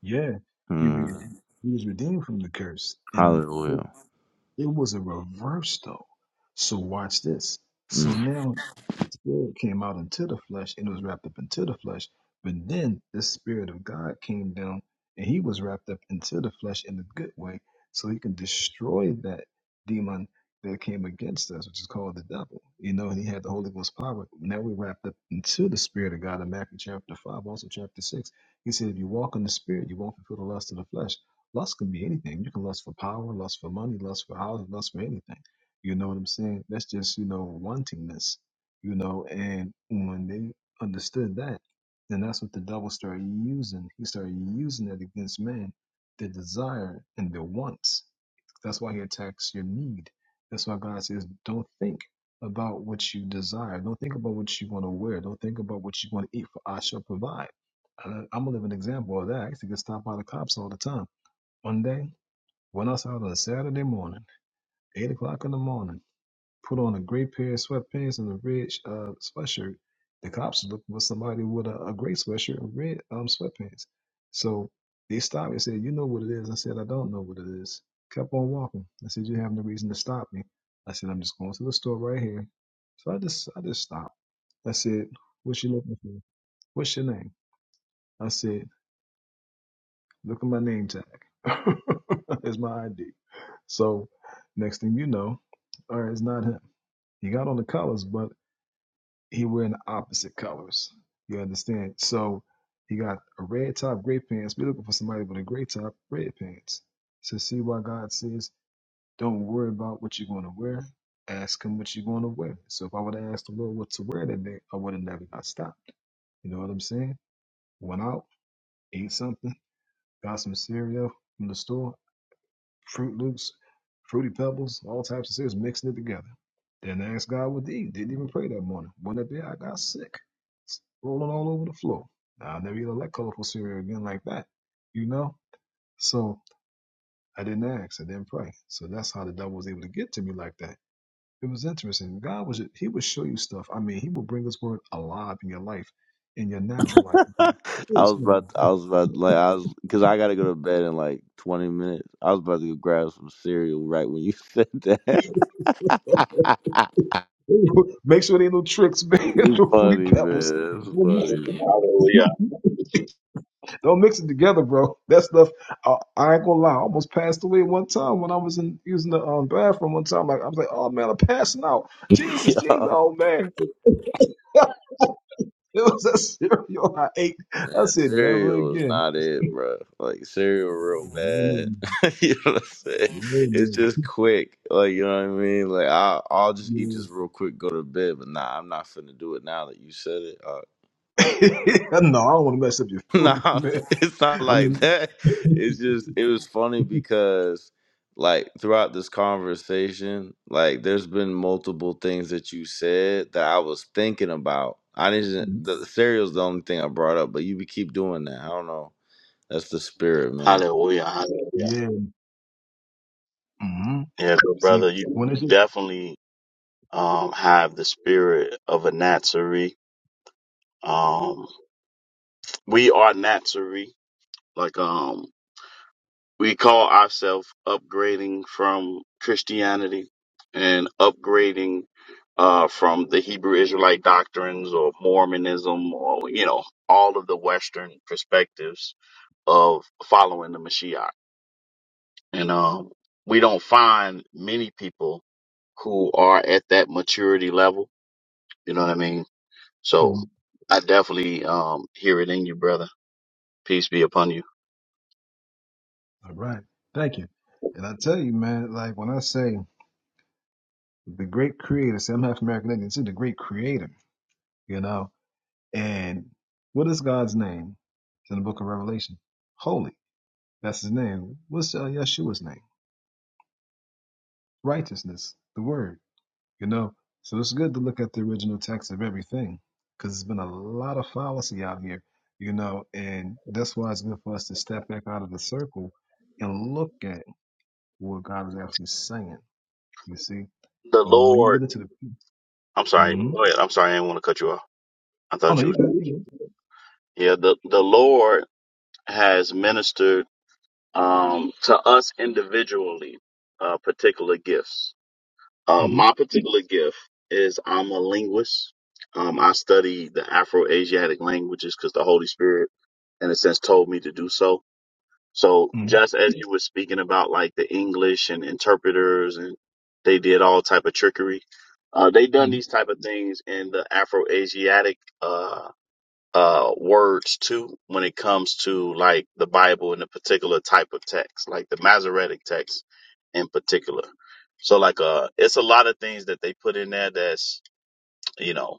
S7: Yeah. He, re-
S1: Mm.
S7: he was redeemed from the curse. And it
S1: Hallelujah.
S7: It was a reverse though. So watch this.
S1: Hmm.
S7: So now the spirit came out into the flesh and it was wrapped up into the flesh. But then the spirit of God came down and he was wrapped up into the flesh in a good way so he can destroy that demon that came against us, which is called the devil. You know, he had the Holy Ghost power. Now we're wrapped up into the spirit of God in Matthew chapter 5, also chapter 6. He said, if you walk in the spirit, you won't fulfill the lust of the flesh. Lust can be anything. You can lust for power, lust for money, lust for houses, lust for anything. You know what I'm saying? That's just, you know, wantingness, you know, and when they understood that, then that's what the devil started using. He started using it against man, their desire and their wants. That's why he attacks your need. That's why God says, don't think about what you desire. Don't think about what you want to wear. Don't think about what you want to eat, for I shall provide. And I- I'm going to live an example of that. I used to get stopped by the cops all the time one day, went outside on a Saturday morning, 8 o'clock in the morning, put on a gray pair of sweatpants and a red uh, sweatshirt. The cops was looking for somebody with a, a gray sweatshirt and red um, sweatpants. So they stopped me and said, You know what it is? I said, I don't know what it is. Kept on walking. I said, You have no reason to stop me. I said, I'm just going to the store right here. So I just I just stopped. I said, What you looking for? What's your name? I said, Look at my name tag. It's my ID. So next thing you know, all right, it's not him. He got on the colors, but he wearing the opposite colors. You understand? So he got a red top, gray pants. We're looking for somebody with a gray top, red pants. So see why God says, don't worry about what you're going to wear. Ask him what you're going to wear. So if I would have asked the Lord what to wear that day, I would have never got stopped. You know what I'm saying? Went out, ate something, got some cereal from the store. Fruit Loops, Fruity Pebbles, all types of cereals, mixing it together. Didn't ask God what to eat. Didn't even pray that morning. Went up there, I got sick, rolling all over the floor. Now, I never eat a like colorful cereal again like that, you know? So I didn't ask. I didn't pray. So that's how the devil was able to get to me like that. It was interesting. God was, he would show you stuff. I mean, he would bring his word alive in your life, in your natural life.
S1: I
S7: Yes,
S1: was
S7: man.
S1: about, I was about, like, I was, cause I gotta go to bed in like twenty minutes. I was about to go grab some cereal right when you said that.
S7: Make sure there ain't no tricks, man.
S1: you
S7: no fruity
S1: funny
S7: pebbles.
S1: man, that's
S7: Don't miss
S1: funny. Man.
S7: it.
S3: Hallelujah.
S7: Don't mix it together, bro. That stuff, I, I ain't gonna lie. I almost passed away one time when I was in using the um, bathroom one time. Like I was like, oh man, I'm passing out. Jesus, Jesus,
S1: Yo,
S7: oh man. It was that cereal I ate. I
S1: man,
S7: said, never
S1: cereal is
S7: again.
S1: not it, bro. Like cereal, real
S7: no,
S1: bad. you know what I'm saying? It's
S7: no,
S1: just quick. Like you know what I mean? Like I, I'll just eat this real quick, go to bed. But nah, I'm not finna do it now that you said it. Uh,
S7: no. I don't want to mess up your
S1: No,
S7: food, man.
S1: it's not
S7: I
S1: like
S7: mean,
S1: that. It's just it was funny because like throughout this conversation, like there's been multiple things that you said that I was thinking about. I didn't the cereal's the only thing I brought up, but you be keep doing that. I don't know. That's the spirit, man.
S3: Hallelujah. Hallelujah.
S7: yeah. hmm
S3: Yeah, so
S7: See,
S3: brother, you,
S7: when it's
S3: you
S7: your,
S3: definitely um, have the spirit of a Nazarene. Um, we are Nazarene. Like, um, we call ourselves upgrading from Christianity and upgrading, uh, from the Hebrew Israelite doctrines or Mormonism or, you know, all of the Western perspectives of following the Mashiach. And, um, we don't find many people who are at that maturity level. You know what I mean? So
S7: Mhm.
S3: I definitely um, hear it in you, brother. Peace be upon you.
S7: all right. Thank you. And I tell you, man, like when I say the great creator. See, I'm half American Indian. See, the great creator, you know. And what is God's name? It's in the book of Revelation. Holy. That's his name. What's uh, Yeshua's name? Righteousness, the word, you know. So it's good to look at the original text of everything because there's been a lot of fallacy out here, you know. And that's why it's good for us to step back out of the circle and look at what God is actually saying, you see.
S3: The
S7: And when you
S3: Lord,
S7: get into the.
S3: I'm sorry.
S7: Mhm.
S3: Go ahead. I'm sorry. I didn't want to cut you off. I
S7: Oh,
S3: thought
S7: no,
S3: you
S7: you're
S3: was.
S7: good. You're
S3: Yeah, the, the Lord has ministered. um, to us individually uh, particular gifts. Uh,
S7: good.
S3: my particular gift is I'm a linguist. Um, I study the Afro-Asiatic languages because the Holy Spirit, in a sense, told me to do so. So
S7: hmm
S3: just as you were speaking about like the English and interpreters and they did all type of trickery, uh, they done these type of things in the Afro-Asiatic, uh, uh words too when it comes to like the Bible and the particular type of text, like the Masoretic text in particular. So like uh it's a lot of things that they put in there that's you know,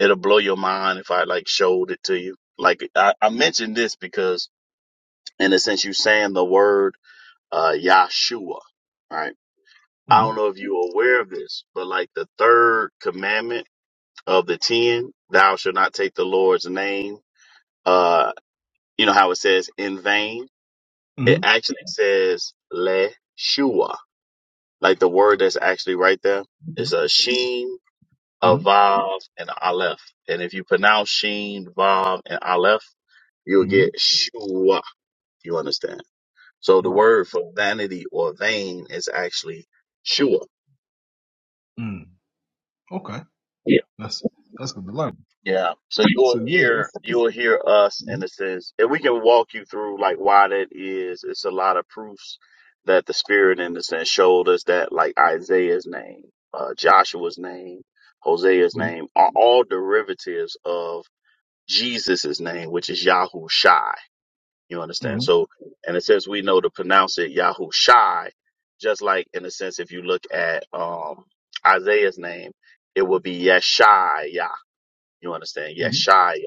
S3: it'll blow your mind if I like showed it to you. Like I, I mentioned this because in a sense you saying the word uh Yahshua, right? I
S7: hmm
S3: don't know if you're aware of this, but like the third commandment of the ten, thou shalt not take the Lord's name. uh. You know how it says in vain? It
S7: hmm
S3: actually says le shua. Like the word that's actually right there is
S7: hmm
S3: a sheen, a vav, and a aleph. And if you pronounce sheen, vav, and aleph, you'll
S7: hmm
S3: get shua. You understand? So the
S7: Right.
S3: word for vanity or vain is actually shua.
S7: Mm. Okay. That's that's good to learn.
S3: Yeah. So you will
S7: So yeah,
S3: hear
S7: it's,
S3: you
S7: it's
S3: will hear us in
S7: mm-hmm,
S3: a sense, and we can walk you through like why that is. It's a lot of proofs that the Spirit in a sense showed us that like Isaiah's name, uh, Joshua's name, Hosea's name are all derivatives of Jesus's name, which is Yahushai. You
S7: hmm
S3: understand? So in a sense, we know to pronounce it Yahushai, just like in a sense, if you look at um, Isaiah's name, it would be Yeshai you understand?
S7: hmm
S3: Yeshaya.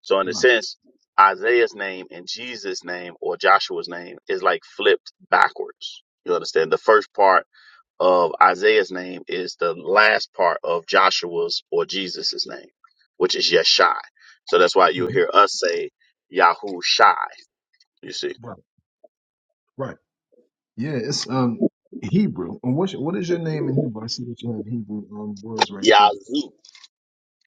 S3: So in a
S7: right.
S3: sense, Isaiah's name and Jesus' name or Joshua's name is like flipped backwards. You understand? The first part of Isaiah's name is the last part of Joshua's or Jesus' name, which is Yeshai. So that's why you
S7: hmm
S3: hear us say Yahushai, you see.
S7: right, right. Yeah, it's um Hebrew. And what's your- what is your name in Hebrew? I see that you have Hebrew um words right there.
S3: Yazoo.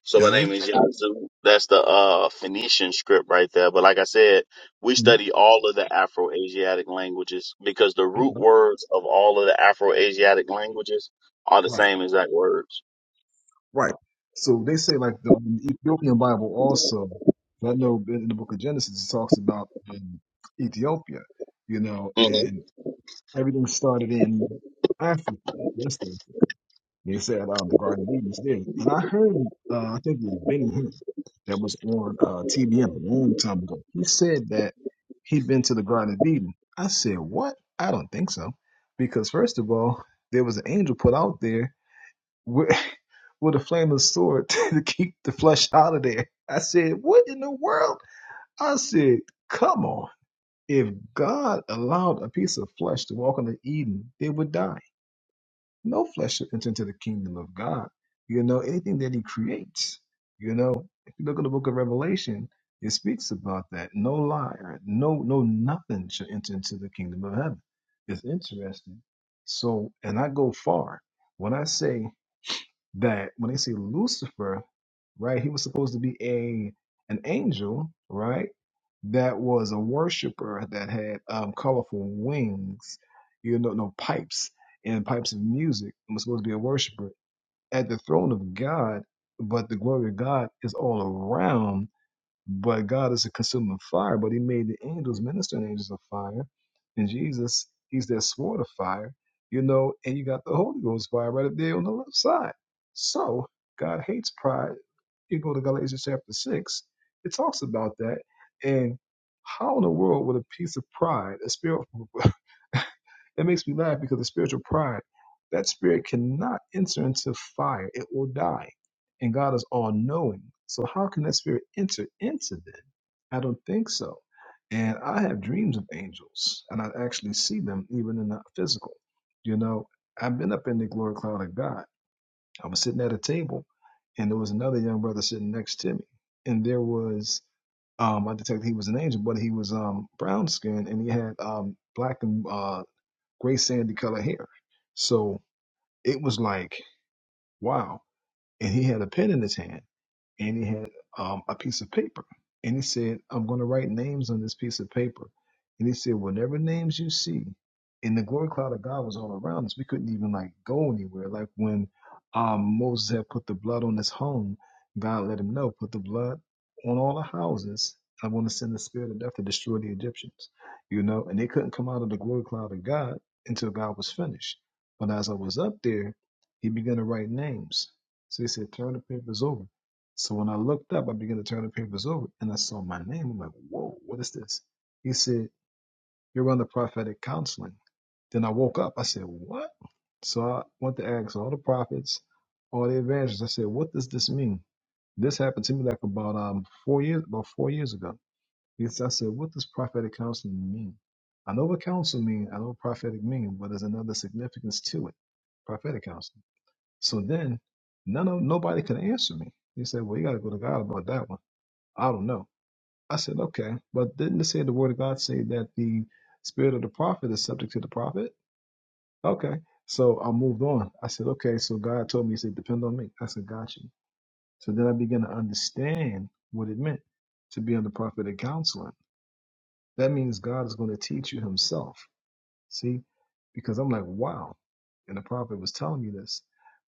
S3: So my
S7: Yeah.
S3: name is Yazoo. That's the uh, Phoenician script right there. But like I said, we
S7: hmm
S3: study all of the Afro-Asiatic languages because the
S7: Okay.
S3: root words of all of the Afro-Asiatic languages are the
S7: Right.
S3: same exact words.
S7: Right. So they say like the um, Ethiopian Bible also. I know in the Book of Genesis it talks about um, Ethiopia, you know,
S3: hmm
S7: and. Everything started in Africa, West Africa. They said uh, the Garden of Eden is there. And I heard, uh, I think it was Benny Hinn that was on uh, TBN a long time ago. He said that he'd been to the Garden of Eden. I said, What? I don't think so. Because, first of all, there was an angel put out there with, with a flaming sword to keep the flesh out of there. I said, What in the world? I said, Come on if God allowed a piece of flesh to walk into Eden, they would die. No flesh should enter into the kingdom of God. You know, anything that he creates, you know, if you look at the book of Revelation, it speaks about that. No liar, no, no nothing should enter into the kingdom of heaven. It's interesting. So, and I go far. When I say that when they say Lucifer, right, he was supposed to be a an angel, right, that was a worshiper that had um, colorful wings, you know, no pipes and pipes of music, and was supposed to be a worshiper at the throne of God, but the glory of God is all around but God is a consuming fire, but He made the angels, ministering angels of fire. And Jesus, He's that sword of fire, you know, and you got the Holy Ghost fire right up there on the left side. So God hates pride. You go to Galatians chapter 6, it talks about that. And how in the world would a piece of pride, a spirit, That makes me laugh because the spiritual pride, that spirit cannot enter into fire. It will die. And God is all knowing. So how can that spirit enter into them? I don't think so. And I have dreams of angels, and I actually see them even in the physical. You know, I've been up in the glory cloud of God. I was sitting at a table, and there was another young brother sitting next to me. And there was, um, I detected he was an angel, but he was um, brown skinned and he had um, black and uh, gray sandy color hair. So it was like, wow. And he had a pen in his hand and he had um, a piece of paper. And he said, I'm going to write names on this piece of paper. And he said, whatever names you see, and the glory cloud of God was all around us. We couldn't even like go anywhere. Like when um, Moses had put the blood on his home, God let him know, put the blood on all the houses. I'm going to send the spirit of death to destroy the Egyptians, you know. And they couldn't come out of the glory cloud of God until God was finished. But as I was up there, he began to write names. So he said, turn the papers over. So when I looked up, I began to turn the papers over and I saw my name. I'm like, whoa, what is this? He said, You're on the prophetic counseling. Then I woke up. I said, What? So I went to ask all the prophets, all the evangelists. I said, What does this mean? This happened to me like about um four years about four years ago. Yes, I said, What does prophetic counseling mean? I know what counsel mean, I know what prophetic mean, but there's another significance to it. Prophetic counseling. So then none of nobody could answer me. He said, Well, you gotta go to God about that one. I don't know. I said, okay, but didn't it say the word of God say that the spirit of the prophet is subject to the prophet? Okay. So I moved on. I said, okay, so God told me, he said, depend on me. I said, got you. So then I began to understand what it meant to be under prophetic counseling. That means God is going to teach you himself. See, because I'm like, wow. And the prophet was telling me this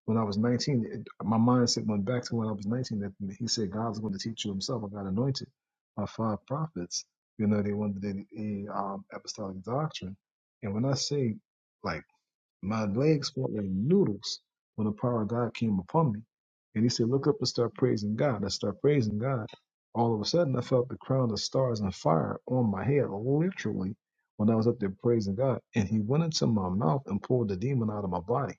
S7: when I was 19. It, my mindset went back to when I was 19. That he said God's going to teach you Himself. I got anointed by five prophets. You know, they wanted the, the um, apostolic doctrine. And when I say like my legs felt like noodles when the power of God came upon me. And he said, Look up and start praising God. I start praising God. All of a sudden, I felt the crown of stars and fire on my head, literally, when I was up there praising God. And he went into my mouth and pulled the demon out of my body.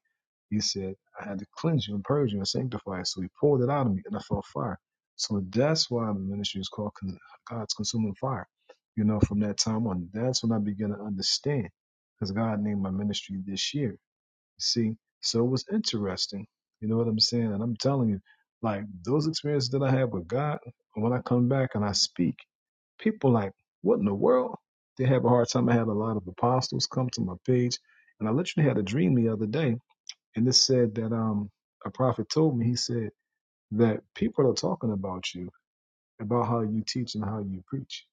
S7: He said, I had to cleanse you and purge you and sanctify you. So he pulled it out of me and I felt fire. So that's why the ministry is called Con- God's Consuming Fire. You know, from that time on, that's when I began to understand because God named my ministry this year. You see, so it was interesting. You know what I'm saying? And I'm telling you, like those experiences that I had with God, when I come back and I speak, people like, what in the world? They have a hard time. I had a lot of apostles come to my page, and I literally had a dream the other day, and it said that um a prophet told me he said that people are talking about you, about how you teach and how you preach.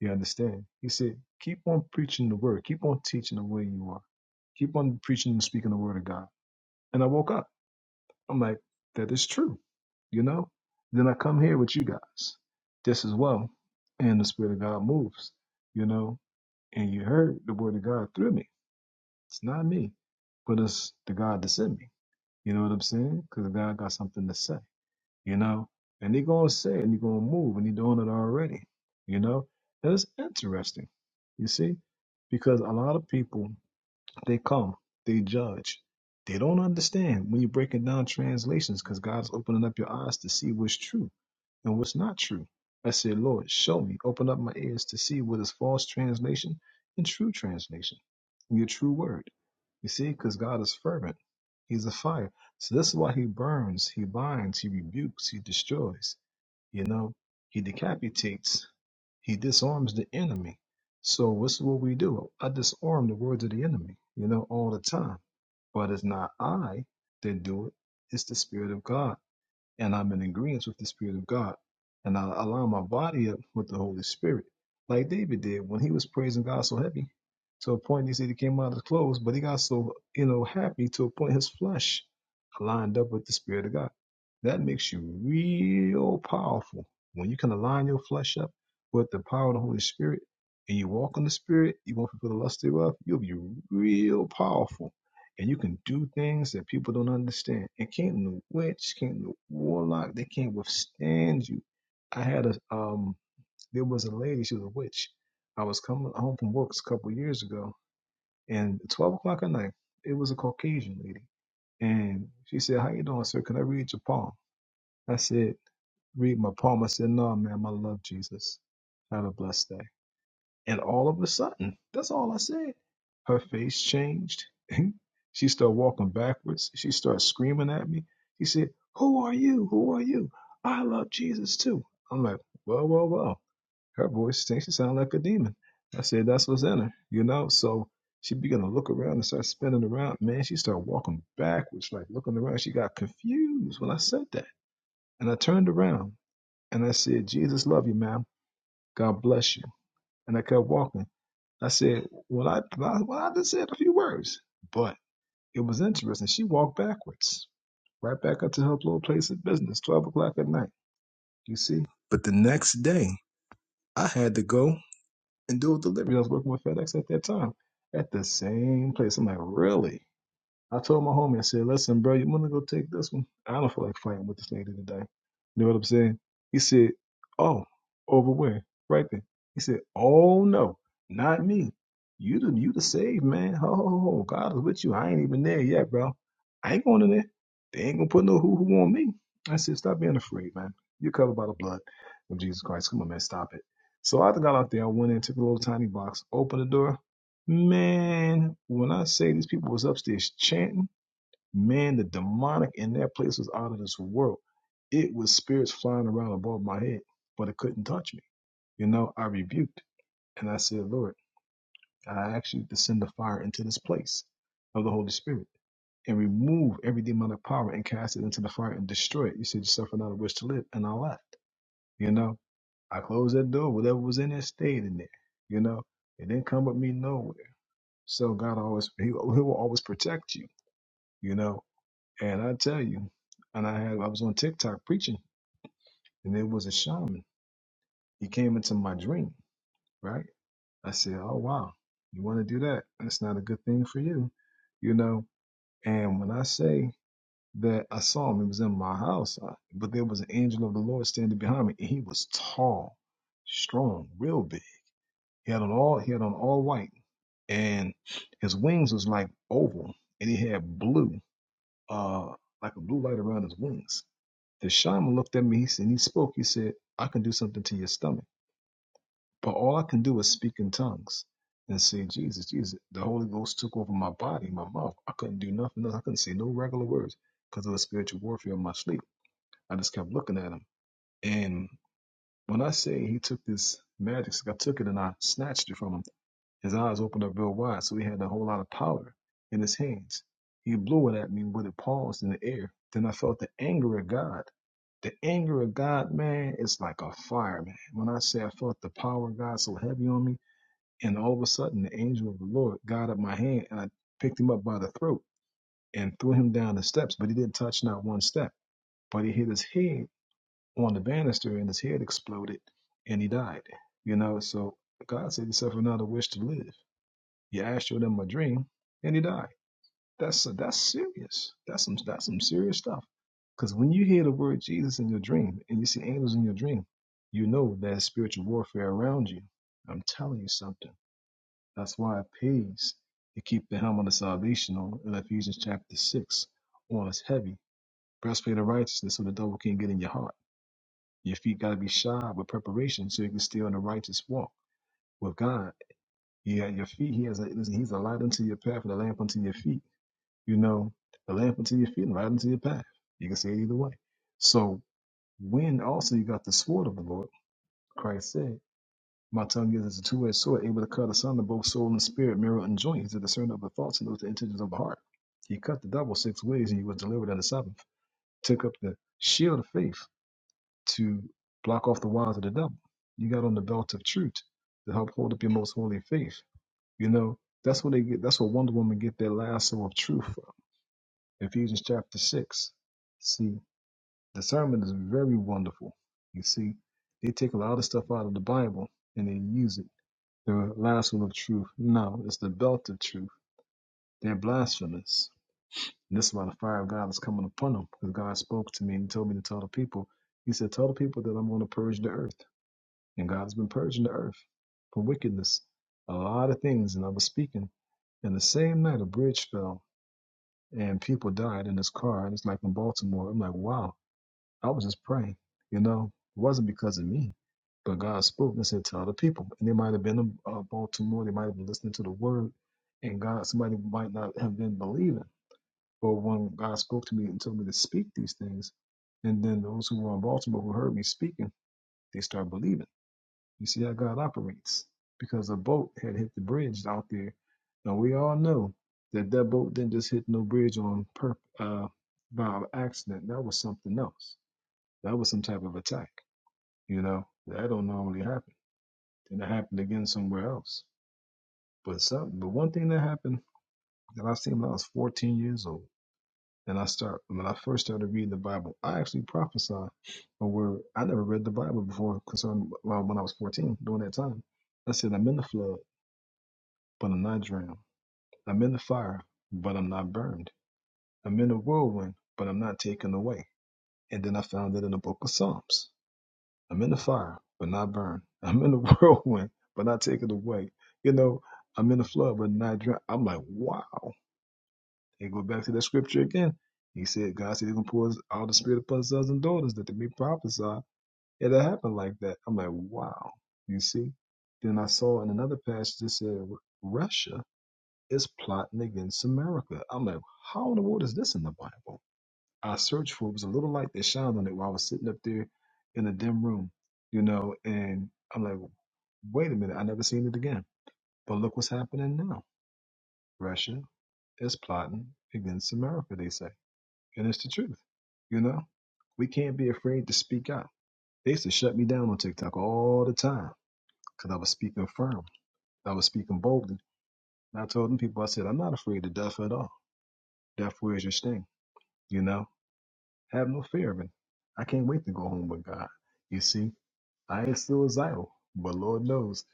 S7: You understand? He said, keep on preaching the word, keep on teaching the way you are, keep on preaching and speaking the word of God. And I woke up. I'm like, that is true, you know? Then I come here with you guys just as well. And the Spirit of God moves, you know? And you heard the word of God through me. It's not me, but it's the God that sent me. You know what I'm saying? Because God got something to say, you know? And he going to say it and he going to move and he doing it already, you know? And it's interesting, you see? Because a lot of people they come, they judge, they don't understand when you're breaking down translations because God's opening up your eyes to see what's true and what's not true. I said, Lord, show me, open up my ears to see what is false translation and true translation, your true word. You see, because God is fervent. He's a fire. So this is why he burns, he binds, he rebukes, he destroys. You know, he decapitates, he disarms the enemy. So this is what we do. I disarm the words of the enemy, you know, all the time. But it's not I that do it, it's the Spirit of God and I'm in agreement with the Spirit of God, and I align my body up with the Holy Spirit, like David did when he was praising God so heavy, to a point he said he came out of his clothes, but he got so you know happy to a point his flesh aligned up with the Spirit of God. That makes you real powerful when you can align your flesh up with the power of the Holy Spirit, and you walk in the Spirit, you won't fulfill the lust thereof. You'll be real powerful and you can do things that people don't understand. And came the witch, came the warlock, they can't withstand you. I had a um there was a lady, she was a witch. I was coming home from work a couple of years ago and twelve o'clock at night, it was a Caucasian lady. And she said, How you doing, sir? Can I read your palm? I said, Read my palm. I said, No, ma'am, I love Jesus. Have a blessed day. And all of a sudden, that's all I said. Her face changed. she started walking backwards. She started screaming at me. She said, Who are you? Who are you? I love Jesus too. I'm like, Well, well, well. Her voice thinks she sounds like a demon. I said, That's what's in her, you know? So she began to look around and start spinning around. Man, she started walking backwards, like looking around. She got confused when I said that. And I turned around and I said, Jesus love you, ma'am. God bless you. And I kept walking. I said, well, I, well, I just said a few words, but it was interesting. She walked backwards, right back up to her little place of business, 12 o'clock at night, you see? But the next day, I had to go and do a delivery. I was working with FedEx at that time at the same place. I'm like, really? I told my homie, I said, listen, bro, you want to go take this one? I don't feel like fighting with this lady today. You know what I'm saying? He said, oh, over where? Right there. He said, oh, no, not me. You the, you the saved, man. Ho, ho, ho. God is with you. I ain't even there yet, bro. I ain't going in there. They ain't going to put no hoo-hoo on me. I said, stop being afraid, man. You're covered by the blood of Jesus Christ. Come on, man, stop it. So I got out there. I went in, took a little tiny box, opened the door. Man, when I say these people was upstairs chanting, man, the demonic in that place was out of this world. It was spirits flying around above my head, but it couldn't touch me. You know, I rebuked and I said, Lord, I ask you to send the fire into this place of the Holy Spirit and remove every demonic power and cast it into the fire and destroy it. You said you suffer not a wish to live, and I left. You know, I closed that door, whatever was in there stayed in there. You know, it didn't come with me nowhere. So God always he, he will always protect you, you know. And I tell you, and I had I was on TikTok preaching, and there was a shaman. He came into my dream, right? I said, "Oh wow, you want to do that? That's not a good thing for you, you know." And when I say that I saw him, he was in my house, I- but there was an angel of the Lord standing behind me, and he was tall, strong, real big. He had on all he had on all white, and his wings was like oval, and he had blue. uh, like a blue light around his wings. The shaman looked at me he said- and he spoke. He said, I can do something to your stomach, but all I can do is speak in tongues and say, Jesus, Jesus. The Holy Ghost took over my body, my mouth. I couldn't do nothing else. I couldn't say no regular words because of the spiritual warfare in my sleep. I just kept looking at him. And when I say he took this magic stick, I took it and I snatched it from him his eyes opened up real wide, so he had a whole lot of powder in his hands. He blew it at me, but it paused in the air. Then I felt the anger of God. The anger of God, man, it's like a fire, man. When I say I felt the power of God so heavy on me, and all of a sudden the angel of the Lord got up my hand and I picked him up by the throat and threw him down the steps, but he didn't touch not one step. But he hit his head on the banister and his head exploded and he died. You know, so God said he suffered not a wish to live. Yah showed them a dream, and he died. That's a, that's serious. That's some that's some serious stuff. Because when you hear the word Jesus in your dream and you see angels in your dream, you know there's spiritual warfare around you. I'm telling you something. That's why it pays to keep the helmet of salvation on in Ephesians chapter six on us heavy. Breastplate of righteousness so the devil can't get in your heart. Your feet gotta be shod with preparation so you can stay on the righteous walk with God. Yeah, your feet, he has a listen, he's a light unto your path and a lamp unto your feet. You know, a lamp unto your feet and right unto your path. You can see it either way. So when also you got the sword of the Lord, Christ said, My tongue is as a two edged sword, able to cut asunder both soul and spirit, marrow and joint, is a discerner of the thoughts and of the intentions of the heart. He cut the devil six ways and he was delivered on the seventh. Took up the shield of faith to block off the wiles of the devil. You got on the belt of truth to help hold up your most holy faith. You know, that's where they get that's where Wonder Woman get their lasso of truth Ephesians chapter 6. See, the sermon is very wonderful. You see, they take a lot of stuff out of the Bible and they use it. The lasso of truth. No, it's the belt of truth. They're blasphemous. And this is why the fire of God is coming upon them. Because God spoke to me and told me to tell the people. He said, Tell the people that I'm going to purge the earth. And God's been purging the earth for wickedness. A lot of things. And I was speaking. And the same night a bridge fell and people died in this car. And it's like in Baltimore. I'm like, wow I was just praying, you know. It wasn't because of me, but God spoke and said to other people. And they might have been in uh, Baltimore, they might have been listening to the word, and God, somebody might not have been believing. But when God spoke to me and told me to speak these things, and then those who were in Baltimore who heard me speaking, they start believing. You see how God operates. Because a boat had hit the bridge out there, and we all know that that boat didn't just hit no bridge on purpose uh, by accident. That was something else that was some type of attack. You know, that don't normally happen. And it happened again somewhere else. But something, but one thing that happened that I seen when I was 14 years old, and I start when I first started reading the Bible, I actually prophesied a word. I never read the Bible before concerning well, when I was 14 during that time. I said, I'm in the flood, but I'm not drowned. I'm in the fire, but I'm not burned. I'm in the whirlwind, but I'm not taken away. And then I found it in the book of Psalms. I'm in the fire, but not burned. I'm in the whirlwind, but not taken away. You know, I'm in the flood, but not drowned. I'm like, wow. And go back to that scripture again. He said, God said he's gonna pour all the spirit upon sons and daughters that they may prophesy. it happened like that. I'm like, wow. You see? Then I saw in another passage that said Russia is plotting against America. I'm like, how in the world is this in the Bible? I searched for was a little light that shined on it while I was sitting up there in a dim room, you know, and I'm like, wait a minute, I never seen it again. But look what's happening now. Russia is plotting against America, they say. And it's the truth. You know, we can't be afraid to speak out. They used to shut me down on TikTok all the time because I was speaking firm. I was speaking boldly. And I told them people, I said, I'm not afraid of death at all. Death, where's your sting? You know, have no fear of it. I can't wait to go home with God. You see? I ain't suicidal, but Lord knows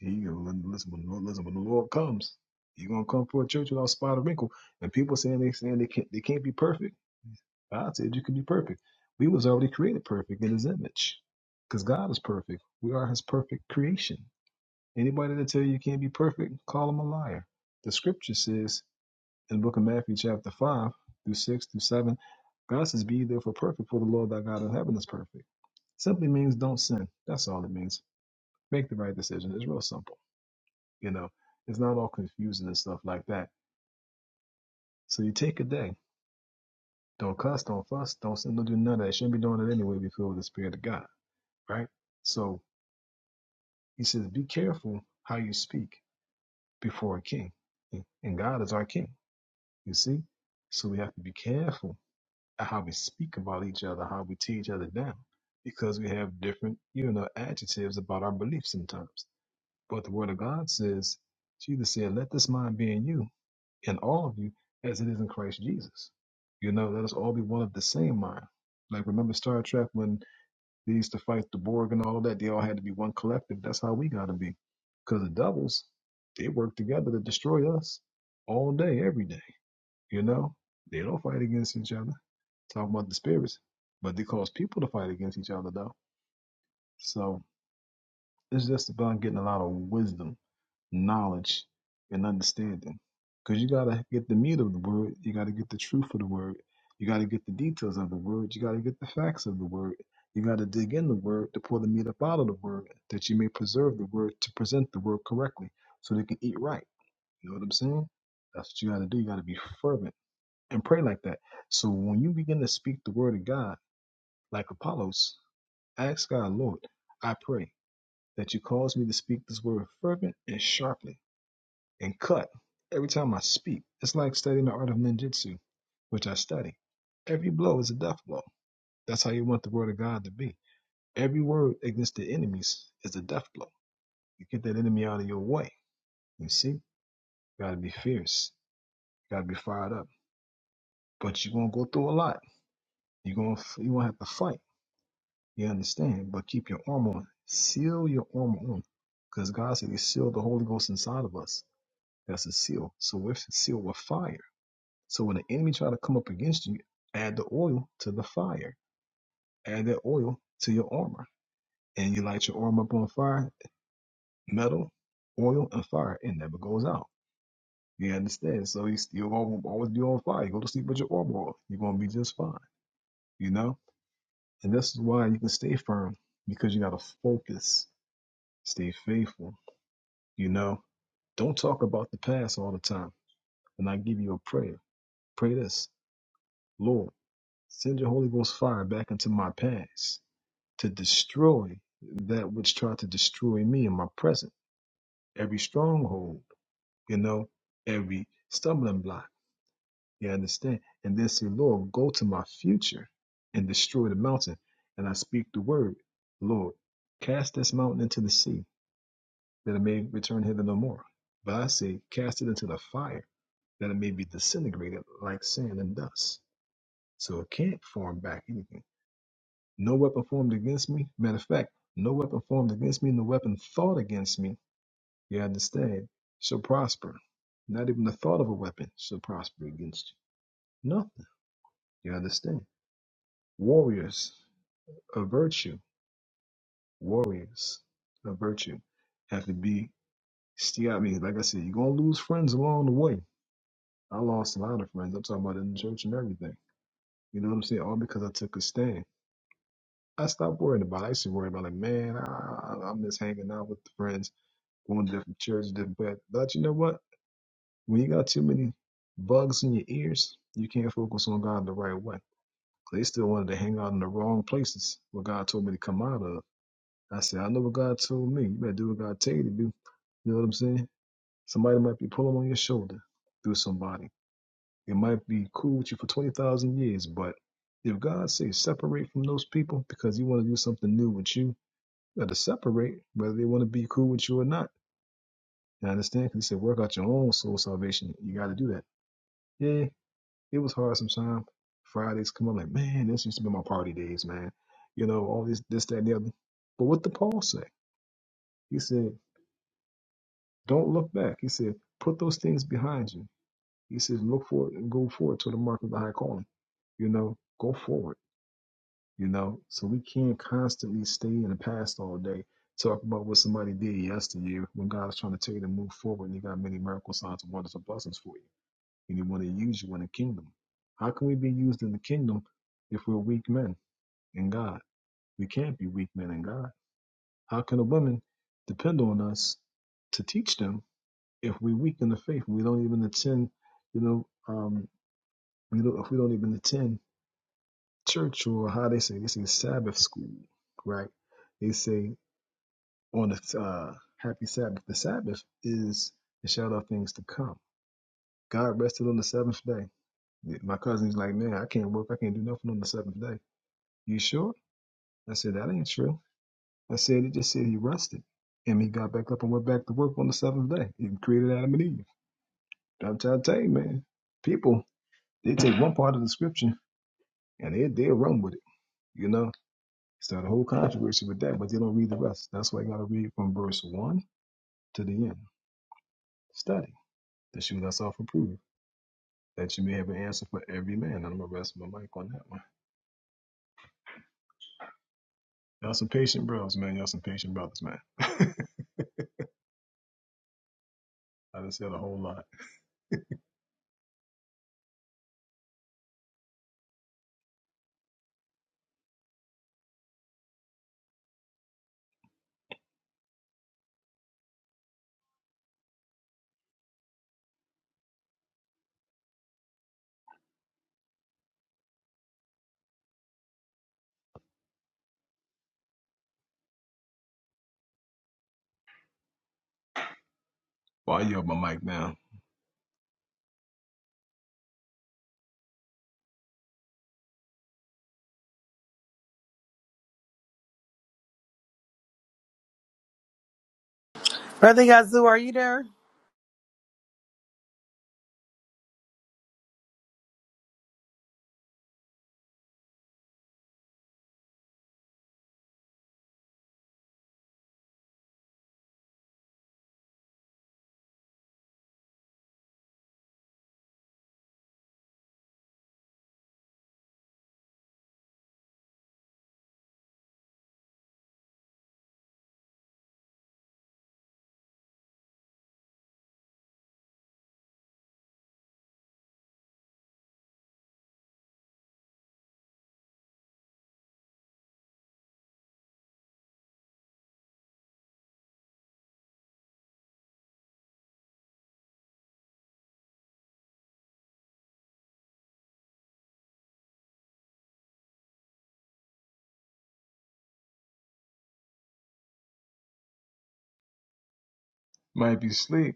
S7: he listen when listen when the Lord comes, he gonna come for a church without spot or wrinkle. And people saying they saying they can't they can't be perfect. God said you can be perfect. We was already created perfect in His image, because God is perfect. We are His perfect creation. Anybody that tell you you can't be perfect, call them a liar. The Scripture says in the Book of Matthew chapter five through six through seven, God says, "Be ye therefore perfect, for the Lord thy God in heaven is perfect." Simply means don't sin. That's all it means make the right decision. It's real simple, you know. It's not all confusing and stuff like that. So you take a day. Don't cuss, don't fuss, don't sin, don't do none of that. Shouldn't be doing it anyway if filled with the Spirit of God, right? So he says, be careful how you speak before a king. And God is our king, you see? So we have to be careful at how we speak about each other, how we tear each other down, because we have different, you know, adjectives about our beliefs sometimes. But the Word of God says, Jesus said, let this mind be in you, in all of you as it is in Christ Jesus. You know, let us all be one of the same mind. Like remember Star Trek when they used to fight the Borg and all of that, they all had to be one collective. That's how we gotta be. Because the devils, they work together to destroy us all day, every day. You know? They don't fight against each other. Talking about the spirits. But they cause people to fight against each other though. So it's just about getting a lot of wisdom knowledge and understanding. Because you got to get the meat of the word, you got to get the truth of the word, you got to get the details of the word, you got to get the facts of the word, you got to dig in the word to pull the meat up out of the word, that you may preserve the word to present the word correctly so they can eat right. You know what I'm saying? That's what you got to do. You got to be fervent and pray like that. So when you begin to speak the word of God, like Apollos, ask God, Lord, I pray that you cause me to speak this word fervent and sharply and cut every time I speak. It's like studying the art of ninjutsu, which I study. Every blow is a death blow. That's how you want the word of God to be. Every word against the enemies is a death blow. You get that enemy out of your way. You see, you gotta be fierce. You gotta be fired up. But you're gonna go through a lot. You're gonna you gonna have to fight. You understand? But keep your armor on. Seal your armor on. Because God said He sealed the Holy Ghost inside of us. That's a seal. So we're sealed with fire. So when the enemy try to come up against you, add the oil to the fire. Add that oil to your armor. And you light your armor up on fire, metal, oil, and fire. It never goes out. You understand? So you still gonna always be on fire. You go to sleep with your armor on. You're gonna be just fine. You know? And this is why you can stay firm, because you gotta focus, stay faithful, you know. Don't talk about the past all the time. And I give you a prayer. Pray this. Lord. Send your Holy Ghost fire back into my past to destroy that which tried to destroy me in my present. Every stronghold, you know, every stumbling block. You understand? And then say, Lord, go to my future and destroy the mountain. And I speak the word, Lord, cast this mountain into the sea, that it may return hither no more. But I say, cast it into the fire, that it may be disintegrated like sand and dust. So it can't form back anything No weapon formed against me. Matter of fact, no weapon formed against me, no weapon thought against me, you understand, shall prosper. Not even the thought of a weapon shall prosper against you. Nothing. You understand? Warriors of virtue, warriors of virtue have to be, see, I mean, like I said, you're going to lose friends along the way. I lost a lot of friends. I'm talking about in the church and everything. You know what I'm saying? All because I took a stand. I stopped worrying about it. I used to worry about, like, man, I, I I miss hanging out with the friends going to different churches, different path. But you know what? When you got too many bugs in your ears, you can't focus on God the right way. They still wanted to hang out in the wrong places where God told me to come out of. I said, I know what God told me. You better do what God tell you to do. You know what I'm saying? Somebody might be pulling on your shoulder through somebody. It might be cool with you for 20,000 years, but if God says separate from those people because He want to do something new with you, you got to separate whether they want to be cool with you or not You cause he said, work out your own soul salvation. You got to do that. Yeah, it was hard sometimes. Fridays come up like, man, this used to be my party days, man. You know, all this, this, that, and the other. But what did Paul say? He said, don't look back. He said, put those things behind you. He says, look forward and go forward to the mark of the high calling. You know, go forward. You know, so we can't constantly stay in the past all day. Talk about what somebody did yesteryear when God's trying to tell you to move forward and you got many miracles, signs, and wonders, and blessings for you. and he want to use you in the kingdom. How can we be used in the kingdom if we're weak men in God? We can't be weak men in God. How can a woman depend on us to teach them if we're weak in the faith and we don't even attend, you know, um, we don't, if we don't even attend church or how they say, they say Sabbath school, right? They say on the uh, happy Sabbath. The Sabbath is the shadow of things to come. God rested on the seventh day My cousin's like, man, I can't work. I can't do nothing on the seventh day. You sure? I said, that ain't true. I said, it just said he rested. And he got back up and went back to work on the seventh day. He created Adam and Eve. I'm trying to tell you, man, people, they take one part of the scripture and they, they'll run with it, you know? Start a whole controversy with that, but they don't read the rest. That's why you got to read from verse 1 to the end. Study to show thyself approved, that you may have an answer for every man. I'm going to rest my mic on that one. Y'all some patient bros, man. Y'all some patient brothers, man. I just said a whole lot. Why you up my mic now?
S10: Brother Yazoo, are you there?
S7: Might be sleep.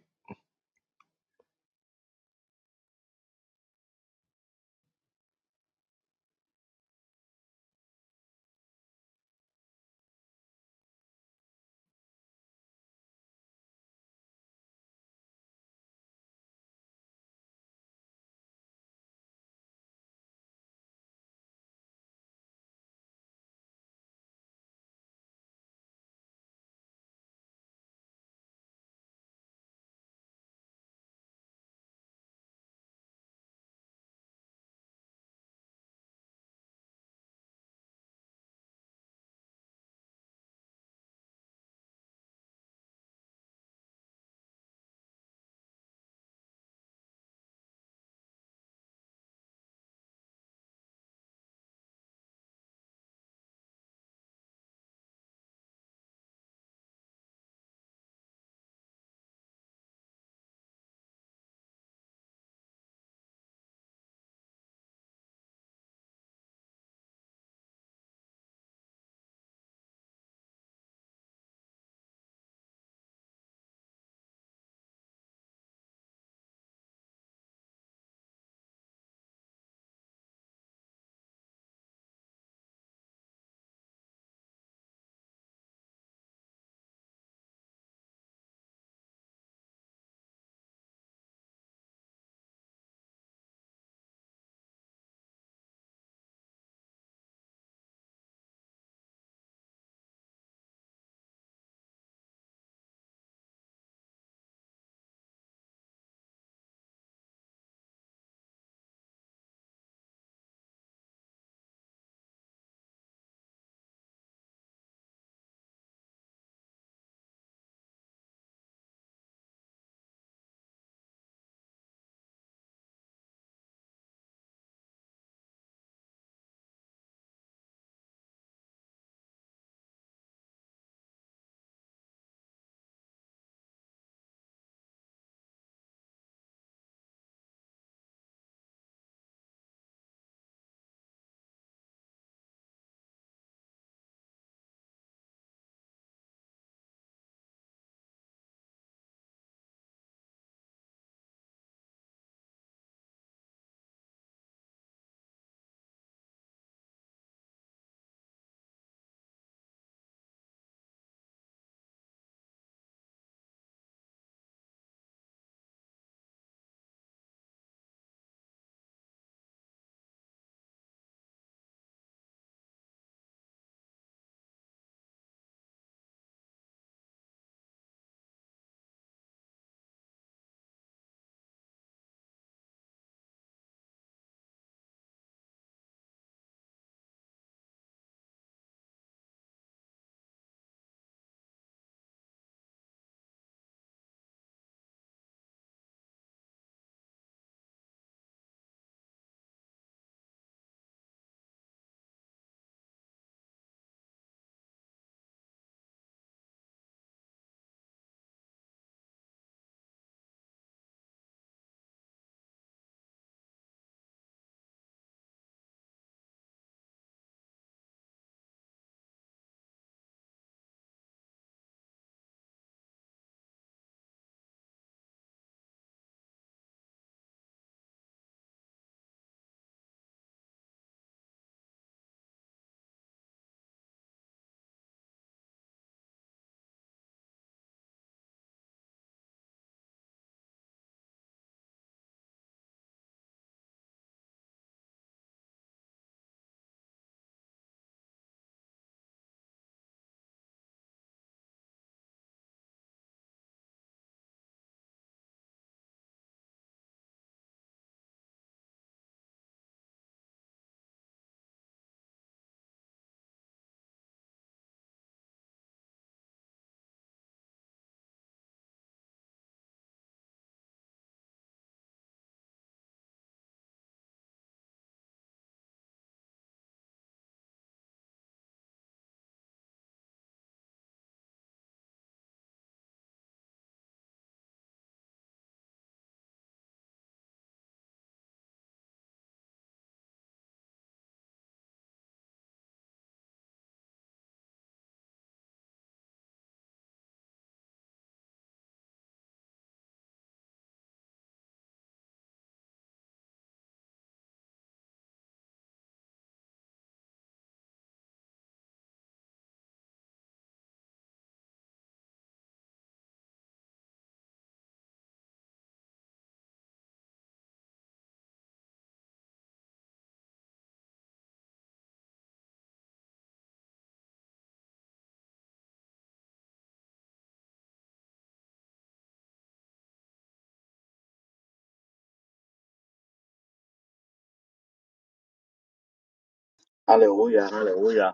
S3: Hallelujah, hallelujah.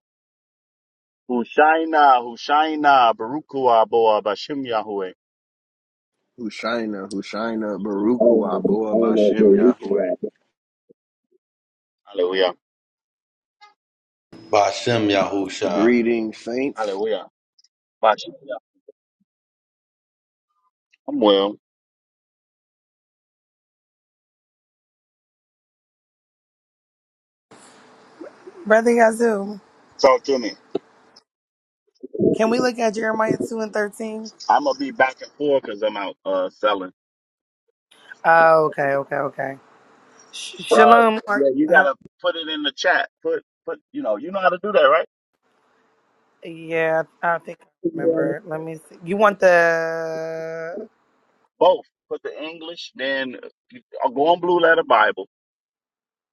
S3: Hushaina, Hushaina, Barukua, Boa, Bashim Yahweh.
S11: Hushaina, Hushaina, Baruch Hu
S3: Amen,
S11: Aboah
S3: amen,
S11: Bashem Yahweh.
S3: Barukua. Hallelujah,
S1: By Shem Yahusha.
S11: Greetings, saints.
S3: hallelujah. Bashim Yah- I'm well.
S10: Brother Yazoo,
S3: Talk to me.
S10: can we look at Jeremiah 2 and 13?
S3: I'm gonna be back and forth because I'm out uh selling.
S10: Oh, okay, okay, okay. Sh-
S3: Uh,
S10: Shalom.
S3: yeah,
S10: Mark.
S3: you
S10: Huh?
S3: gotta put it in the chat. Put, put, you know, you know how to do that, right?
S10: Yeah, I think I remember. Let me see. You want the.
S3: Both. Put the English, then you- uh, go on Blue Letter Bible,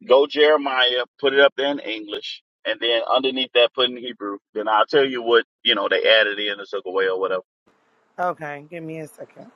S3: go Jeremiah, put it up there in English, and then underneath that, put in Hebrew. Then I'll tell you what, you know, they added in or took away or whatever.
S10: Okay, give me a second.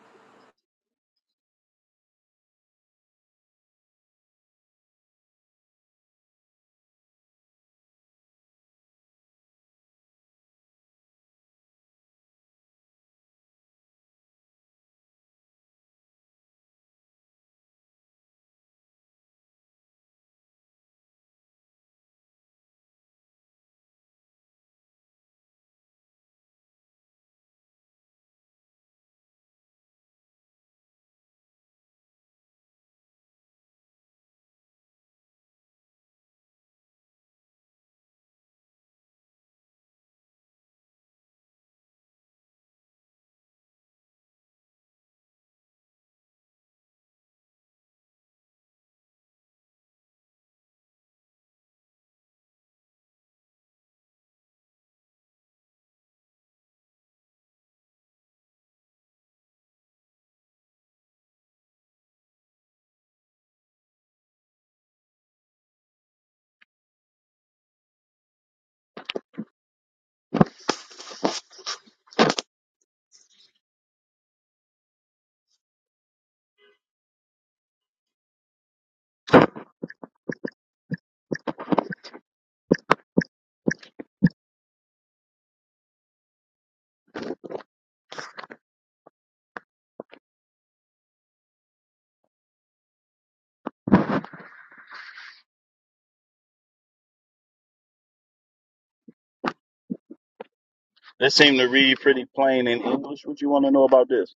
S3: This seemed to read pretty plain in English. What you want to know about this?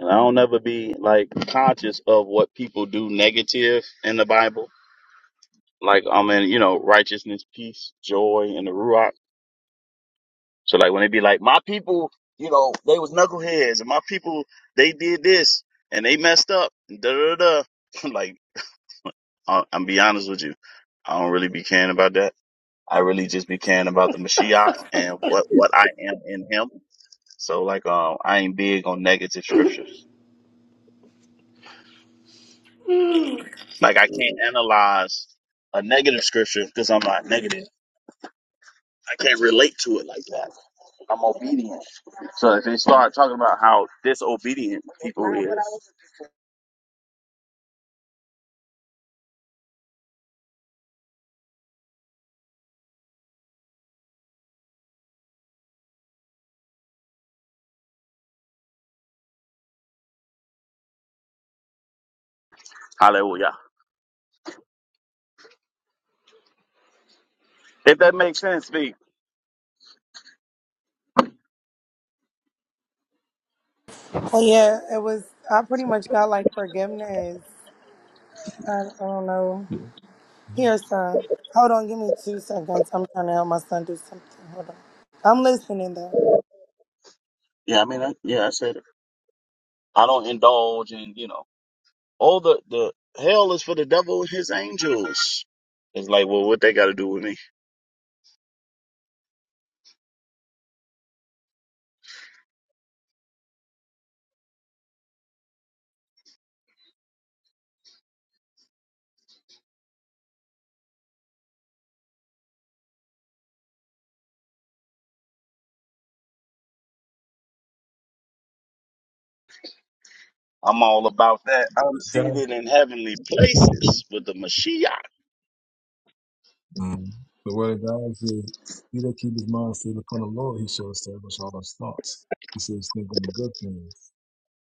S3: And I don't ever be like conscious of what people do negative in the Bible. Like I'm in, you know, righteousness, peace, joy, and the Ruach. So like when they be like, my people, you know, they was knuckleheads, and my people, they did this, and they messed up, da da da. da." like, I- I'm be honest with you, I don't really be caring about that. I really just be caring about the Mashiach and what what I am in Him. So like, um, I ain't big on negative scriptures. Like I can't analyze a negative scripture because I'm not negative. I can't relate to it like that. I'm obedient. So if they start talking about how disobedient people is, hallelujah. If that makes sense, B.
S10: Oh, yeah, it was. I pretty much got like forgiveness. I, I don't know.
S7: God.
S10: Here, son. Hold on, give me two seconds. I'm trying to help my son do something. Hold on. I'm listening, though.
S3: Yeah, I mean, I, yeah, I said it. I don't indulge in, you know, all the the hell is for the devil and his angels. It's like, well, what they got to do with me? I'm all about that. I'm seated in heavenly places with the Mashiach.
S7: Mm. The word of God is, He that keep his mind stayed upon the Lord, he shall establish all his thoughts. He says, think on the good things,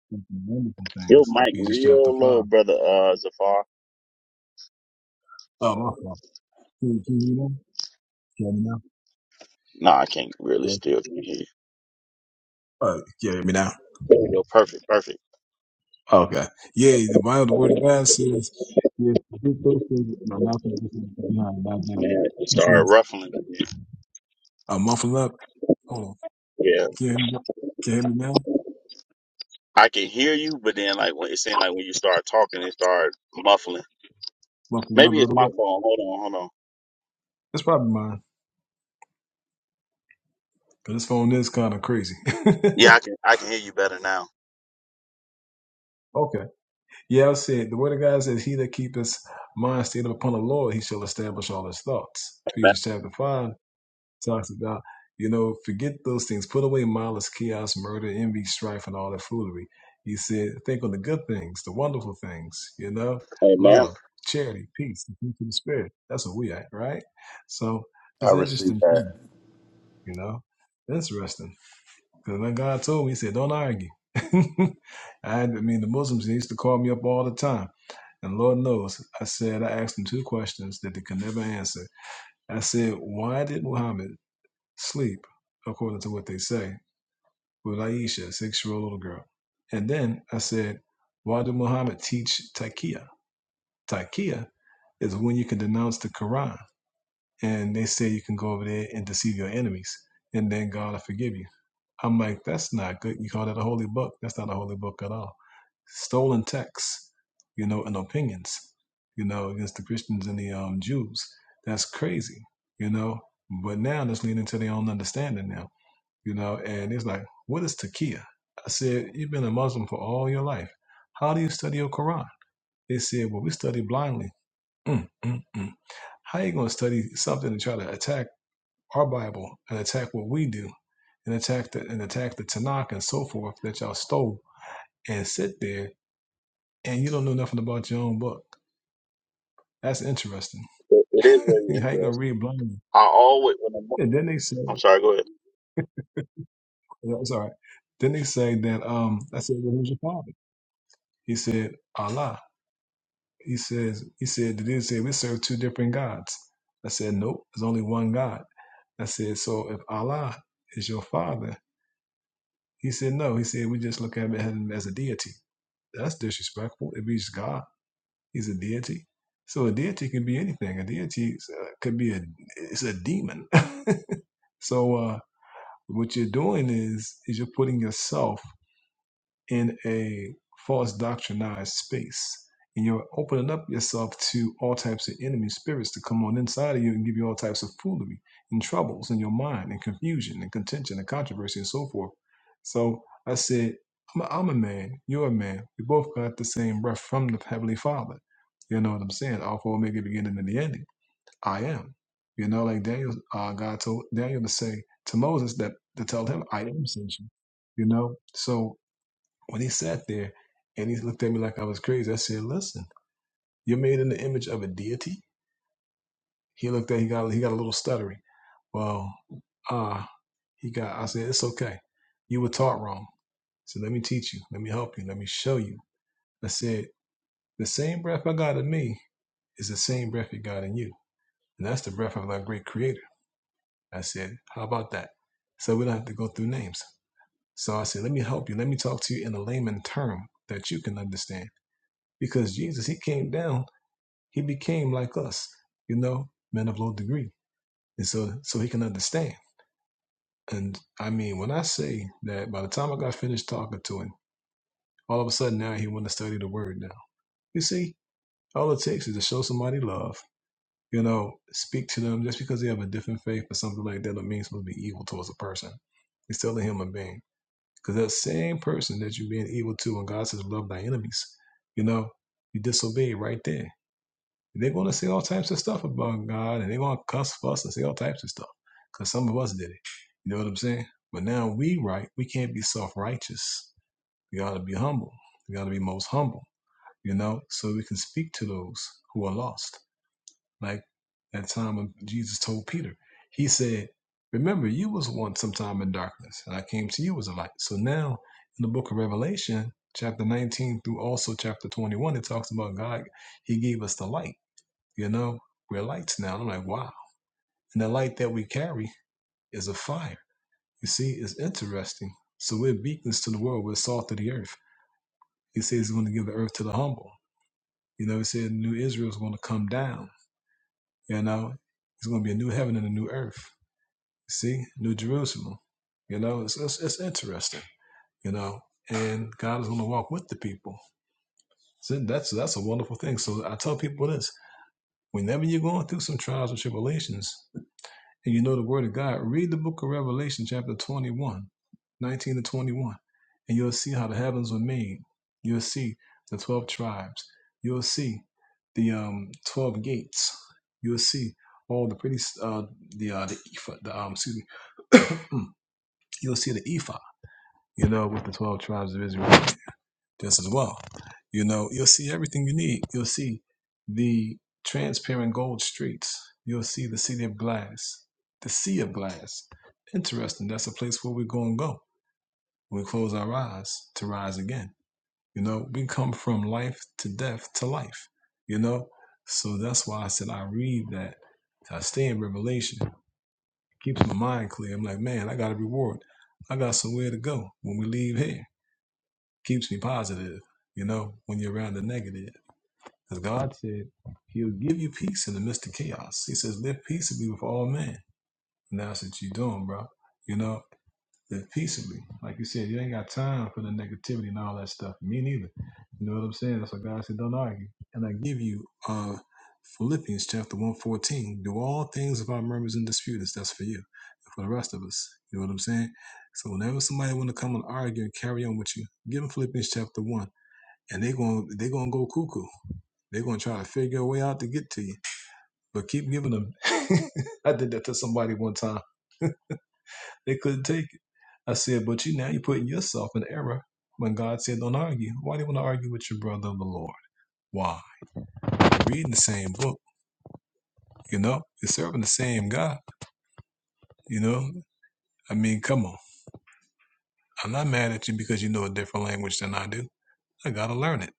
S7: think on the wonderful
S3: Yo,
S7: things.
S3: Mike,
S7: Ephesians chapter
S3: real low,
S7: 5.
S3: brother uh, Zafar.
S7: Oh, my fault. Can, can you hear me now? Can you hear me now?
S3: Nah, I can't really
S7: Yeah.
S3: still can hear you.
S7: Uh, can you hear me now?
S3: There we go. Perfect, perfect.
S7: Okay. Yeah, the Bible, the word of God says, yes, think those things, no, not think those things behind, not now.
S3: Man, it
S7: He
S3: started
S7: says,
S3: ruffling. again.
S7: a muffle up. Hold on.
S3: Yeah,
S7: Can you hear me, can you hear me now?
S3: I can hear you, but then like when it seemed like when you start talking, it started muffling.
S7: Buffering up a
S3: Maybe it's
S7: little
S3: my
S7: bit.
S3: phone. Hold on, hold on.
S7: It's probably mine, because this phone is kind of crazy.
S3: Yeah, I can I can hear you better now.
S7: okay. Yeah, I'll see it. The word of God says, He that keepeth mind stayed upon the Lord, he shall establish all his thoughts. Ephesians chapter 5 talks about, you know, forget those things. Put away malice, chaos, murder, envy, strife, and all that foolery. He said, think on the good things, the wonderful things, you know,
S3: Hey, ma'am,
S7: love, charity, peace, the fruit of the spirit. That's what we at, right? So
S1: I
S7: it's
S1: received
S7: interesting.
S1: that.
S7: You know, interesting. Because when God told me, He said, "Don't argue." I, had- I mean, the Muslims they used to call me up all the time, and Lord knows, I said I asked them two questions that they could never answer. I said, "Why did Muhammad sleep according to what they say with Aisha, a six-year-old little girl?" And then I said, "Why did Muhammad teach taqiyya? Taqiyya is when you can denounce the Quran, and they say you can go over there and deceive your enemies, and then God will forgive you." I'm like, that's not good. You call that a holy book? That's not a holy book at all. Stolen texts, you know, and opinions, you know, against the Christians and the um, Jews. That's crazy, you know. But now that's leading to their own understanding now, you know. And it's like, what is takia? I said, you've been a Muslim for all your life. How do you study your Quran? They said, well, we study blindly. Mm, mm, mm. How you going to study something and try to attack? our Bible and attack what we do and attack the and attack the Tanakh and so forth that y'all stole and sit there and you don't know nothing about your own book. That's interesting.
S3: it, it
S7: How
S3: is very
S7: you gonna
S3: interesting.
S7: read blindly?
S3: I always when I'm,
S7: And then they said,
S3: I'm sorry. Go ahead.
S7: "That's all right." Then they say that um, I said, well, "Who's your father?" He said, "Allah." He says, "He said the dude said we serve two different gods." I said, "Nope, there's only one God." I said, "So if Allah is your father," he said, "No." He said, "We just look at him as a deity." That's disrespectful. It means God. He's a deity. So a deity can be anything. A deity is, uh, could be a it's a demon. so uh, what you're doing is is you're putting yourself in a false doctrinized space. And you're opening up yourself to all types of enemy spirits to come on inside of you and give you all types of foolery and troubles in your mind and confusion and contention and controversy and so forth. So I said, I'm a, I'm a man, you're a man. We both got the same breath from the Heavenly Father. You know what I'm saying? Alpha, Omega, beginning and the ending. I am. You know, like Daniel, uh, God told Daniel to say to Moses that to tell him, I am sent you. You know, so when he sat there and he looked at me like I was crazy, I said, "Listen, you're made in the image of a deity." He looked at he got he got a little stuttery. Well, ah, he got. I said, "It's okay. You were taught wrong. So let me teach you. Let me help you. Let me show you." I said, "The same breath I got in me is the same breath he got in you, and that's the breath of our great Creator." I said, "How about that?" So we don't have to go through names. So I said, "Let me help you. Let me talk to you in a layman term that you can understand." Because Jesus, he came down. He became like us, you know, men of low degree. And so so he can understand. And I mean, when I say that by the time I got finished talking to him, all of a sudden now he want to study the word now. You see, all it takes is to show somebody love, you know, speak to them just because they have a different faith or something like that don't mean it's supposed to be evil towards a person. It's still a human being. Because that same person that you're being evil to when God says love thy enemies, you know, you disobey right there. They're going to say all types of stuff about God, and they're going to cuss, fuss, and say all types of stuff because some of us did it. You know what I'm saying? But now we right, we can't be self righteous. We got to be humble. We got to be most humble. You know, so we can speak to those who are lost. Like that time when Jesus told Peter, He said, "Remember, you was once sometime in darkness, and I came to you as a light." So now, in the Book of Revelation, chapter 19 through also chapter 21, it talks about God. He gave us the light you know, we're lights now. And I'm like, wow. And the light that we carry is a fire. You see, it's interesting. So we're beacons to the world. We're salt of the earth. He says he's going to give the earth to the humble. You know, he said new Israel is going to come down. You know, it's going to be a new heaven and a new earth. You see, new Jerusalem. You know, it's, it's, it's interesting. You know, and God is going to walk with the people. So that's that's a wonderful thing. So I tell people this: whenever you're going through some trials and tribulations, and you know the Word of God, read the book of Revelation, chapter 21, 19 to 21, and you'll see how the heavens were made. You'll see the 12 tribes. You'll see the um, 12 gates. You'll see all the pretty, s- uh, the, uh, the ephod, the, um, excuse me, you'll see the ephod, you know, with the 12 tribes of Israel this as well. You know, you'll see everything you need. You'll see the transparent gold streets. You'll see the city of glass, the sea of glass. Interesting. That's a place where we're going to go. when We close our eyes to rise again. You know, we come from life to death to life, you know? So that's why I said I read that. I stay in Revelation. It keeps my mind clear. I'm like, man, I got a reward. I got somewhere to go when we leave here. Keeps me positive, you know, when you're around the negative. Because God said He'll give you peace in the midst of chaos. He says, live peaceably with all men. And that's what you're doing, bro. You know, live peaceably. Like you said, you ain't got time for the negativity and all that stuff. Me neither. You know what I'm saying? That's why God said, don't argue. And I give you uh Philippians chapter 114. Do all things without murmurs and disputings. That's for you. And for the rest of us. You know what I'm saying? So whenever somebody wanna come and argue and carry on with you, give them Philippians chapter 1 and they're gonna they're gonna go cuckoo. They're gonna try to figure a way out to get to you. But keep giving them. I did that to somebody one time. They couldn't take it. I said, but you now you're putting yourself in error when God said don't argue. Why do you want to argue with your brother of the Lord? Why? You're reading the same book, you know? You're serving the same God, you know? I mean, come on. I'm not mad at you because you know a different language than I do. I gotta learn it.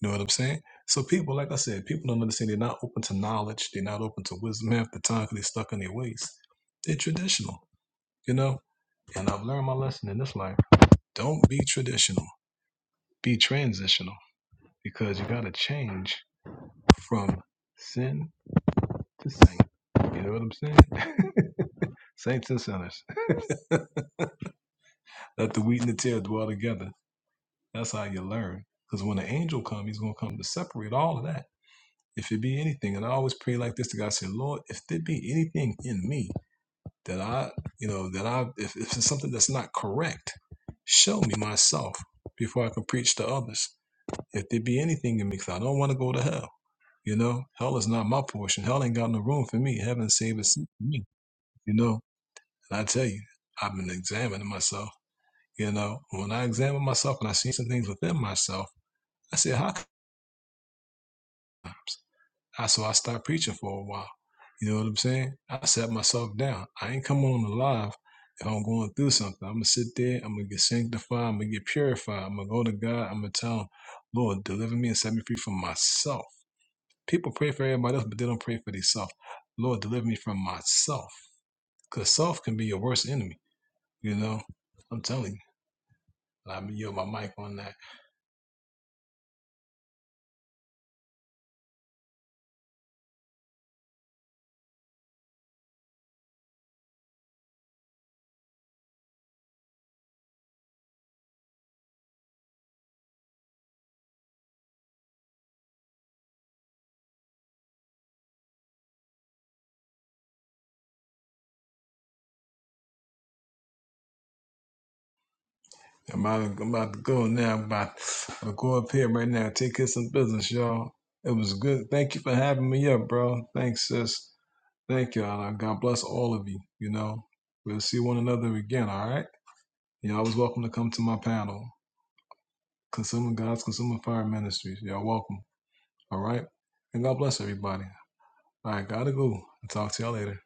S7: You know what I'm saying? So people, like I said, people don't understand. They're not open to knowledge. They're not open to wisdom half the time because they're stuck in their ways. They're traditional, you know. And I've learned my lesson in this life. Don't be traditional. Be transitional because you gotta change from sin to saint. You know what I'm saying? Saints and sinners. Let the wheat and the tear dwell together. That's how you learn. Because when the angel comes, he's gonna come to separate all of that. if it be anything, and I always pray like this to God, I say, Lord, if there be anything in me that I, you know, that I, if, if it's something that's not correct, show me myself before I can preach to others. If there be anything in me, cause I don't want to go to hell. You know, hell is not my portion. Hell ain't got no room for me. Heaven saved us for me. You know, and I tell you, I've been examining myself. You know, when I examine myself and I see some things within myself, I say, how come? I so I stopped preaching for a while. You know what I'm saying? I sat myself down. I ain't coming on the live if I'm going through something. I'm gonna sit there. I'm gonna get sanctified. I'm gonna get purified. I'm gonna go to God. I'm gonna tell him, Lord, deliver me and set me free from myself. People pray for everybody else, but they don't pray for themselves. Lord, deliver me from myself, because self can be your worst enemy. You know, I'm telling you. I'm gonna yield my mic on that. I'm about, to, I'm about to go now. I'm about to go up here right now. Take care of some business, y'all. It was good. Thank you for having me up, bro. Thanks, sis. Thank y'all. God bless all of you. You know, we'll see one another again, all right? You're always welcome to come to my panel, Consuming God's Consuming Fire Ministries. Y'all welcome, all right? And God bless everybody. All right, gotta go. I'll talk to y'all later.